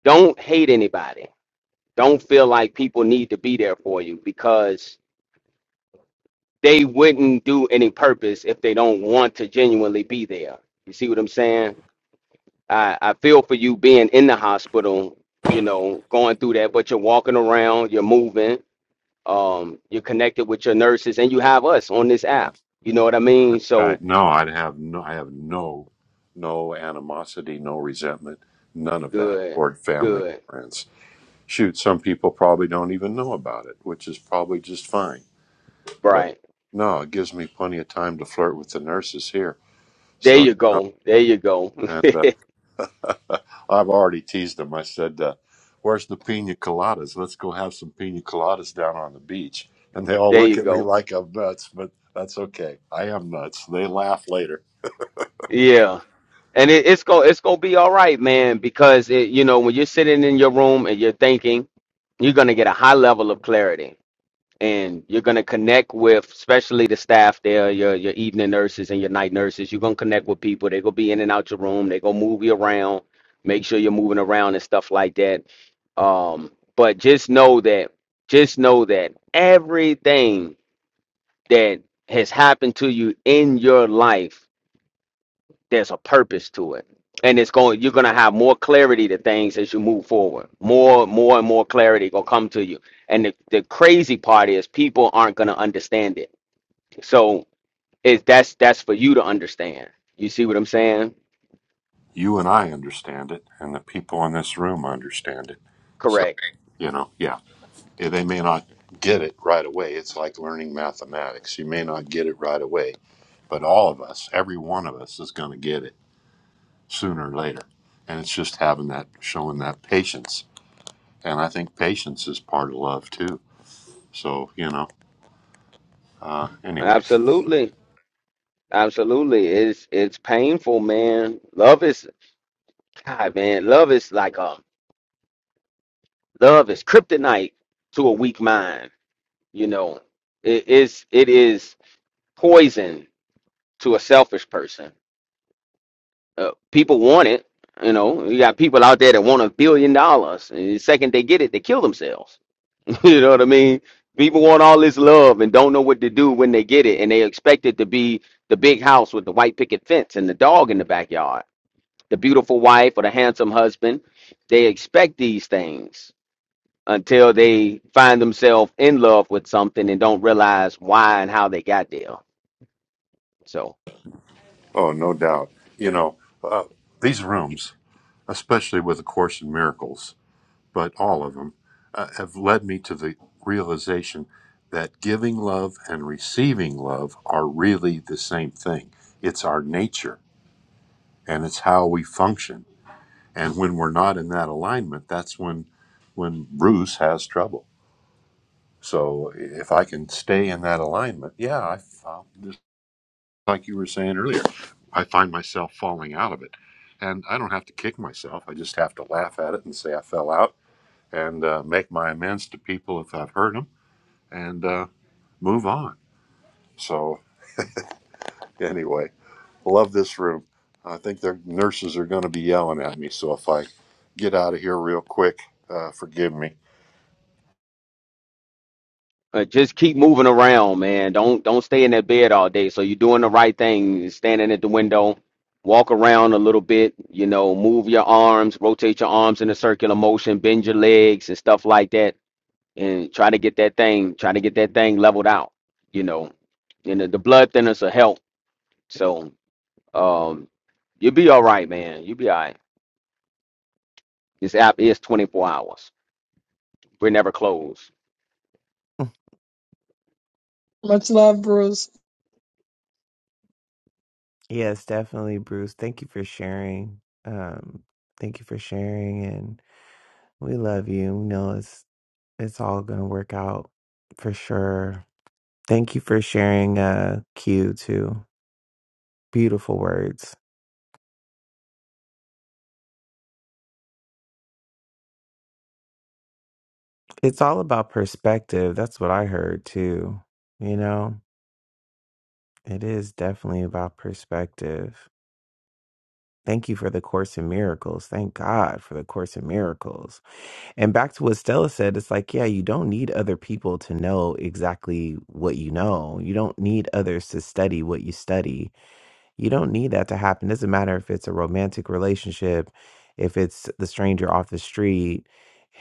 Speaker 5: Don't hate anybody don't feel like people need to be there for you because they wouldn't do any purpose if they don't want to genuinely be there. You see what I'm saying? I, I feel for you being in the hospital, you know, going through that, but you're walking around, you're moving, um, you're connected with your nurses, and you have us on this app. You know what I mean?
Speaker 7: Uh,
Speaker 5: So
Speaker 7: no, I'd have no, I have no, no animosity, no resentment, none of that
Speaker 5: good,
Speaker 7: toward family
Speaker 5: good,
Speaker 7: and friends. Shoot, some people probably don't even know about it, which is probably just fine. But
Speaker 5: right.
Speaker 7: no, it gives me plenty of time to flirt with the nurses here.
Speaker 5: There
Speaker 7: So, you
Speaker 5: you
Speaker 7: know,
Speaker 5: go. There you go.
Speaker 7: and uh, I've already teased them. I said, uh, "Where's the pina coladas? Let's go have some pina coladas down on the beach." And they all
Speaker 5: there
Speaker 7: look
Speaker 5: you
Speaker 7: at me
Speaker 5: go.
Speaker 7: like I'm nuts, but that's okay. I am nuts. They laugh later.
Speaker 5: Yeah. And it, it's go it's gonna be all right, man, because it you know when you're sitting in your room and you're thinking, you're gonna get a high level of clarity, and you're gonna connect with, especially the staff there, your your evening nurses and your night nurses. You're gonna connect with people. They're gonna be in and out your room. They're gonna move you around, make sure you're moving around and stuff like that. Um, but just know that, just know that everything that has happened to you in your life there's a purpose to it and it's going you're going to have more clarity to things as you move forward more more and more clarity going to come to you and the, the crazy part is people aren't going to understand it so it's that's that's for you to understand you see what i'm saying
Speaker 7: you and I understand it, and the people in this room understand it. So,
Speaker 5: correct
Speaker 7: you know, yeah, Yeah, they may not get it right away. It's like learning mathematics. You may not get it right away, but all of us, every one of us, is going to get it sooner or later. And it's just having that, showing that patience. And I think patience is part of love too. So, you know, uh, anyway.
Speaker 5: absolutely absolutely it's it's painful man love is god man love is like a love is kryptonite to a weak mind you know it is it is poison to a selfish person. Uh, people want it, you know. You got people out there that want a billion dollars, and the second they get it, they kill themselves. you know what I mean? People want all this love and don't know what to do when they get it, and they expect it to be the big house with the white picket fence and the dog in the backyard, the beautiful wife or the handsome husband. They expect these things until they find themselves in love with something and don't realize why and how they got there. So.
Speaker 7: Oh, no doubt. You know, uh, these rooms, especially with A Course in Miracles. but all of them uh, have led me to the realization that giving love and receiving love are really the same thing. It's our nature and it's how we function. And when we're not in that alignment, that's when when Bruce has trouble. So if I can stay in that alignment, yeah, I, I'll, just like you were saying earlier, I find myself falling out of it. And I don't have to kick myself. I just have to laugh at it and say I fell out and uh, make my amends to people if I've hurt hurt them. and uh, move on. So, anyway, love this room. I think their nurses are going to be yelling at me. So, if I get out of here real quick, uh, forgive me.
Speaker 5: Uh, just keep moving around, man. Don't don't stay in that bed all day. So you're doing the right thing, standing at the window, walk around a little bit, you know, move your arms, rotate your arms in a circular motion, bend your legs and stuff like that, and try to get that thing, try to get that thing leveled out, you know. And the, the blood thinners will help. So um you'll be all right, man. You'll be all right. This app is 24 hours. We're never closed.
Speaker 6: Much love, Bruce.
Speaker 1: Yes, definitely, Bruce. Thank you for sharing. Um, thank you for sharing, and we love you. We know it's it's all gonna work out for sure. Thank you for sharing, uh, Q too. Beautiful words. It's all about perspective. That's what I heard too. You know, it is definitely about perspective. Thank you for the Course in Miracles. Thank God for the Course in Miracles And back to what Stella said, it's like, yeah, you don't need other people to know exactly what you know. You don't need others to study what you study. You don't need that to happen. doesn't matter if it's a romantic relationship, if it's the stranger off the street,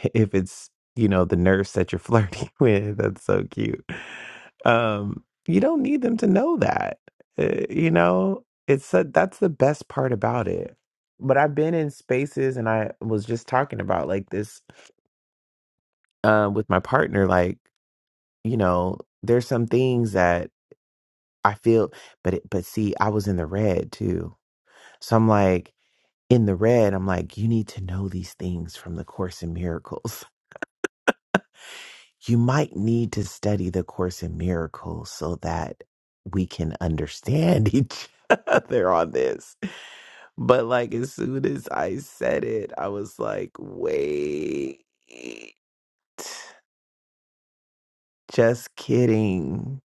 Speaker 1: if it's, you know, the nurse that you're flirting with. That's so cute. Um, you don't need them to know that. Uh, you know, it's a, that's the best part about it. But I've been in spaces and I was just talking about like this um with my partner like you know there's some things that i feel but it, but see i was in the red too so i'm like in the red i'm like you need to know these things from the course in miracles you might need to study the course in miracles so that we can understand each other on this but like as soon as i said it i was like wait just kidding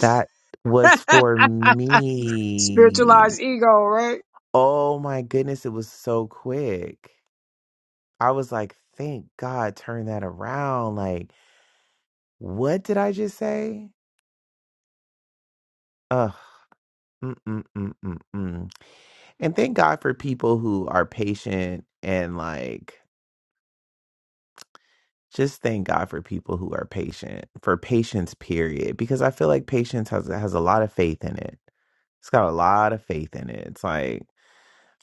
Speaker 1: That was for me.
Speaker 6: Spiritualized ego, right?
Speaker 1: Oh my goodness, it was so quick. I was like, thank God, turn that around. Like, what did I just say? Ugh. Mm, mm, mm, mm, mm. And thank God for people who are patient and like, just thank God for people who are patient, for patience, period. Because I feel like patience has has a lot of faith in it. It's got a lot of faith in it. It's like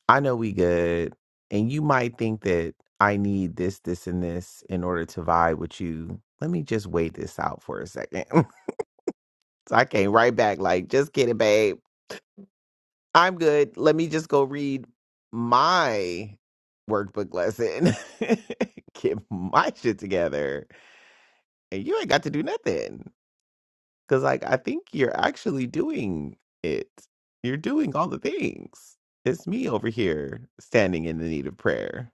Speaker 1: I know we good. And you might think that I need this, this, and this in order to vibe with you. Let me just wait this out for a second. so I came right back, like, just kidding, babe. I'm good. Let me just go read my workbook lesson, get my shit together. And you ain't got to do nothing. Cause, like, I think you're actually doing it. You're doing all the things. It's me over here standing in the need of prayer.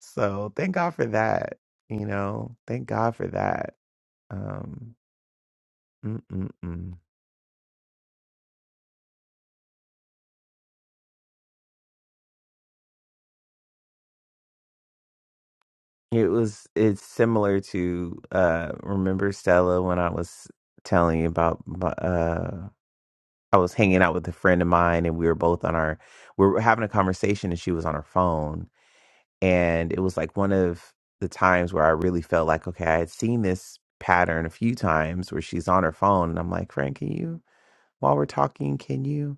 Speaker 1: So thank God for that. You know, thank God for that. Um, mm, mm, mm. it was it's similar to uh, remember Stella when I was telling you about my- uh, I was hanging out with a friend of mine and we were both on our we were having a conversation and she was on her phone and it was like one of the times where I really felt like okay I had seen this pattern a few times where she's on her phone and I'm like Frank can you while we're talking can you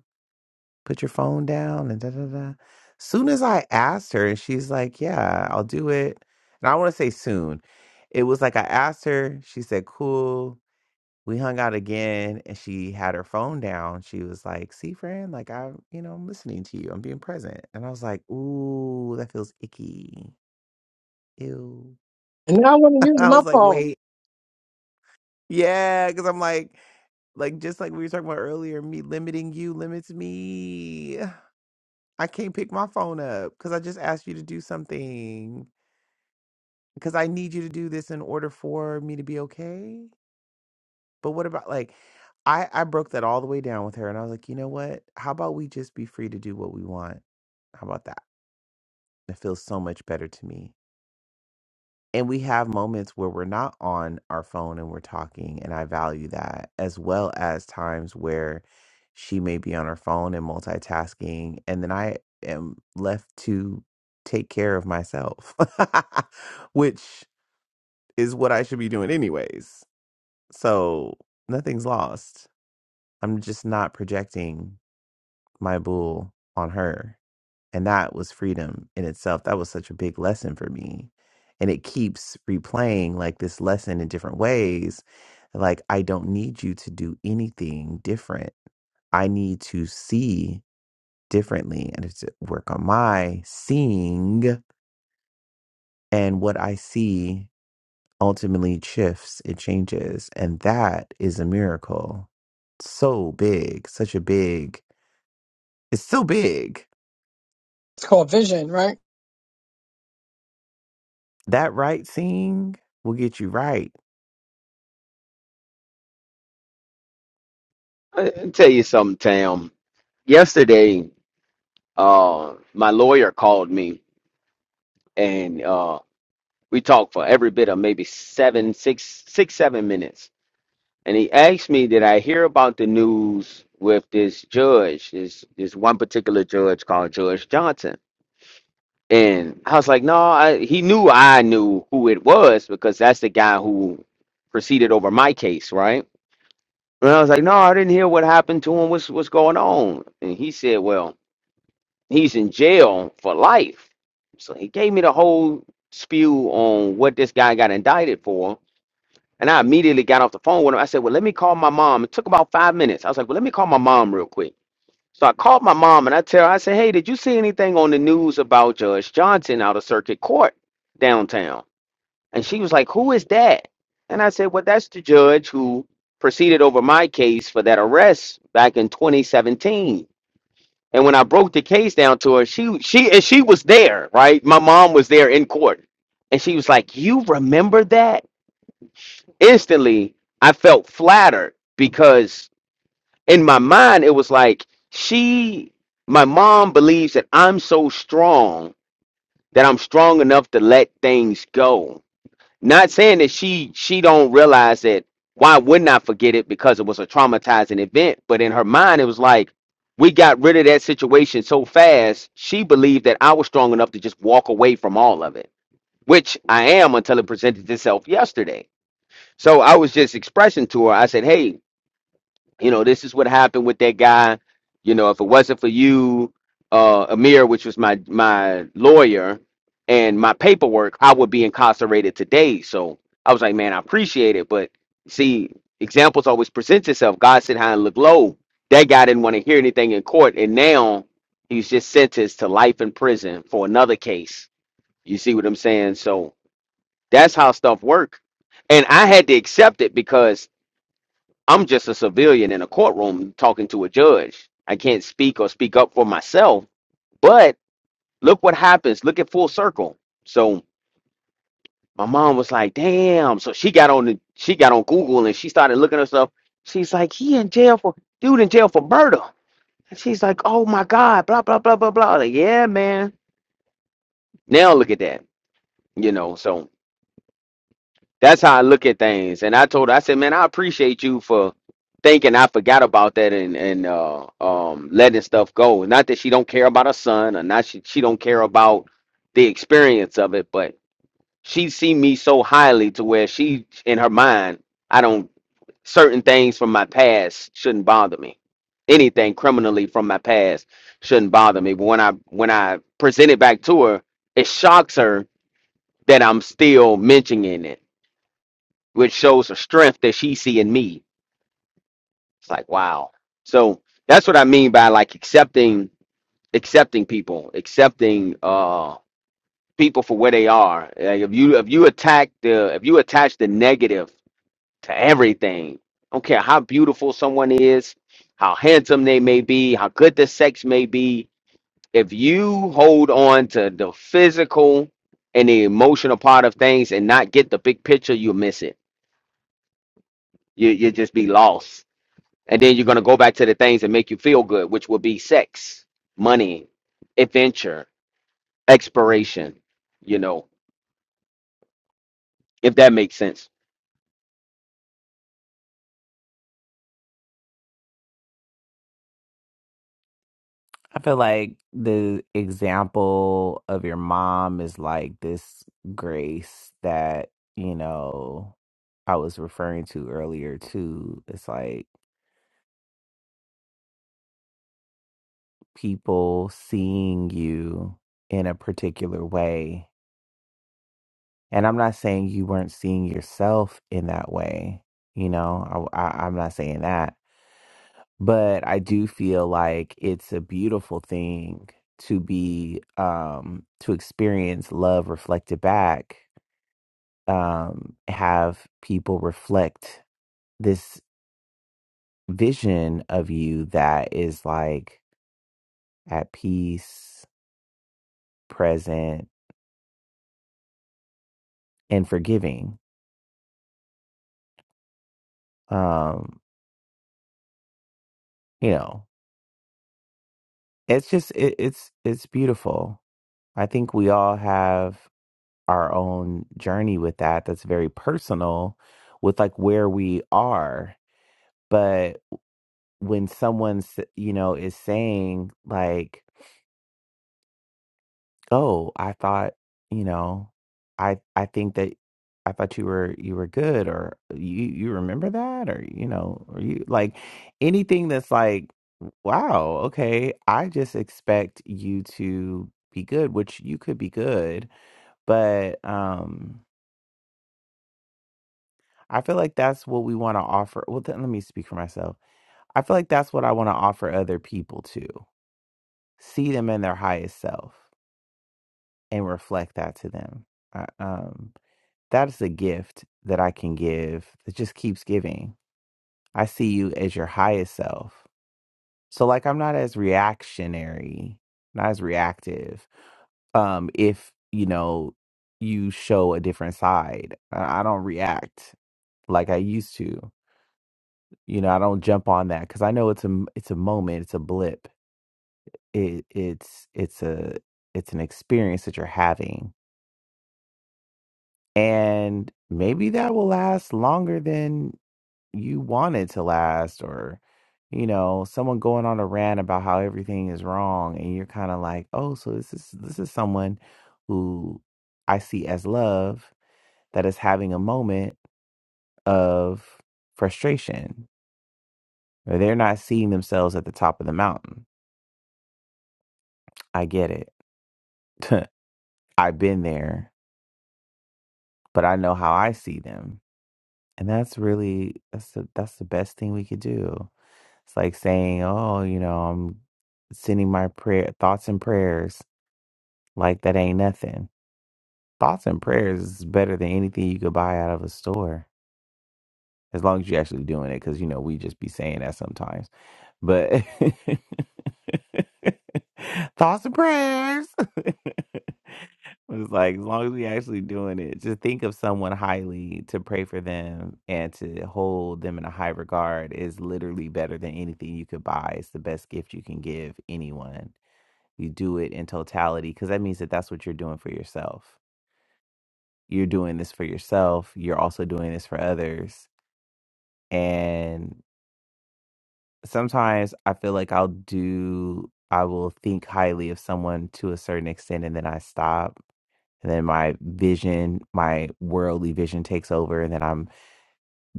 Speaker 1: put your phone down and da da da. Soon as I asked her, and she's like, Yeah, I'll do it. And I want to say soon. It was like I asked her, she said, Cool. We hung out again and she had her phone down. She was like, See, friend, like I'm, you know, I'm listening to you. I'm being present. And I was like, Ooh, that feels icky. Ew.
Speaker 6: And now I want to use
Speaker 1: I
Speaker 6: my
Speaker 1: was like,
Speaker 6: phone.
Speaker 1: wait. Yeah, because I'm like, like just like we were talking about earlier, me limiting you limits me. I can't pick my phone up because I just asked you to do something because I need you to do this in order for me to be okay. But what about like I I broke that all the way down with her and I was like, "You know what? How about we just be free to do what we want? How about that?" It feels so much better to me. and we have moments where we're not on our phone and we're talking and i value that as well as times where she may be on her phone and multitasking and then i am left to take care of myself which is what i should be doing anyways so nothing's lost i'm just not projecting my bull on her and that was freedom in itself. That was such a big lesson for me. And it keeps replaying like this lesson in different ways. Like, I don't need you to do anything different. I need to see differently and to work on my seeing. And what I see ultimately shifts, it changes. And that is a miracle. So big, such a big, it's so big.
Speaker 6: It's called Vision, right?
Speaker 1: That right seeing will get you right
Speaker 5: I, I tell you something, Tam yesterday uh, my lawyer called me and uh, we talked for every bit of maybe seven, six, six, seven minutes. And he asked me, "Did I hear about the news with this judge? This this one particular judge called Judge Johnson?" And I was like, "No." I, he knew I knew who it was because that's the guy who proceeded over my case, right? And I was like, "No, I didn't hear what happened to him. What's what's going on?" And he said, "Well." He's in jail for life. So he gave me the whole spew on what this guy got indicted for. And I immediately got off the phone with him. I said, Well, let me call my mom. It took about five minutes. I was like, Well, let me call my mom real quick. So I called my mom and I tell her, I said, Hey, did you see anything on the news about Judge Johnson out of circuit court downtown? And she was like, Who is that? And I said, Well, that's the judge who proceeded over my case for that arrest back in 2017 and when I broke the case down to her, she she and she was there, right? My mom was there in court. And she was like, "You remember that?" Instantly, I felt flattered because in my mind it was like she my mom believes that I'm so strong that I'm strong enough to let things go not saying that she she don't realize that why wouldn't I forget it because it was a traumatizing event, but in her mind it was like we got rid of that situation so fast, she believed that I was strong enough to just walk away from all of it, which I am until it presented itself yesterday. So I was just expressing to her, I said, Hey, you know, this is what happened with that guy. You know, if it wasn't for you, uh, Amir, which was my my lawyer and my paperwork, I would be incarcerated today. So I was like, man, I appreciate it, but see, examples always present itself. God sit high and look low. That guy didn't want to hear anything in court, and now he's just sentenced to life in prison for another case. You see what I'm saying? So that's how stuff work, and I had to accept it because I'm just a civilian in a courtroom talking to a judge. I can't speak or speak up for myself. But look what happens. Look at full circle. So my mom was like, "Damn!" So she got on the she got on Google and she started looking herself. She's like, "He in jail for dude in jail for murder." And she's like, "Oh my God!" Blah blah blah blah blah. Like, yeah, man. Now look at that. You know. so. That's how I look at things. And I told her, I said, man, I appreciate you for thinking I forgot about that and and uh, um letting stuff go. Not that she don't care about her son, or not she she don't care about the experience of it, but she see me so highly to where she in her mind, I don't certain things from my past shouldn't bother me. Anything criminally from my past shouldn't bother me. But when I when I present it back to her, it shocks her that I'm still mentioning it which shows a strength that she see in me. It's like wow. So that's what I mean by like accepting accepting people, accepting uh people for where they are. Like if you if you attack the if you attach the negative to everything, I don't care how beautiful someone is, how handsome they may be, how good the sex may be, if you hold on to the physical and the emotional part of things and not get the big picture, you'll miss it. You you just be lost And then you're going to go back to the things that make you feel good, which will be sex, money, adventure, exploration, you know, if that makes sense.
Speaker 1: I feel like the example of your mom is like this grace that, you know, I was referring to earlier too. It's like people seeing you in a particular way. And I'm not saying you weren't seeing yourself in that way. You know, I, I, I'm not saying that. But I do feel like it's a beautiful thing to be um to experience love reflected back um, have people reflect this vision of you that is like at peace, present, and forgiving. Um, you know, it's just it, it's it's beautiful. I think we all have our own journey with that. That's very personal, with like where we are. But when someone s- you know is saying like go. I thought, you know, I I think that I thought you were you were good or uh, you you remember that or you know, or you like anything that's like wow, okay, I just expect you to be good, which you could be good, but um I feel like that's what we want to offer. Well, then let me speak for myself. I feel like that's what I want to offer other people too. See them in their highest self and reflect that to them. I, um that is a gift that I can give that just keeps giving. I see you as your highest self. So like I'm not as reactionary, not as reactive. Um if, you know, you show a different side. I I don't react like I used to. You know, I don't jump on that cuz I know it's a m- it's a moment, it's a blip. It it's it's a it's an experience that you're having. And maybe that will last longer than you wanted to last or you know someone going on a rant about how everything is wrong and you're kind of like oh so this is this is someone who i see as love that is having a moment of frustration or they're not seeing themselves at the top of the mountain i get it i've been there but i know how i see them and that's really that's the that's the best thing we could do It's like saying, oh, you know, I'm sending my prayer thoughts and prayers like that ain't nothing. Thoughts and prayers is better than anything you could buy out of a store as long as you're actually doing it, because you know we just be saying that sometimes. But thoughts and prayers. It's like as long as we actually doing it, just think of someone highly to pray for them and to hold them in a high regard is literally better than anything you could buy. It's the best gift you can give anyone. You do it in totality because that means that that's what you're doing for yourself. You're doing this for yourself. You're also doing this for others and. sometimes I feel like I'll do I will think highly of someone to a certain extent and then I stop. And then my vision, my worldly vision takes over and then I'm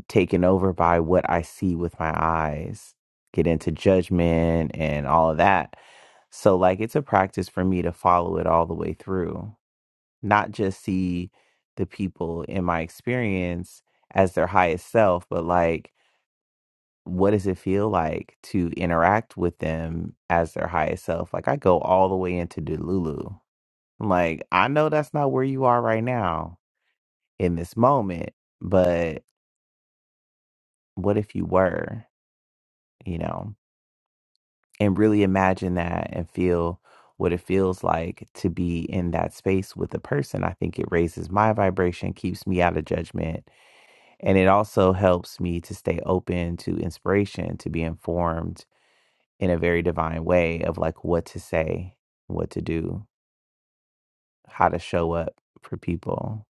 Speaker 1: taken over by what I see with my eyes. Get into judgment and all of that. So like it's a practice for me to follow it all the way through. Not just see the people in my experience as their highest self, but like what does it feel like to interact with them as their highest self? Like I go all the way into Delulu. I'm like, I know that's not where you are right now in this moment, but what if you were, you know? And really imagine that and feel what it feels like to be in that space with a person. I think it raises my vibration, keeps me out of judgment, and it also helps me to stay open to inspiration, to be informed in a very divine way of like what to say, what to do, how to show up for people.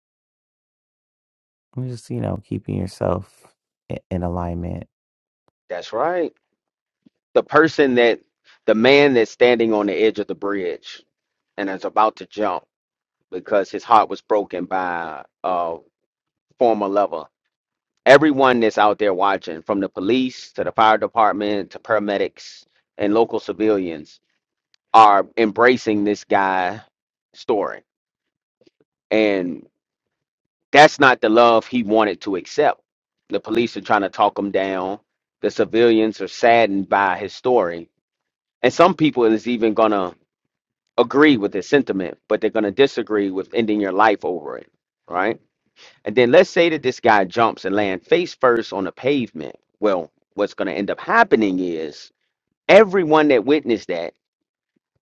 Speaker 1: And Just, you know, keeping yourself i- in alignment.
Speaker 5: That's right. The person that, the man that's standing on the edge of the bridge and is about to jump because his heart was broken by a former lover. Everyone that's out there watching, from the police to the fire department to paramedics and local civilians, are embracing this guy story. and. That's not the love he wanted to accept. The police are trying to talk him down. The civilians are saddened by his story. And some people is even going to agree with his sentiment, but they're going to disagree with ending your life over it, right? And then let's say that this guy jumps and lands face first on the pavement. Well, what's going to end up happening is everyone that witnessed that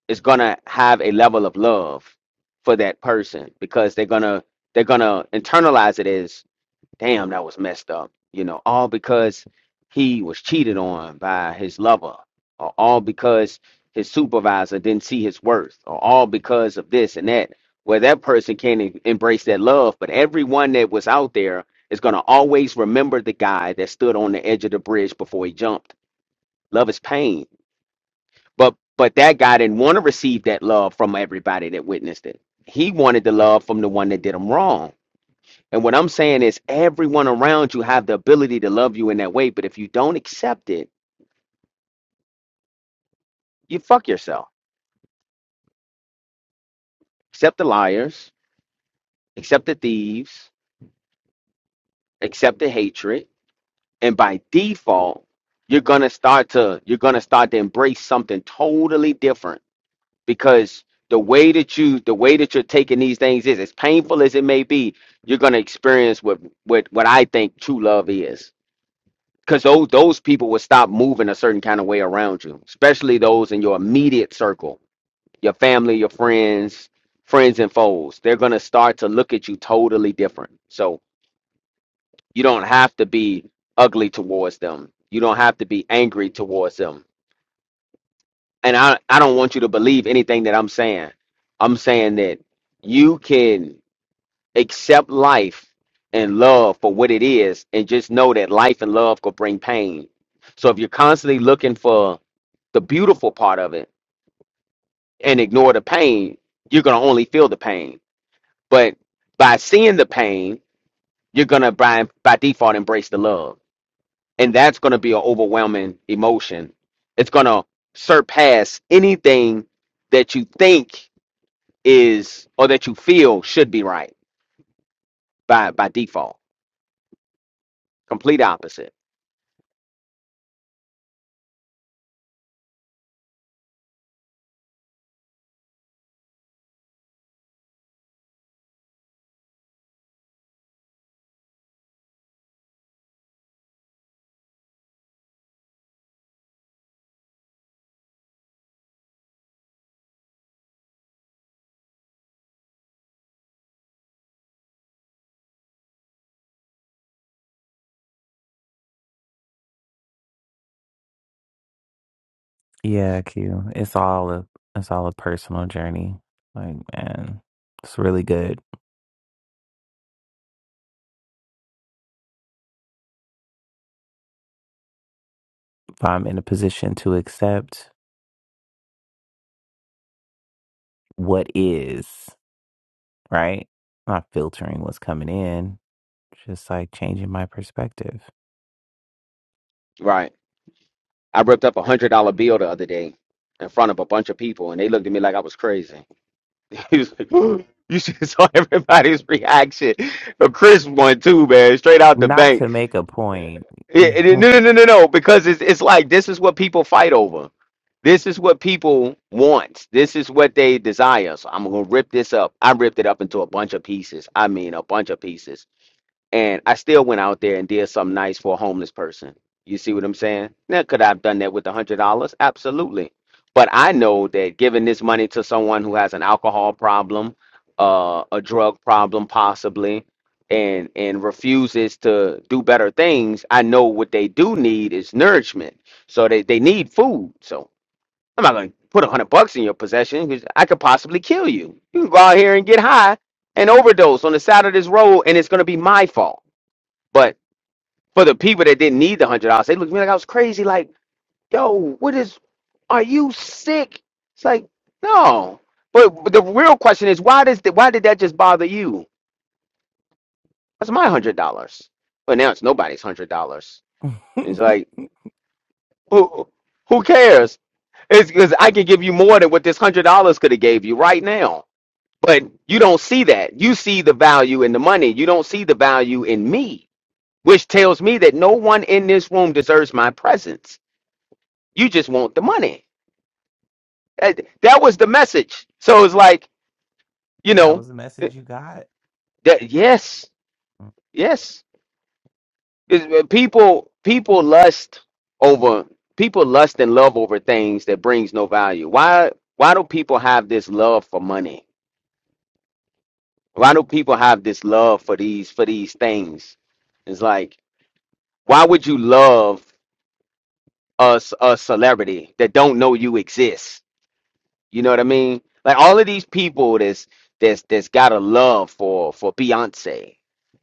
Speaker 5: is going to have a level of love for that person because they're going to they're going to internalize it as damn, that was messed up. You know, all because he was cheated on by his lover, or all because his supervisor didn't see his worth, or all because of this and that. Where that person can't em- embrace that love, but everyone that was out there is going to always remember the guy that stood on the edge of the bridge before he jumped. Love is pain, but but that guy didn't want to receive that love from everybody that witnessed it. He wanted the love from the one that did him wrong and what I'm saying is everyone around you have the ability to love you in that way, but if you don't accept it, you fuck yourself. Accept the liars, accept the thieves, accept the hatred, and by default, you're going to start to you're going to start to embrace something totally different because the way that you the way that you're taking these things is as painful as it may be, you're going to experience what what what I think true love is. because those those people will stop moving a certain kind of way around you, especially those in your immediate circle, your family, your friends, friends and foes. They're gonna start to look at you totally different. So you don't have to be ugly towards them. You don't have to be angry towards them. And I I don't want you to believe anything that I'm saying. I'm saying that you can. accept life and love for what it is and just know that life and love could bring pain so if you're constantly looking for the beautiful part of it and ignore the pain you're going to only feel the pain but by seeing the pain you're going to by, by default embrace the love and that's going to be an overwhelming emotion it's going to surpass anything that you think is or that you feel should be right by by default complete opposite
Speaker 1: Yeah, Q. It's all a it's all a personal journey. Like, man, it's really good if I'm in a position to accept what is, right? Not filtering what's coming in, just like changing my perspective.
Speaker 5: right I ripped up a hundred dollar bill the other day in front of a bunch of people, and they looked at me like I was crazy. He was like, "Ooh." "You should have saw everybody's reaction." But Chris won too, man, straight out the
Speaker 1: Not to
Speaker 5: bank.
Speaker 1: make a point.
Speaker 5: It- it-
Speaker 1: that
Speaker 5: no, no, no, no, no, because it's it's like this is what people fight over. This is what people want. This is what they desire. So I'm gonna rip this up. I ripped it up into a bunch of pieces. I mean, a bunch of pieces and I still went out there and did something nice for a homeless person. You see what I'm saying? Now, could I have done that with a hundred dollars? Absolutely. But I know that giving this money to someone who has an alcohol problem, uh, a drug problem possibly, and and refuses to do better things, I know what they do need is nourishment. So they, they need food. So I'm not gonna put a hundred bucks in your possession because I could possibly kill you. You can go out here and get high and overdose on the side of this road, and it's gonna be my fault. But for the people that didn't need the hundred dollars, they looked at me like I was crazy. Like, yo, what is? Are you sick? It's like, no. But, but the real question is, why does the, why did that just bother you? That's my hundred dollars. But now it's nobody's hundred dollars. And it's like, who who cares? It's because I could give you more than what this hundred dollars could have gave you right now. But you don't see that. You see the value in the money. You don't see the value in me, which tells me that no one in this room deserves my presence You just want the money. That, that was the message. So it's like, you know,
Speaker 1: was the message you got.
Speaker 5: that yes, yes. It's- uh, people people lust over people lust and love over things that brings no value. Why why do people have this love for money? Why do people have this love for these for these things? It's like, why would you love us a c- a celebrity that don't know you exist? You know what I mean? Like all of these people that's that's that's got a love for for Beyonce.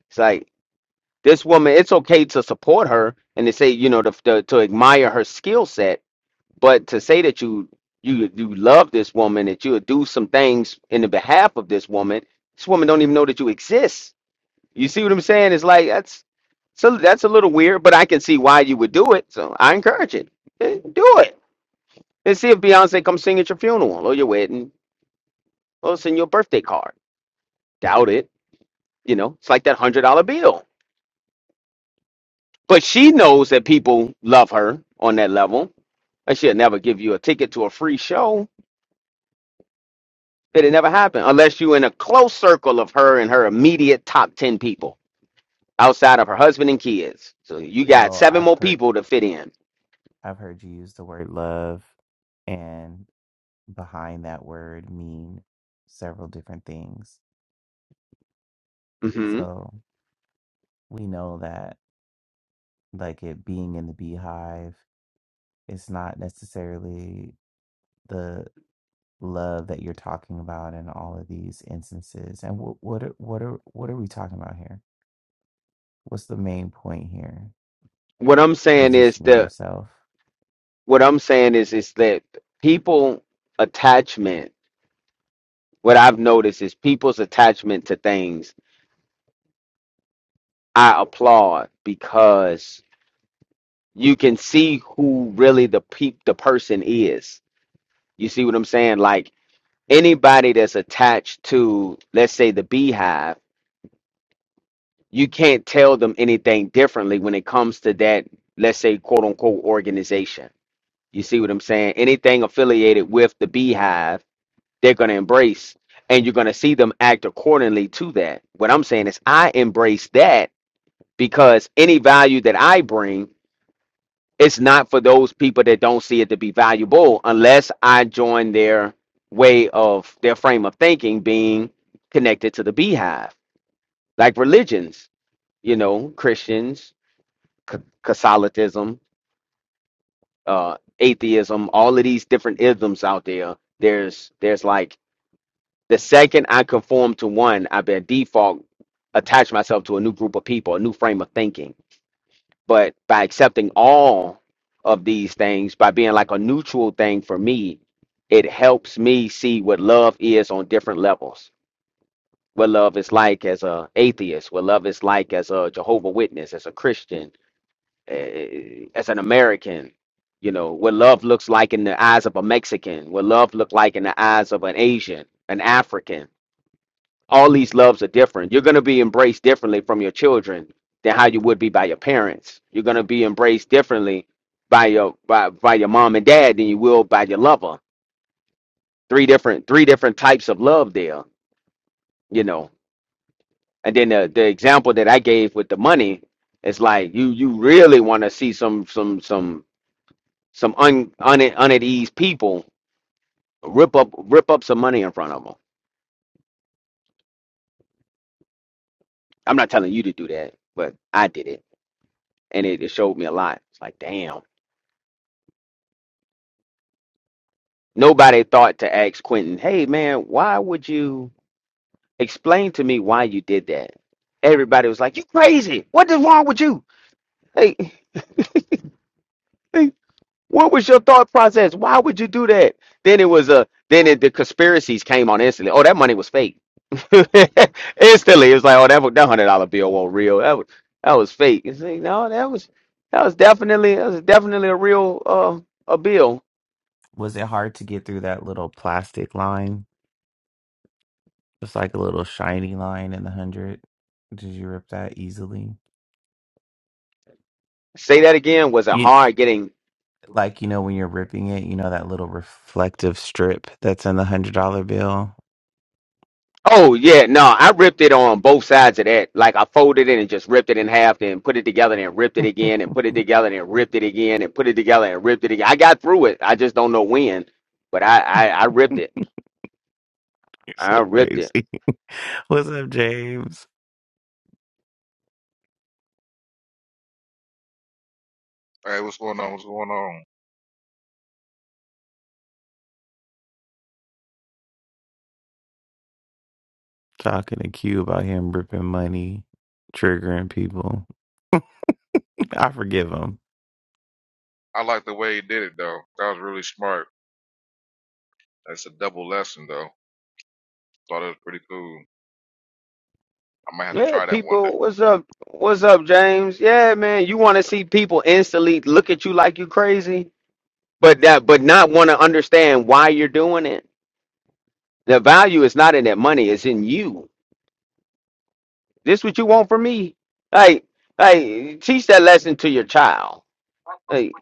Speaker 5: It's like this woman. It's okay to support her and to say you know to to, to admire her skill set, but to say that you you you love this woman that you'll do some things in the behalf of this woman. This woman don't even know that you exist. You see what I'm saying? It's like that's so that's a little weird, but I can see why you would do it. So I encourage it. Eh, Do it and see if Beyonce comes sing at your funeral or your wedding. Well, it's in your birthday card. Doubt it. You know, it's like that hundred dollar bill. But she knows that people love her on that level. And she'll never give you a ticket to a free show. It'll never happen unless you're in a close circle of her and her immediate top ten people outside of her husband and kids. So you got
Speaker 1: Well,
Speaker 5: seven
Speaker 1: I've
Speaker 5: more
Speaker 1: heard
Speaker 5: people to fit in.
Speaker 1: I've heard you use the word love and behind that word mean several different things.
Speaker 5: hmm
Speaker 1: So we know that like it being in the beehive, it's not necessarily the love that you're talking about in all of these instances. And what what are, what are what are we talking about here? What's the main point here?
Speaker 5: What I'm saying is
Speaker 1: Positioning
Speaker 5: the
Speaker 1: yourself.
Speaker 5: what I'm saying is is that people attachment. What I've noticed is people's attachment to things I applaud because you can see who really the peep the person is. You see what I'm saying? Like anybody that's attached to, let's say, the beehive, you can't tell them anything differently when it comes to that, let's say, quote unquote organization. You see what I'm saying? Anything affiliated with the beehive, they're gonna embrace and you're gonna see them act accordingly to that. What I'm saying is I embrace that because any value that I bring it's not for those people that don't see it to be valuable unless I join their way of their frame of thinking being connected to the beehive, like religions, you know, Christians, C- Catholicism, uh, atheism, all of these different isms out there. There's there's like the second I conform to one, I by default attach myself to a new group of people, a new frame of thinking But by accepting all of these things, by being like a neutral thing for me, it helps me see what love is on different levels. What love is like as a atheist, what love is like as a Jehovah Witness, as a Christian, eh, as an American. You know what love looks like in the eyes of a Mexican. What love look like in the eyes of an Asian, an African all these loves are different. You're going to be embraced differently from your children than how you would be by your parents. You're going to be embraced differently by your by, by your mom and dad than you will by your lover. Three different three different types of love there, you know. And then the the example that I gave with the money is like you you really want to see some some some some un un, un at ease people rip up rip up some money in front of them. I'm not telling you to do that, but I did it, and it, it showed me a lot. It's like damn Nobody thought to ask Quentin, hey man, why would you explain to me why you did that? Everybody was like, you crazy. What is wrong with you? Hey, hey, what was your thought process? Why would you do that? Then it was a then it, the conspiracies came on instantly. Oh, that money was fake. instantly, it was like, oh, that was, that hundred dollar bill wasn't real. That was that was fake. You see, no, that was that was definitely that was definitely a real uh, a bill.
Speaker 1: Was it hard to get through that little plastic line? Just like a little shiny line in the hundred. Did you rip that easily?
Speaker 5: Say that again was a
Speaker 1: You
Speaker 5: hard getting
Speaker 1: like you know when you're ripping it, you know that little reflective strip that's in the hundred dollar bill.
Speaker 5: Oh yeah, no, I ripped it on both sides of that. Like I folded it and just ripped it in half, then put it together and ripped it again, and put it together and ripped it again, and put it together and ripped it again. I got through it. I just don't know when, but I I, I ripped
Speaker 1: You're
Speaker 5: it.
Speaker 1: so
Speaker 5: I ripped it.
Speaker 1: crazy. What's up, James?
Speaker 8: Hey, what's going on? What's going on?
Speaker 1: Talking to Q about him ripping money, triggering people. I forgive them.
Speaker 8: I like the way he did it though. That was really smart. That's a double lesson though. Thought it was pretty cool. I might have to
Speaker 5: Yeah,
Speaker 8: try that
Speaker 5: people, what's up? What's up, James? Yeah, man, you want to see people instantly look at you like you crazy, but that but not want to understand why you're doing it. The value is not in that money; it's in you This what you want from me? Hey, hey, teach that lesson to your child. Hey,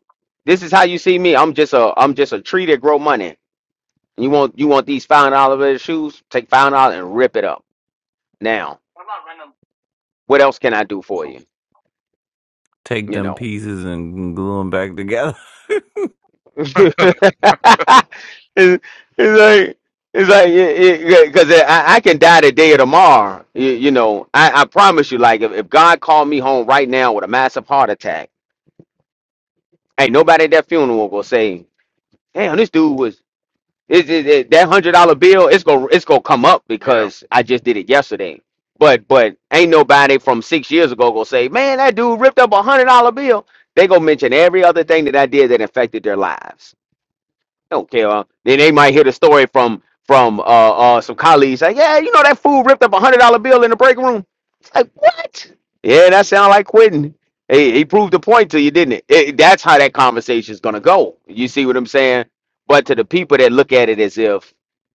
Speaker 5: this is how you see me. I'm just a I'm just a tree that grow money. You want you want these five dollar shoes? Take five dollars and rip it up. Now, what else can I do for you?
Speaker 1: Take
Speaker 5: You
Speaker 1: them
Speaker 5: know.
Speaker 1: pieces and glue them back together.
Speaker 5: it's,
Speaker 8: one day.
Speaker 5: it's like it's like because I, I can die today or tomorrow. You, you know, I, I promise you. Like if, if God called me home right now with a massive heart attack, ain't nobody at that funeral will say. damn, this dude was is it, it- that hundred dollar bill? It's gonna it's gonna come up
Speaker 8: yeah,
Speaker 5: because I just did it yesterday. But but ain't nobody from six years ago gonna say, man, that dude ripped up a hundred dollar bill. They gonna mention every other thing that I did that affected their lives. They don't care. Uh, then they might hear the story from from uh, uh some colleagues like, yeah, you know that fool ripped up a hundred dollar bill in the break room. It's like what? Yeah, that sound like quitting. He, he proved the point to you, didn't it? it? That's how that conversation's gonna go. You see what I'm saying? But to the people that look at it as if,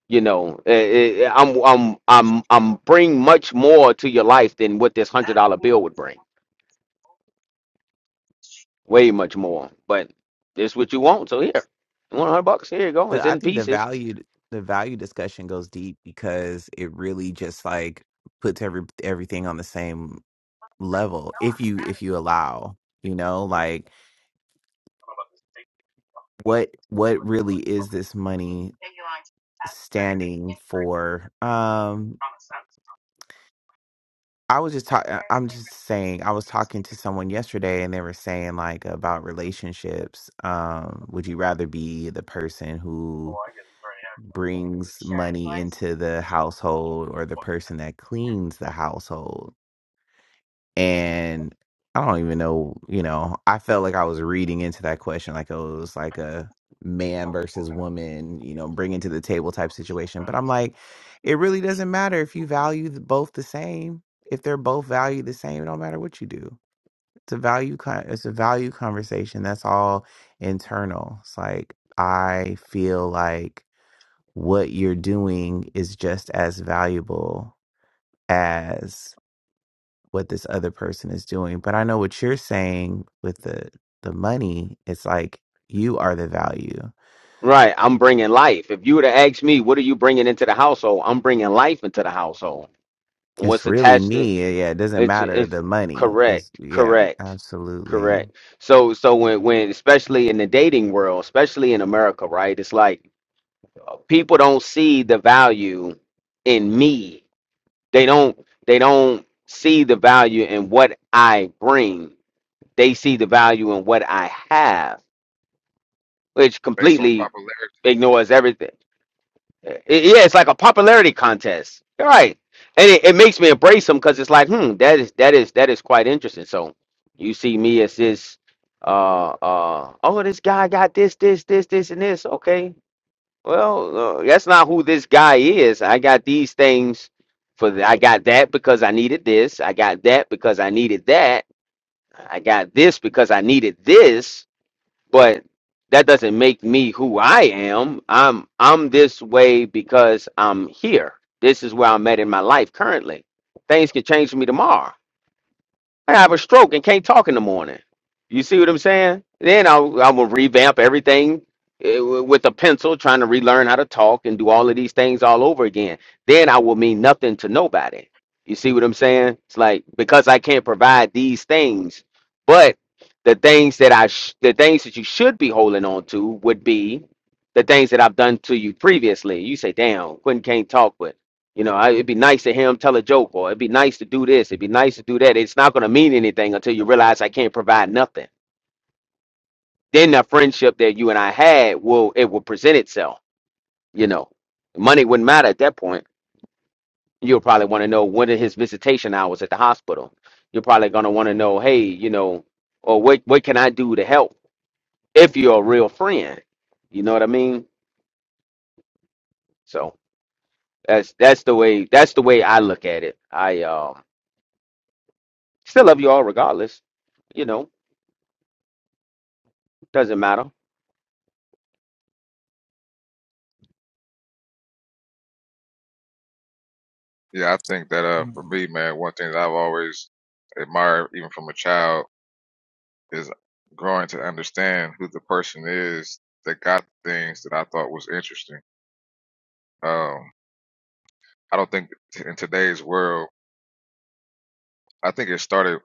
Speaker 5: you know, eh, eh, I'm I'm I'm I'm bring much more to your life than what this hundred dollar bill would bring. Way much more. But this what you want, so here, one hundred bucks. Here you go.
Speaker 1: The,
Speaker 5: It's
Speaker 1: I
Speaker 5: in
Speaker 1: think the
Speaker 5: pieces
Speaker 1: value the value discussion goes deep because it really just like puts every everything on the same level if you if you allow, you know, like what what really is this money standing for? Um I was just talking I'm just saying I was talking to someone yesterday and they were saying like about relationships. Um would you rather be the person who brings money into the household or the person that cleans the household. And I don't even know, you know, I felt like I was reading into that question like oh, it was like a man versus woman, you know, bringing to the table type situation. But I'm like, it really doesn't matter if you value the- both the same. If they're both valued the same, it don't matter what you do. It's a value con- it's a value conversation. That's all internal. It's like I feel like what you're doing is just as valuable as what this other person is doing. But I know what you're saying with the the money, it's like you are the value.
Speaker 5: Right, I'm bringing life. If you were to ask me, what are you bringing into the household? I'm bringing life into the household.
Speaker 1: It's
Speaker 5: What's
Speaker 1: really
Speaker 5: attached to
Speaker 1: me. eh, Yeah, it doesn't
Speaker 5: it's
Speaker 1: matter
Speaker 5: it's
Speaker 1: the money. Is
Speaker 5: correct,
Speaker 1: yeah,
Speaker 5: correct,
Speaker 1: absolutely.
Speaker 5: correct. So so when when especially in the dating world, especially in America, right? It's like people don't see the value in me. They don't they don't see the value in what I bring. They see the value in what I have, which
Speaker 8: based on popularity.
Speaker 5: completely ignores everything Uh, Yeah, it's like a popularity contest. All right. And it, it makes me embrace him because it's like, hmm, that is that is that is quite interesting. So you see me as this uh uh oh this guy got this, this, this, this, and this. Okay. Well, uh, that's not who this guy is. I got these things for th- I got that because I needed this. I got that because I needed that. I got this because I needed this
Speaker 8: you know.
Speaker 5: but that doesn't make me who I am. I'm I'm this way because I'm here. This is where I'm at in my life currently. Things can change for me tomorrow. I have a stroke and can't talk in the morning. You see what I'm saying? Then I I will revamp everything eh, w- with a pencil, trying to relearn how to talk and do all of these things all over again. Then I will mean nothing to nobody. You see what I'm saying? It's like because I can't provide these things, but the things that I sh- the things that you should be holding on to would be the things that I've done to you previously. You say, "Damn, Quentin can't talk, but." You know, I, it'd be nice to hear him tell a joke, or it'd be nice to do this, it'd be nice to do that. It's not going to mean anything until you realize I can't provide nothing. Then the friendship that you and I had will it will present itself. You know, money wouldn't matter at that point. You'll probably want to know when are his visitation hours at the hospital. You're probably going to want to know, hey, you know, or what what can I do to help if you're a real friend. You know what I mean? So that's that's the way that's the way I look at it. I um, still love you all regardless. You know Doesn't matter.
Speaker 8: Yeah, I think that uh, for me, man, one thing that I've always admired, even from a child, is growing to understand who the person is that got things that I thought was interesting. Um, I don't think t- in today's world, I think it started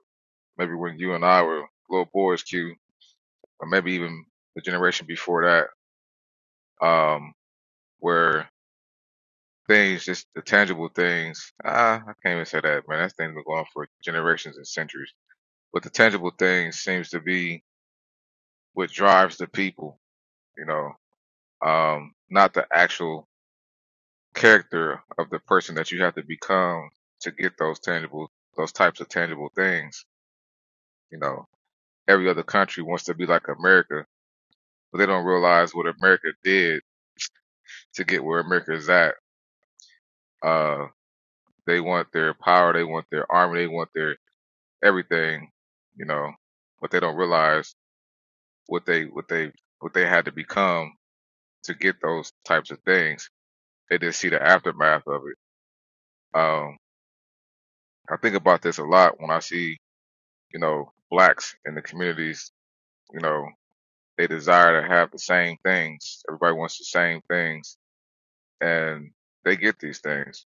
Speaker 8: maybe when you and I were little boys, Q. or maybe even the generation before that, um, where things, just the tangible things, ah, I can't even say that, man. That's thing been going on for generations and centuries. But the tangible things seems to be what drives the people, you know, um, not the actual character of the person that you have to become to get those tangible, those types of tangible things. You know, every other country wants to be like America, but they don't realize what America did to get where America is at. Uh, They want their power, they want their army, they want their everything, you know, but they don't realize what they what they what they had to become to get those types of things. They just see the aftermath of it. Um, I think about this a lot when I see, you know, blacks in the communities, you know, they desire to have the same things. Everybody wants the same things and they get these things.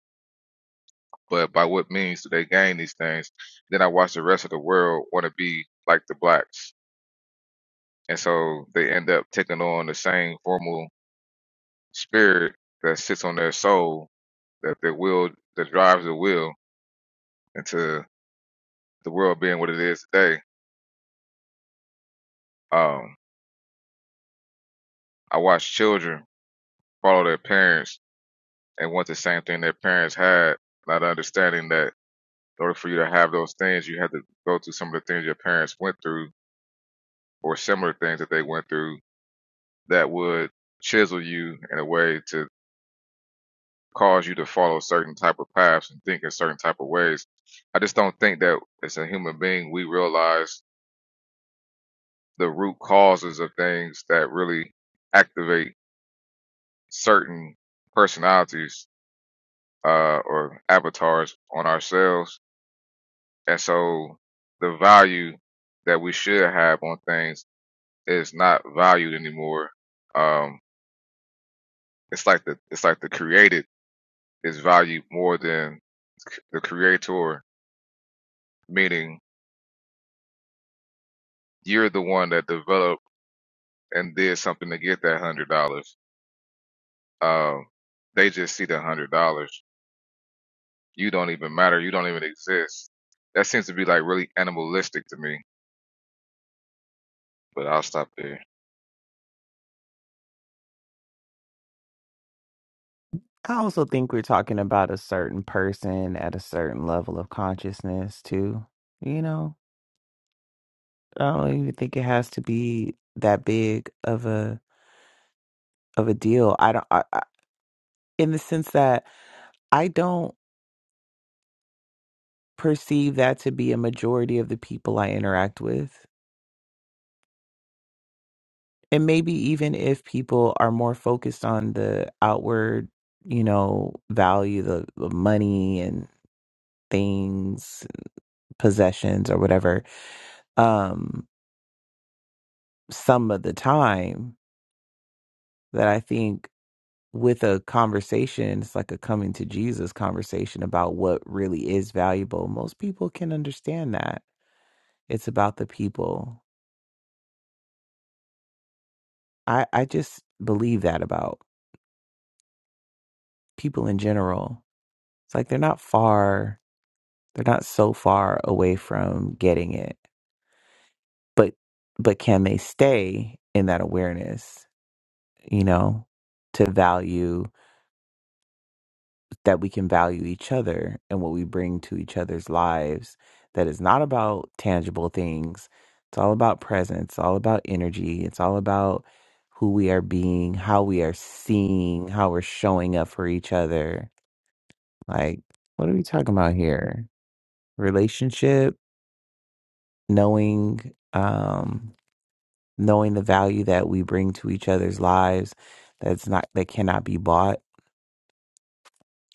Speaker 8: But by what means do they gain these things? Then I watch the rest of the world want to be like the blacks And so they end up taking on the same formal spirit that sits on their soul, that their will, that drives the will into the world being what it is today. Um, I watch children follow their parents and want the same thing their parents had, not understanding that in order for you to have those things, you had to go through some of the things your parents went through or similar things that they went through that would chisel you in a way to. cause you to follow certain type of paths and think in certain type of ways. I just don't think that as a human being we realize the root causes of things that really activate certain personalities uh, or avatars on ourselves, and so the value that we should have on things is not valued anymore. Um, it's like the it's like the created is valued more than the creator, meaning you're the one that developed and did something to get that hundred dollars. Um, they just see the hundred dollars. You don't even matter. You don't even exist. That seems to be like really animalistic to me. But I'll stop there.
Speaker 1: I also think we're talking about a certain person at a certain level of consciousness too. You know, I don't even think it has to be that big of a of a deal. I don't I, I, in the sense that I don't perceive that to be a majority of the people I interact with. And maybe even if people are more focused on the outward, you know, value, the, the money and things, possessions or whatever, um, some of the time that I think with a conversation, it's like a coming to Jesus conversation about what really is valuable. Most people can understand that. It's about the people. I, I just believe that about. people in general. It's like they're not far, they're not so far away from getting it. But but can they stay in that awareness, you know, to value that we can value each other and what we bring to each other's lives that is not about tangible things. It's all about presence, all about energy, it's all about who we are being, how we are seeing, how we're showing up for each other. Like, what are we talking about here? relationship, knowing um knowing the value that we bring to each other's lives that's not that cannot be bought.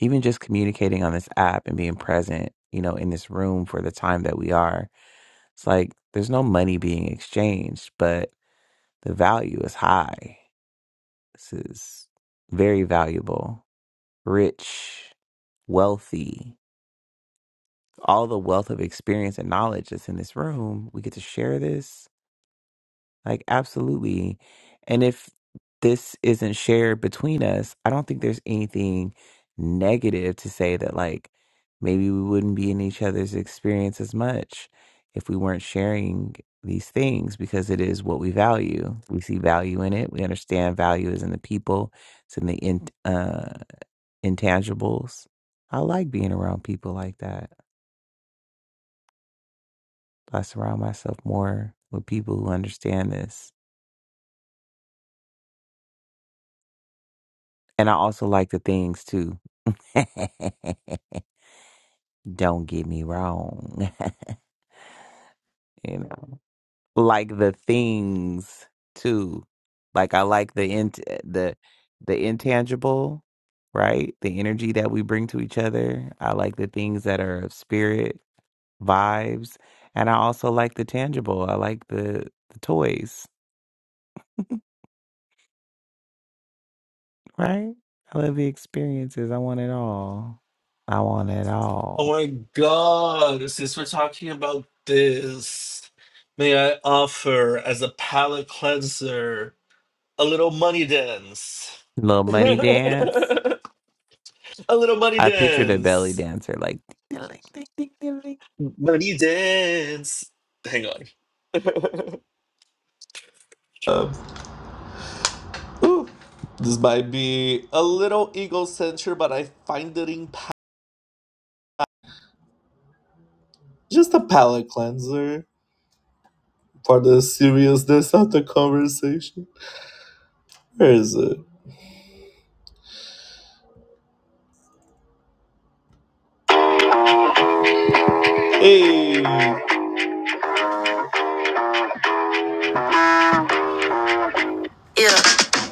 Speaker 1: Even just communicating on this app and being present, you know, in this room for the time that we are. It's like there's no money being exchanged, but the value is high. This is very valuable, rich, wealthy. All the wealth of experience and knowledge that's in this room, we get to share this Like, absolutely. And if this isn't shared between us, I don't think there's anything negative to say that, like, maybe we wouldn't be in each other's experience as much if we weren't sharing these things because it is what we value. We see value in it. We understand value is in the people, it's in the in, uh, intangibles. I like being around people like that. I surround myself more with people who understand this. And I also like the things too Don't get me wrong. you know, like the things too. Like I like the int the the intangible, right? The energy that we bring to each other. I like the things that are of spirit, vibes, and I also like the tangible. I like the the toys, right? I love the experiences. I want it all. I want it
Speaker 4: oh
Speaker 1: all.
Speaker 4: my God. Since we're talking about this, may I offer as a palate cleanser a little money dance?
Speaker 1: Little money dance.
Speaker 4: a little money
Speaker 1: I pictured a belly
Speaker 4: dance.
Speaker 1: dancer like ding, ding, ding, ding, ding.
Speaker 4: Money dance. Hang on. Um, ooh, this might be a little egocentric, but I find it in just a palate cleanser for the seriousness of the conversation. Where is it? Hey. Yeah.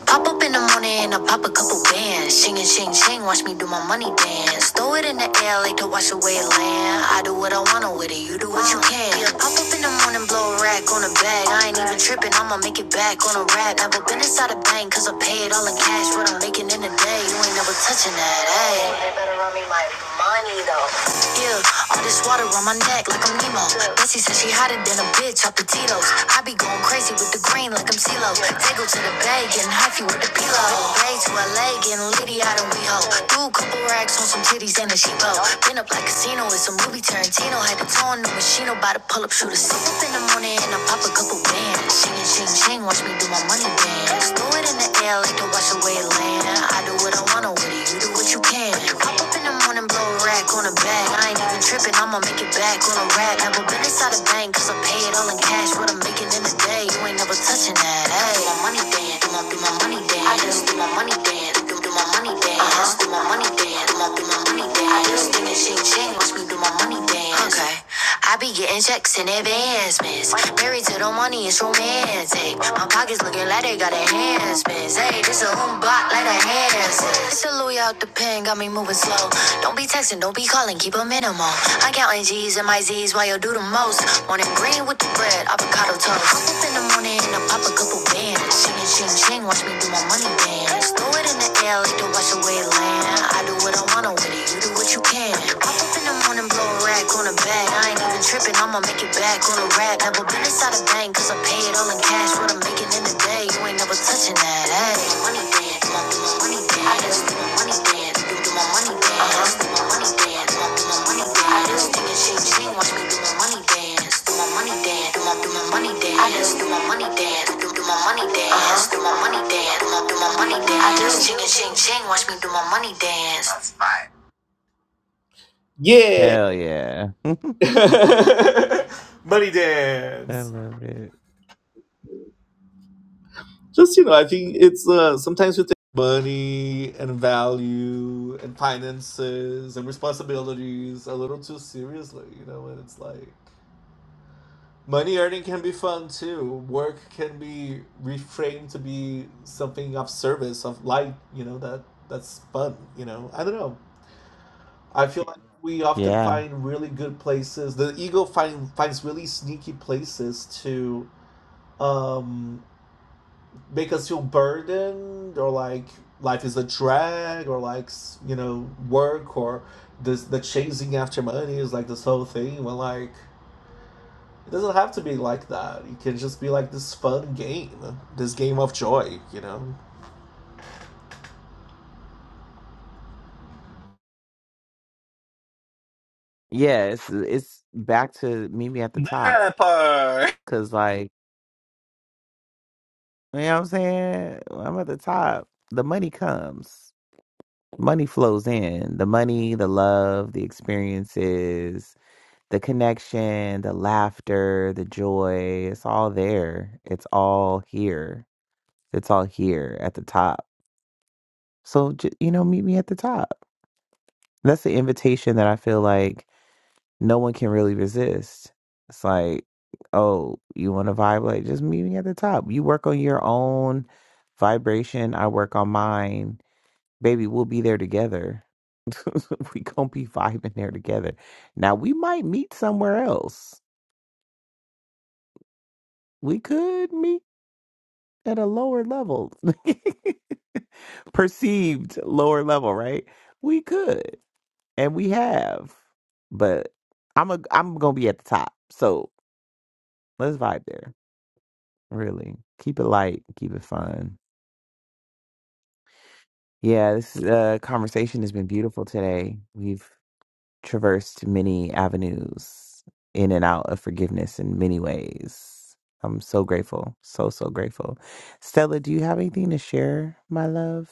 Speaker 4: Pop up in the morning and I pop a couple bands. Shing and shing shing, watch me do my money dance. Throw it in the air like to wash away land. I do what I wanna with it, you do what you can. Yeah, pop up in the morning, blow a rack on the bag. I ain't even tripping, I'ma make it back on a rap. Never been inside a bank, cause I pay it all in cash. What I'm making in a day, you ain't never touching that, ayy. Yeah, all this water on my neck like I'm Nemo. Bessie says she hotter than a bitch off the Tito's. I be going crazy with the green like I'm CeeLo. Take her to the bay, getting hyphy with the pillow. Bay to LA, getting litty out in WeHo. Do a couple racks on some titties and a cheapo. Been up like casino, it's a movie Tarantino. Had to toe on the machine, about to pull up, shoot a scene. Up in the morning and I pop a couple bands. Shing and shing shing, watch me do my money dance. Throw it in the air like to wash away land. I do what I wanna with it, you do what you can. Pop up in the morning, blow a rack on a bag. I ain't even tripping, I'ma make it back on a rap. Never been inside a bank, cause I pay it all in cash. What I'm making in a day, you ain't never touching that. Hey, do my money dance, do my, do my money dance. I just do my money dance, do, do my money dance. I just do my money dance, do my, do my money dance. I just think it's shake, shake, watch me do my money dance. Okay. I be getting checks in advancements. Married to the money, it's romantic. My pockets looking like they got enhancements. Hey, this a home block like a Hanson. It's a Louis out the pen, got me moving slow. Don't be texting, don't be calling, keep a minimal. I counting G's and my Z's while you do the most. Morning green with the bread, avocado toast. I Up in the morning and I pop a couple bands. Ching ching ching, watch me do my money dance. Throw it in the air like the wash away land. I do what I wanna with it, you do what you can. Pop up in the morning, blow a rack on a bag. I ain't even tripping, I'ma make it back on a rap. Never been inside a bank, cause I pay it all in cash. What I'm making in the day, you ain't never touching that. Ay. Money dance, do my money dance. I just do my money dance, do my money dance. I just do my money dance, do my money dance. I just think it's shake, shake, watch me do my money dance. Do my money dance, do my do my money dance. I just do my money dance, do do my money dance. do my money dance, do my do my money dance. I just chicken, shake, shake, watch me do my money dance. Yeah.
Speaker 1: Hell yeah.
Speaker 4: money
Speaker 1: I
Speaker 4: dance.
Speaker 1: love it.
Speaker 4: Just you know, I think it's uh, sometimes we take money and value and finances and responsibilities a little too seriously. You know, and it's like money earning can be fun too. Work can be reframed to be something of service, of light. You know that that's fun. You know, I don't know. I feel like we often
Speaker 1: Yeah.
Speaker 4: find really good places. The ego find finds really sneaky places to um make us feel burdened or like life is a drag or like you know work or this the chasing after money is like this whole thing when like it doesn't have to be like that it can just be like this fun game this game of joy you know
Speaker 1: Yeah, it's it's back to meet me at the top.
Speaker 4: That part.
Speaker 1: Cause like you know what I'm saying? When I'm at the top. The money comes. Money flows in. The money, the love, the experiences, the connection, the laughter, the joy. It's all there. It's all here. It's all here at the top. So, j- you know, meet me at the top. that's the invitation that I feel like no one can really resist. It's like, oh, you want to vibe? Like, just meet me at the top. You work on your own vibration. I work on mine. Baby, we'll be there together. we gonna be vibing there together. Now we might meet somewhere else. We could meet at a lower level, perceived lower level, right? We could, and we have, but I'm a I'm gonna be at the top. So let's vibe there. Really. Keep it light, keep it fun. Yeah, this uh, conversation has been beautiful today. We've traversed many avenues in and out of forgiveness in many ways. I'm so grateful. So, so grateful. Stella, do you have anything to share, my love?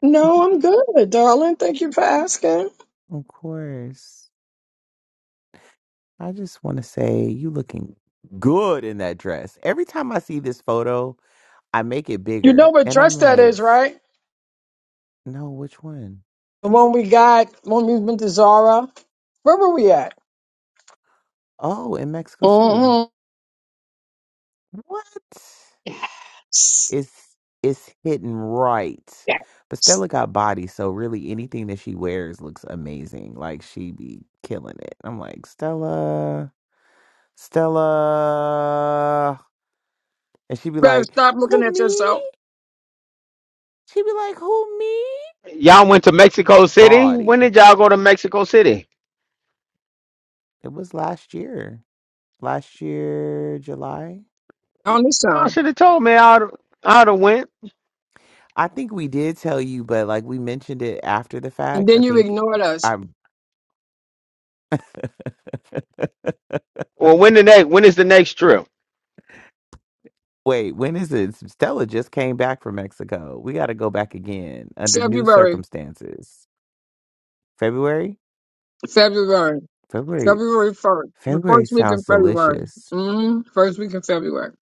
Speaker 6: No, I'm good, darling. Thank you for asking.
Speaker 1: Of course. I just want to say you looking good in that dress. Every time I see this photo, I make it
Speaker 6: You know
Speaker 1: bigger
Speaker 6: what
Speaker 1: and I'm
Speaker 6: dress that
Speaker 1: like,
Speaker 6: is, right?
Speaker 1: no, which one?
Speaker 6: The one we got when we went to Zara. Where were we at?
Speaker 1: Oh, in Mexico City.
Speaker 6: Mm-hmm.
Speaker 1: What?
Speaker 6: S-
Speaker 1: It's it's hidden right. But
Speaker 6: s-
Speaker 1: Stella got body, so really anything that she wears looks amazing. Like she be killing it. I'm like, Stella, Stella. And she be
Speaker 6: Better
Speaker 1: like,
Speaker 6: stop
Speaker 1: Who
Speaker 6: looking at
Speaker 1: me?
Speaker 6: yourself
Speaker 1: She be like, Who me?
Speaker 5: Y'all went to Mexico City.
Speaker 1: Body.
Speaker 5: When did y'all go to Mexico City?
Speaker 1: It was last year. Last year, July.
Speaker 6: on this
Speaker 5: Y'all
Speaker 6: time.
Speaker 5: should have told me. I'd I'd have went.
Speaker 1: I think we did tell you, but like we mentioned it after the
Speaker 6: And
Speaker 1: fact. I
Speaker 6: then you
Speaker 1: think
Speaker 6: ignored us.
Speaker 1: I'm
Speaker 5: Or when the next? When is the next trip?
Speaker 1: Wait, when is it? Stella just came back from Mexico. We got to go back again under new
Speaker 6: February.
Speaker 1: circumstances. February?
Speaker 6: February.
Speaker 1: February.
Speaker 6: February 1st. The
Speaker 1: February
Speaker 6: first week in
Speaker 1: sounds
Speaker 6: February.
Speaker 1: delicious.
Speaker 6: hmm First week in February.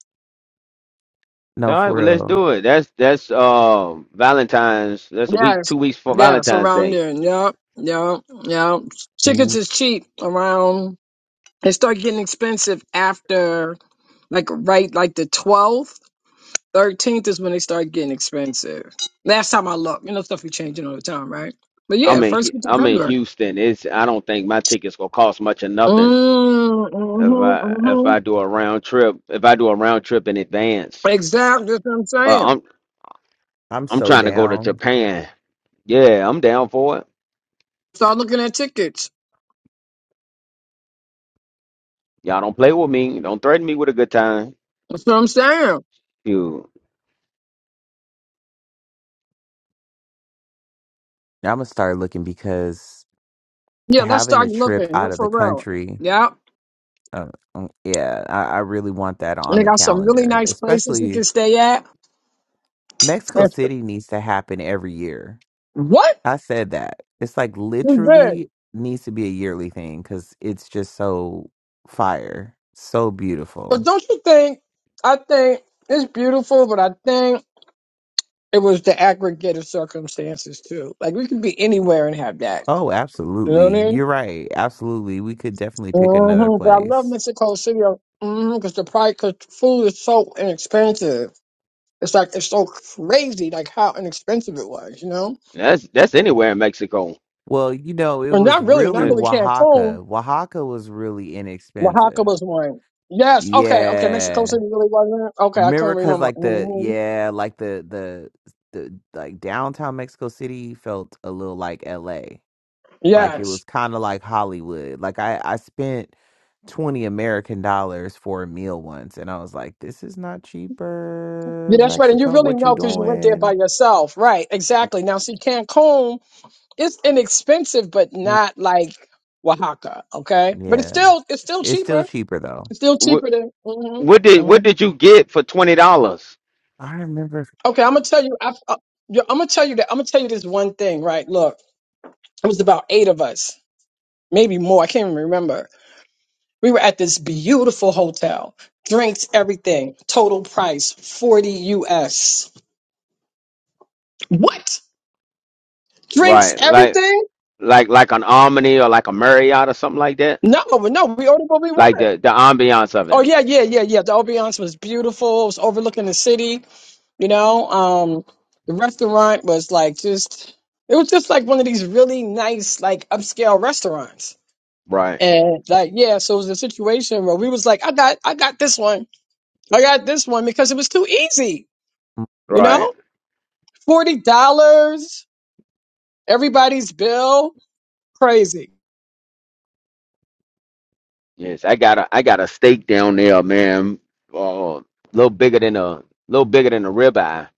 Speaker 5: All
Speaker 1: No,
Speaker 5: right.
Speaker 1: for
Speaker 5: Well, let's
Speaker 1: real.
Speaker 5: do it. That's that's uh Valentine's. That's a week,
Speaker 6: Yes.
Speaker 5: two weeks for
Speaker 6: Yes,
Speaker 5: Valentine's
Speaker 6: around
Speaker 5: Day.
Speaker 6: there. Yep. Yep. Yep. Tickets
Speaker 1: Ooh,
Speaker 6: is cheap around, they start getting expensive after, like, right, like the 12th. 13th is when they start getting expensive. Last time I looked, you know, stuff be changing all the time, right? But yeah,
Speaker 5: I'm in
Speaker 6: first
Speaker 5: Hu-
Speaker 6: week in
Speaker 5: I'm in
Speaker 6: February.
Speaker 5: Houston. It's I don't think my tickets gonna cost much or nothing
Speaker 6: Mm,
Speaker 5: if
Speaker 6: mm-hmm,
Speaker 5: I if
Speaker 6: mm-hmm.
Speaker 5: I do a round trip if I do a round trip in advance.
Speaker 6: Exactly. That's what I'm
Speaker 5: Uh,
Speaker 6: saying.
Speaker 5: I'm
Speaker 1: I'm
Speaker 5: I'm
Speaker 1: so
Speaker 5: trying to go to
Speaker 1: down.
Speaker 5: Japan. Yeah, I'm down for it.
Speaker 6: Start looking at tickets.
Speaker 5: Y'all don't play with me. Don't threaten me with a good time.
Speaker 6: That's what I'm saying.
Speaker 5: Dude,
Speaker 1: I'm going to start looking because
Speaker 6: Yeah, let's
Speaker 1: having
Speaker 6: start
Speaker 1: a trip
Speaker 6: looking. No,
Speaker 1: out of the
Speaker 6: for real.
Speaker 1: country,
Speaker 6: Yeah.
Speaker 1: uh, mm, yeah, I, I really want that on
Speaker 6: They
Speaker 1: the
Speaker 6: got some really
Speaker 1: calendar,
Speaker 6: nice places we
Speaker 1: especially
Speaker 6: can stay at.
Speaker 1: Mexico
Speaker 6: That's
Speaker 1: City needs to happen every year.
Speaker 6: What?
Speaker 1: I said that. It's like
Speaker 6: We good.
Speaker 1: literally needs to be a yearly thing because it's just so fire, so
Speaker 6: But
Speaker 1: beautiful.
Speaker 6: don't you think, I think it's beautiful, but I think it was the aggregate of circumstances too. Like we could be anywhere and have that.
Speaker 1: Oh,
Speaker 6: You know what I
Speaker 1: absolutely.
Speaker 6: mean?
Speaker 1: You're right. Absolutely. We could definitely pick another
Speaker 6: hmm But I love
Speaker 1: place.
Speaker 6: Mexico City because the price, because food is so inexpensive. It's like, it's so crazy, like how inexpensive it was, you know?
Speaker 5: that's that's anywhere in Mexico.
Speaker 1: Well, you know, it
Speaker 6: Well,
Speaker 1: was
Speaker 6: not really, not
Speaker 1: really
Speaker 5: Uh,
Speaker 6: really Cancun
Speaker 1: Oaxaca. Oaxaca was really
Speaker 6: Oaxaca
Speaker 1: inexpensive.
Speaker 6: was one. Yes. Okay. Okay. Mexico
Speaker 1: Yeah.
Speaker 6: City really wasn't. Okay. I
Speaker 1: Remember
Speaker 6: couldn't
Speaker 1: cuz
Speaker 6: remember.
Speaker 1: like the
Speaker 6: hmm
Speaker 1: yeah, like the the the like downtown Mexico City felt a little like LA. Like it
Speaker 6: Yes.
Speaker 1: was kind of like Hollywood. Like I, I spent 20 American dollars for a meal once and I was like, this is not
Speaker 6: Yeah,
Speaker 1: cheaper.
Speaker 6: that's right. And you
Speaker 1: Mexico,
Speaker 6: really
Speaker 1: what you
Speaker 6: know because you went there by
Speaker 1: doing?
Speaker 6: yourself. Right. Exactly. Now, see, Cancun is inexpensive, but
Speaker 1: Mm,
Speaker 6: not like Oaxaca. Okay. But it's
Speaker 1: Yeah.
Speaker 6: still it's still
Speaker 1: It's still
Speaker 6: cheaper.
Speaker 1: cheaper though.
Speaker 6: It's still
Speaker 5: What
Speaker 6: cheaper than. hmm
Speaker 5: what did what
Speaker 6: hmm
Speaker 5: did you get for twenty dollars?
Speaker 1: I remember
Speaker 6: Okay. I'm gonna tell you. I, I, yeah, I'm gonna tell you that. I'm gonna tell you this one thing. Right. Look, it was about eight of us, maybe more. I can't even remember We were at this beautiful hotel, drinks, everything, total price 40 US. What? Drinks,
Speaker 5: Right, like
Speaker 6: everything?
Speaker 5: like like an Omni or like a Marriott or something like that.
Speaker 6: No, no, we ordered what we
Speaker 5: Like
Speaker 6: wanted.
Speaker 5: the the ambiance of
Speaker 6: Oh,
Speaker 5: it.
Speaker 6: yeah, yeah, yeah, yeah. The ambiance was beautiful. It was overlooking the city, you know. Um, the restaurant was like just, it was just like one of these really nice, like upscale restaurants.
Speaker 5: Right,
Speaker 6: And like, yeah, so it was a situation where we was like, I got, I got this one. I got this one because it was too easy,
Speaker 1: mm,
Speaker 6: you know?
Speaker 5: right.
Speaker 6: Forty dollars, everybody's bill. Crazy,
Speaker 5: Yes, I got a I got a steak down there, man. Uh, little bigger than a little bigger than a ribeye.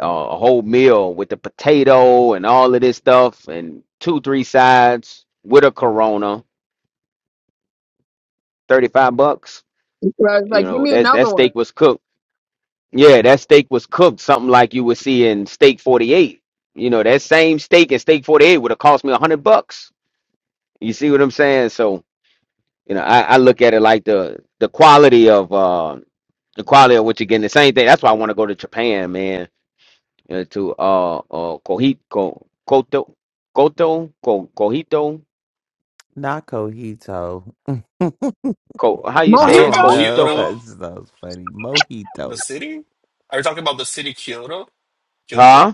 Speaker 5: Uh, a whole meal with the potato and all of this stuff and two three sides with a Corona, thirty five bucks.
Speaker 6: Right? It's
Speaker 5: You
Speaker 6: like, give
Speaker 5: know
Speaker 6: me
Speaker 5: that
Speaker 6: another
Speaker 5: that
Speaker 6: one.
Speaker 5: steak was cooked Yeah, that steak was cooked, something like you would see in Steak 48. You know, that same steak in Steak 48 would have cost me a hundred bucks. You see what I'm saying? So, you know, I, I look at it like the the quality of uh the quality of what you're getting. The same thing. That's why I want to go to Japan, man. You know, to uh uh Kohito Koto Koto Ko Kohito
Speaker 1: not cojito.
Speaker 5: Ko how you
Speaker 4: Are
Speaker 1: I
Speaker 4: you
Speaker 5: say
Speaker 4: talking
Speaker 5: it?
Speaker 1: don't
Speaker 4: about
Speaker 6: Mojito?
Speaker 1: know.
Speaker 5: Kohito?
Speaker 4: Kyoto,
Speaker 1: That sounds funny.
Speaker 4: the
Speaker 1: Mojito.
Speaker 4: city? Are you talking about the city Kyoto? Kyoto?
Speaker 5: Huh?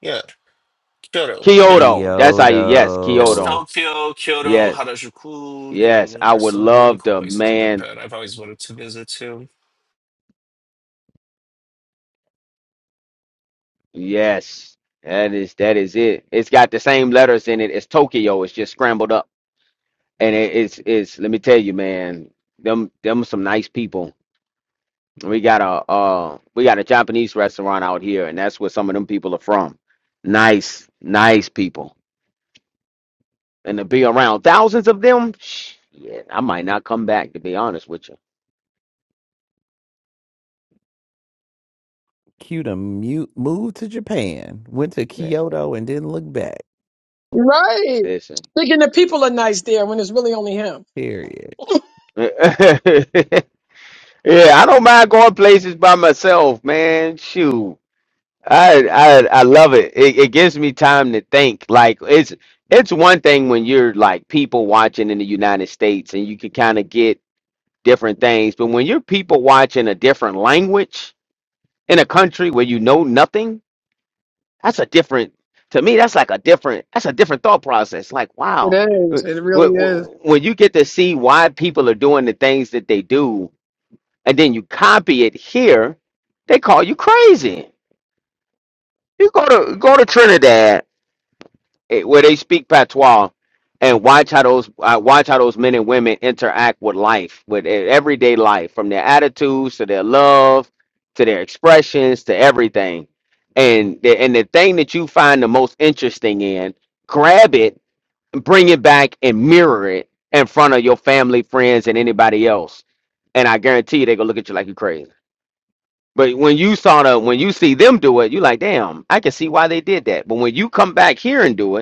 Speaker 4: Yeah, Kyoto. Yeah.
Speaker 5: Kyoto. That's how you yes,
Speaker 4: There's
Speaker 1: Kyoto.
Speaker 5: Kyoto.
Speaker 4: Tokyo, Kyoto,
Speaker 5: Yeah,
Speaker 4: Harajuku. You
Speaker 5: yes.
Speaker 4: know,
Speaker 5: I
Speaker 4: there's
Speaker 5: would
Speaker 4: some really
Speaker 5: love
Speaker 4: cool
Speaker 5: to
Speaker 4: places in
Speaker 5: man
Speaker 4: Japan I've always wanted to visit too.
Speaker 5: Yes, that is that is it. It's got the same letters in it as Tokyo. It's just scrambled up, and it, it's it's. Let me tell you, man, them them some nice people. We got a uh, we got a Japanese restaurant out here, and that's where some of them people are from. Nice, nice people, and to be around thousands of them, yeah, I might not come back to be honest with you.
Speaker 1: Cuta mute. moved to Japan, went to
Speaker 5: Yeah,
Speaker 1: Kyoto and didn't look back.
Speaker 6: right?
Speaker 5: listen.
Speaker 6: Thinking the people are nice there when it's really only him.
Speaker 1: Period.
Speaker 5: yeah, I don't mind going places by myself, man. Shoot. I I I love it. it. It gives me time to think. Like it's it's one thing when you're like people watching in the United States and you can kind of get different things, but when you're people watching a different language in a country where you know nothing, that's a different to me. That's like a different that's a different thought process. Like
Speaker 6: It
Speaker 5: wow,
Speaker 6: is.
Speaker 5: Uh,
Speaker 6: It
Speaker 5: when,
Speaker 6: really
Speaker 5: when
Speaker 6: is.
Speaker 5: when you get to see why people are doing the things that they do, and then you copy it here, they call you crazy. You go to go to Trinidad eh, where they speak patois and watch how those uh, watch how those men and women interact with life with their everyday life from their attitudes to their love to their expressions to everything and the, and the thing that you find the most interesting in grab it and bring it back and mirror it in front of your family friends and anybody else and i guarantee you they're gonna look at you like you're crazy but when you saw the when you see them do it you like damn i can see why they did that but when you come back here and do it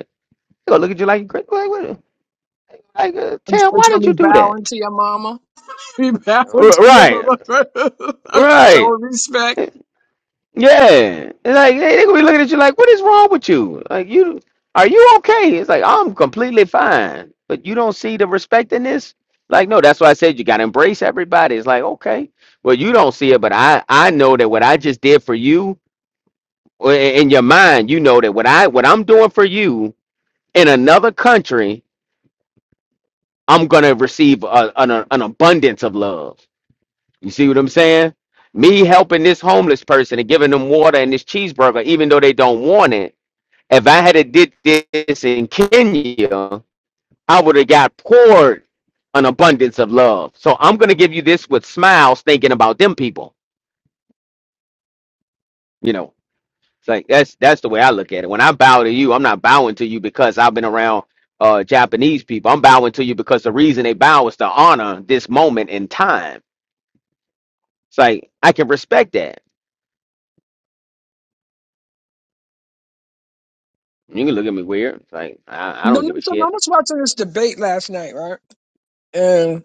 Speaker 5: they gonna look at you like, "Great- like, what- like uh, Tam,
Speaker 6: It's
Speaker 5: why did
Speaker 6: gonna be
Speaker 5: you do that?
Speaker 6: bowing to your mama. Be bowing
Speaker 5: R-
Speaker 6: to your
Speaker 5: right,
Speaker 6: mama? so
Speaker 5: right.
Speaker 6: respect.
Speaker 5: Yeah. It's like they, they gonna be looking at you like, what is wrong with you? Like you, are you okay? It's like I'm completely fine, but you don't see the respect in this. Like no, that's why I said you gotta embrace everybody. It's like okay, well you don't see it, but I I know that what I just did for you or i- in your mind, you know that what I what I'm doing for you in another country, I'm gonna receive a, an an abundance of love. You see what I'm saying? Me helping this homeless person and giving them water and this cheeseburger, even though they don't want it. If I had a did this in Kenya, I would have got poured an abundance of love. So I'm gonna give you this with smiles, thinking about them people. You know, it's like that's that's the way I look at it. When I bow to you, I'm not bowing to you because I've been around uh, Japanese people. I'm bowing to you because the reason they bow is to honor this moment in time. It's like I can respect that. You can look at me weird. It's Like I, I
Speaker 6: No,
Speaker 5: don't
Speaker 6: no,
Speaker 5: give a
Speaker 6: So I
Speaker 5: shit.
Speaker 6: was watching this debate last night, right? And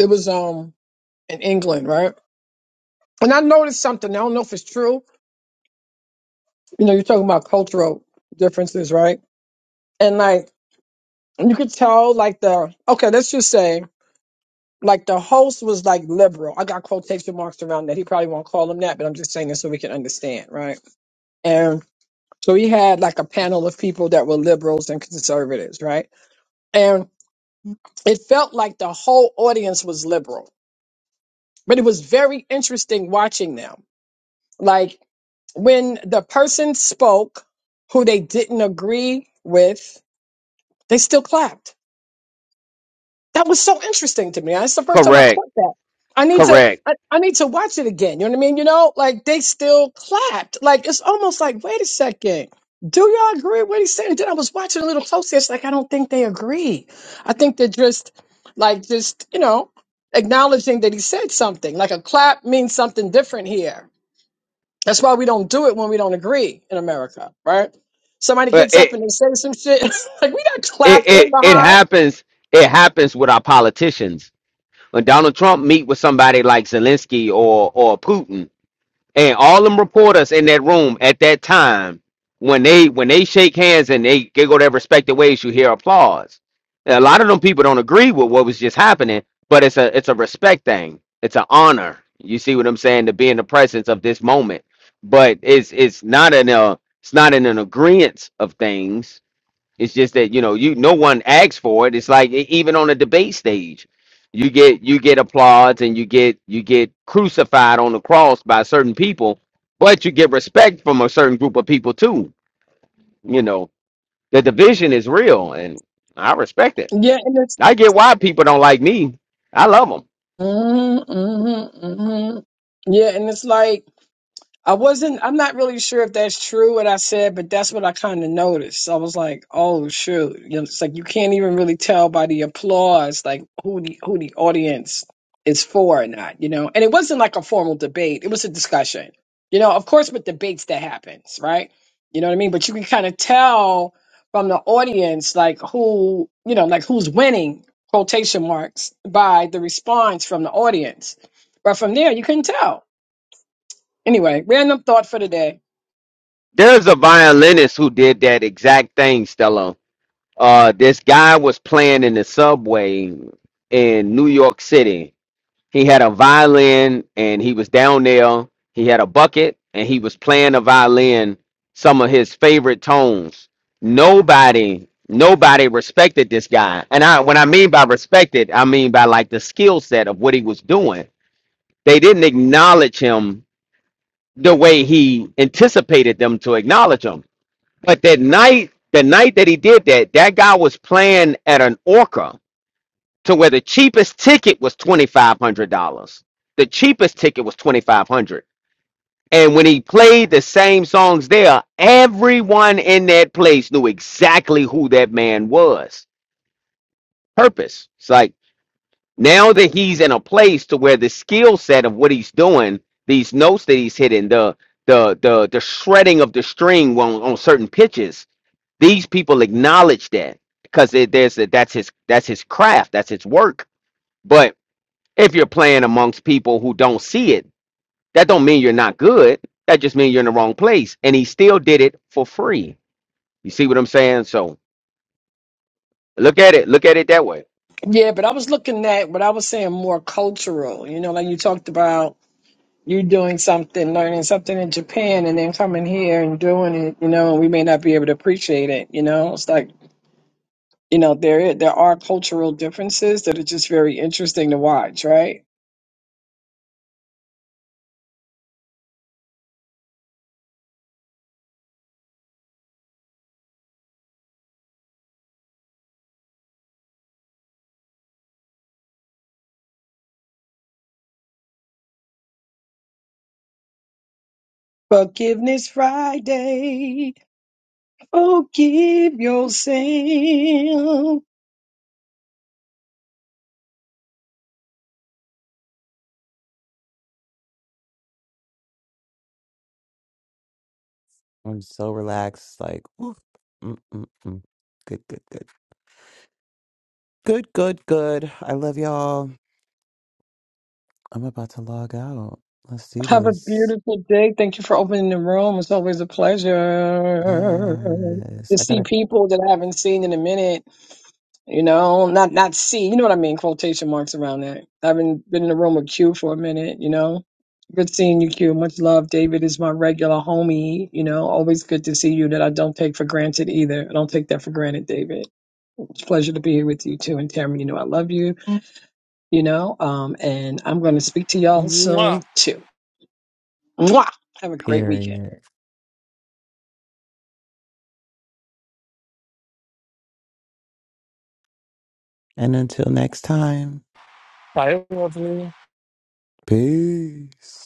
Speaker 6: it was um in England, right? And I noticed something. I don't know if it's true. You know, you're talking about cultural differences, right? And like. you could tell like the okay let's just say like the host was like liberal i got quotation marks around that he probably won't call him that but i'm just saying it so we can understand right and so he had like a panel of people that were liberals and conservatives right and it felt like the whole audience was liberal but it was very interesting watching them like when the person spoke who they didn't agree with they still clapped That was so interesting to me. That's the first time I
Speaker 5: Correct.
Speaker 6: caught that. I need to
Speaker 5: Correct.
Speaker 6: I, I need to watch it again. You know what I mean? You know, like they still clapped. Like it's almost like, wait a second. Do y'all agree with what he's saying? Then I was watching a little closer. It's like I don't think they agree. I think they're just like just, you know, acknowledging that he said something. Like a clap means something different here. That's why we don't do it when we don't agree in America, right? Somebody
Speaker 5: But
Speaker 6: gets up
Speaker 5: it
Speaker 6: and they say some shit. like we not
Speaker 5: it
Speaker 6: clapping
Speaker 5: it it
Speaker 6: behind.
Speaker 5: happens. It happens with our politicians. When Donald Trump meet with somebody like Zelensky or or Putin, And all them reporters in that room at that time, when they when they shake hands and they, they go their respective ways, you hear applause. And a lot of them people don't agree with what was just happening, but it's a it's a respect thing. It's an honor. You see what I'm saying to be in the presence of this moment. But it's it's not an uh, it's not in an agreement of things it's just that you know you no one asks for it. It's like e- even on a debate stage, you get you get applause and you get you get crucified on the cross by certain people, but you get respect from a certain group of people too. You know the division is real, and I respect it.
Speaker 6: Yeah, and it's
Speaker 5: I get why people don't like me. I love them.
Speaker 6: Mm hmm mm hmm Yeah, and it's like I wasn't, I'm not really sure if that's true what I said, but that's what I kind of noticed. I was like, oh, shoot. You know, it's like you can't even really tell by the applause, like who the, who the audience is for or not, you know? And it wasn't like a formal debate, it was a discussion. You know, of course, with debates that happens, right? You know what I mean? But you can kind of tell from the audience, like who, you know, like who's winning, quotation marks, by the response from the audience. But from there, you couldn't tell Anyway, random thought for today.
Speaker 5: There's a violinist who did that exact thing, Stella. uh this guy was playing in the subway in New York City. He had a violin and he was down there. He had a bucket and he was playing the violin some of his favorite tones. Nobody nobody respected this guy. And I when I mean by respected, I mean by like the skill set of what he was doing. They didn't acknowledge him the way he anticipated them to acknowledge him but that night, the night that he did that, that guy was playing at an orca to where the cheapest ticket was twenty five hundred dollars. The cheapest ticket was twenty five hundred. And when he played the same songs there, everyone in that place knew exactly who that man was. Purpose. It's like now that he's in a place to where the skill set of what he's doing, these notes that he's hitting, the the the the shredding of the string on, on certain pitches, These people acknowledge that because there's a, that's his that's his craft, that's his work. But if you're playing amongst people who don't see it, that don't mean you're not good. That just means you're in the wrong place. And he still did it for free. You see what I'm saying? So look at it. Look at it that way.
Speaker 6: Yeah, but I was looking at what I was saying more cultural. You know, like you talked about you doing something, learning something in Japan, and then coming here and doing it. You know, and we may not be able to appreciate it. You know, it's like you know there i- there are cultural differences that are just very interesting to watch, right? Forgiveness Friday, forgive yourself.
Speaker 1: I'm so relaxed. Like, oof. Mm, mm, mm. Good, good, good. Good, good, good. I love y'all. I'm about to log out. Let's do
Speaker 6: Have a
Speaker 1: this.
Speaker 6: beautiful day. Thank you for opening the room. It's always a pleasure
Speaker 1: Yes.
Speaker 6: to
Speaker 1: I got
Speaker 6: see
Speaker 1: a
Speaker 6: people that I haven't seen in a minute. You know, not not see. You know what I mean? Quotation marks around that. I haven't been in the room with Q for a minute. You know, good seeing you, Q. Much love. David is my regular homie. You know, always good to see you. That I don't take for granted either. I don't take that for granted, David. It's a pleasure to be here with you too. And Tamara, you know, I love you. You know, um, and I'm going to speak to y'all soon too. Mwah! Have a great weekend.
Speaker 1: period. And until next time,
Speaker 4: Tại
Speaker 1: peace.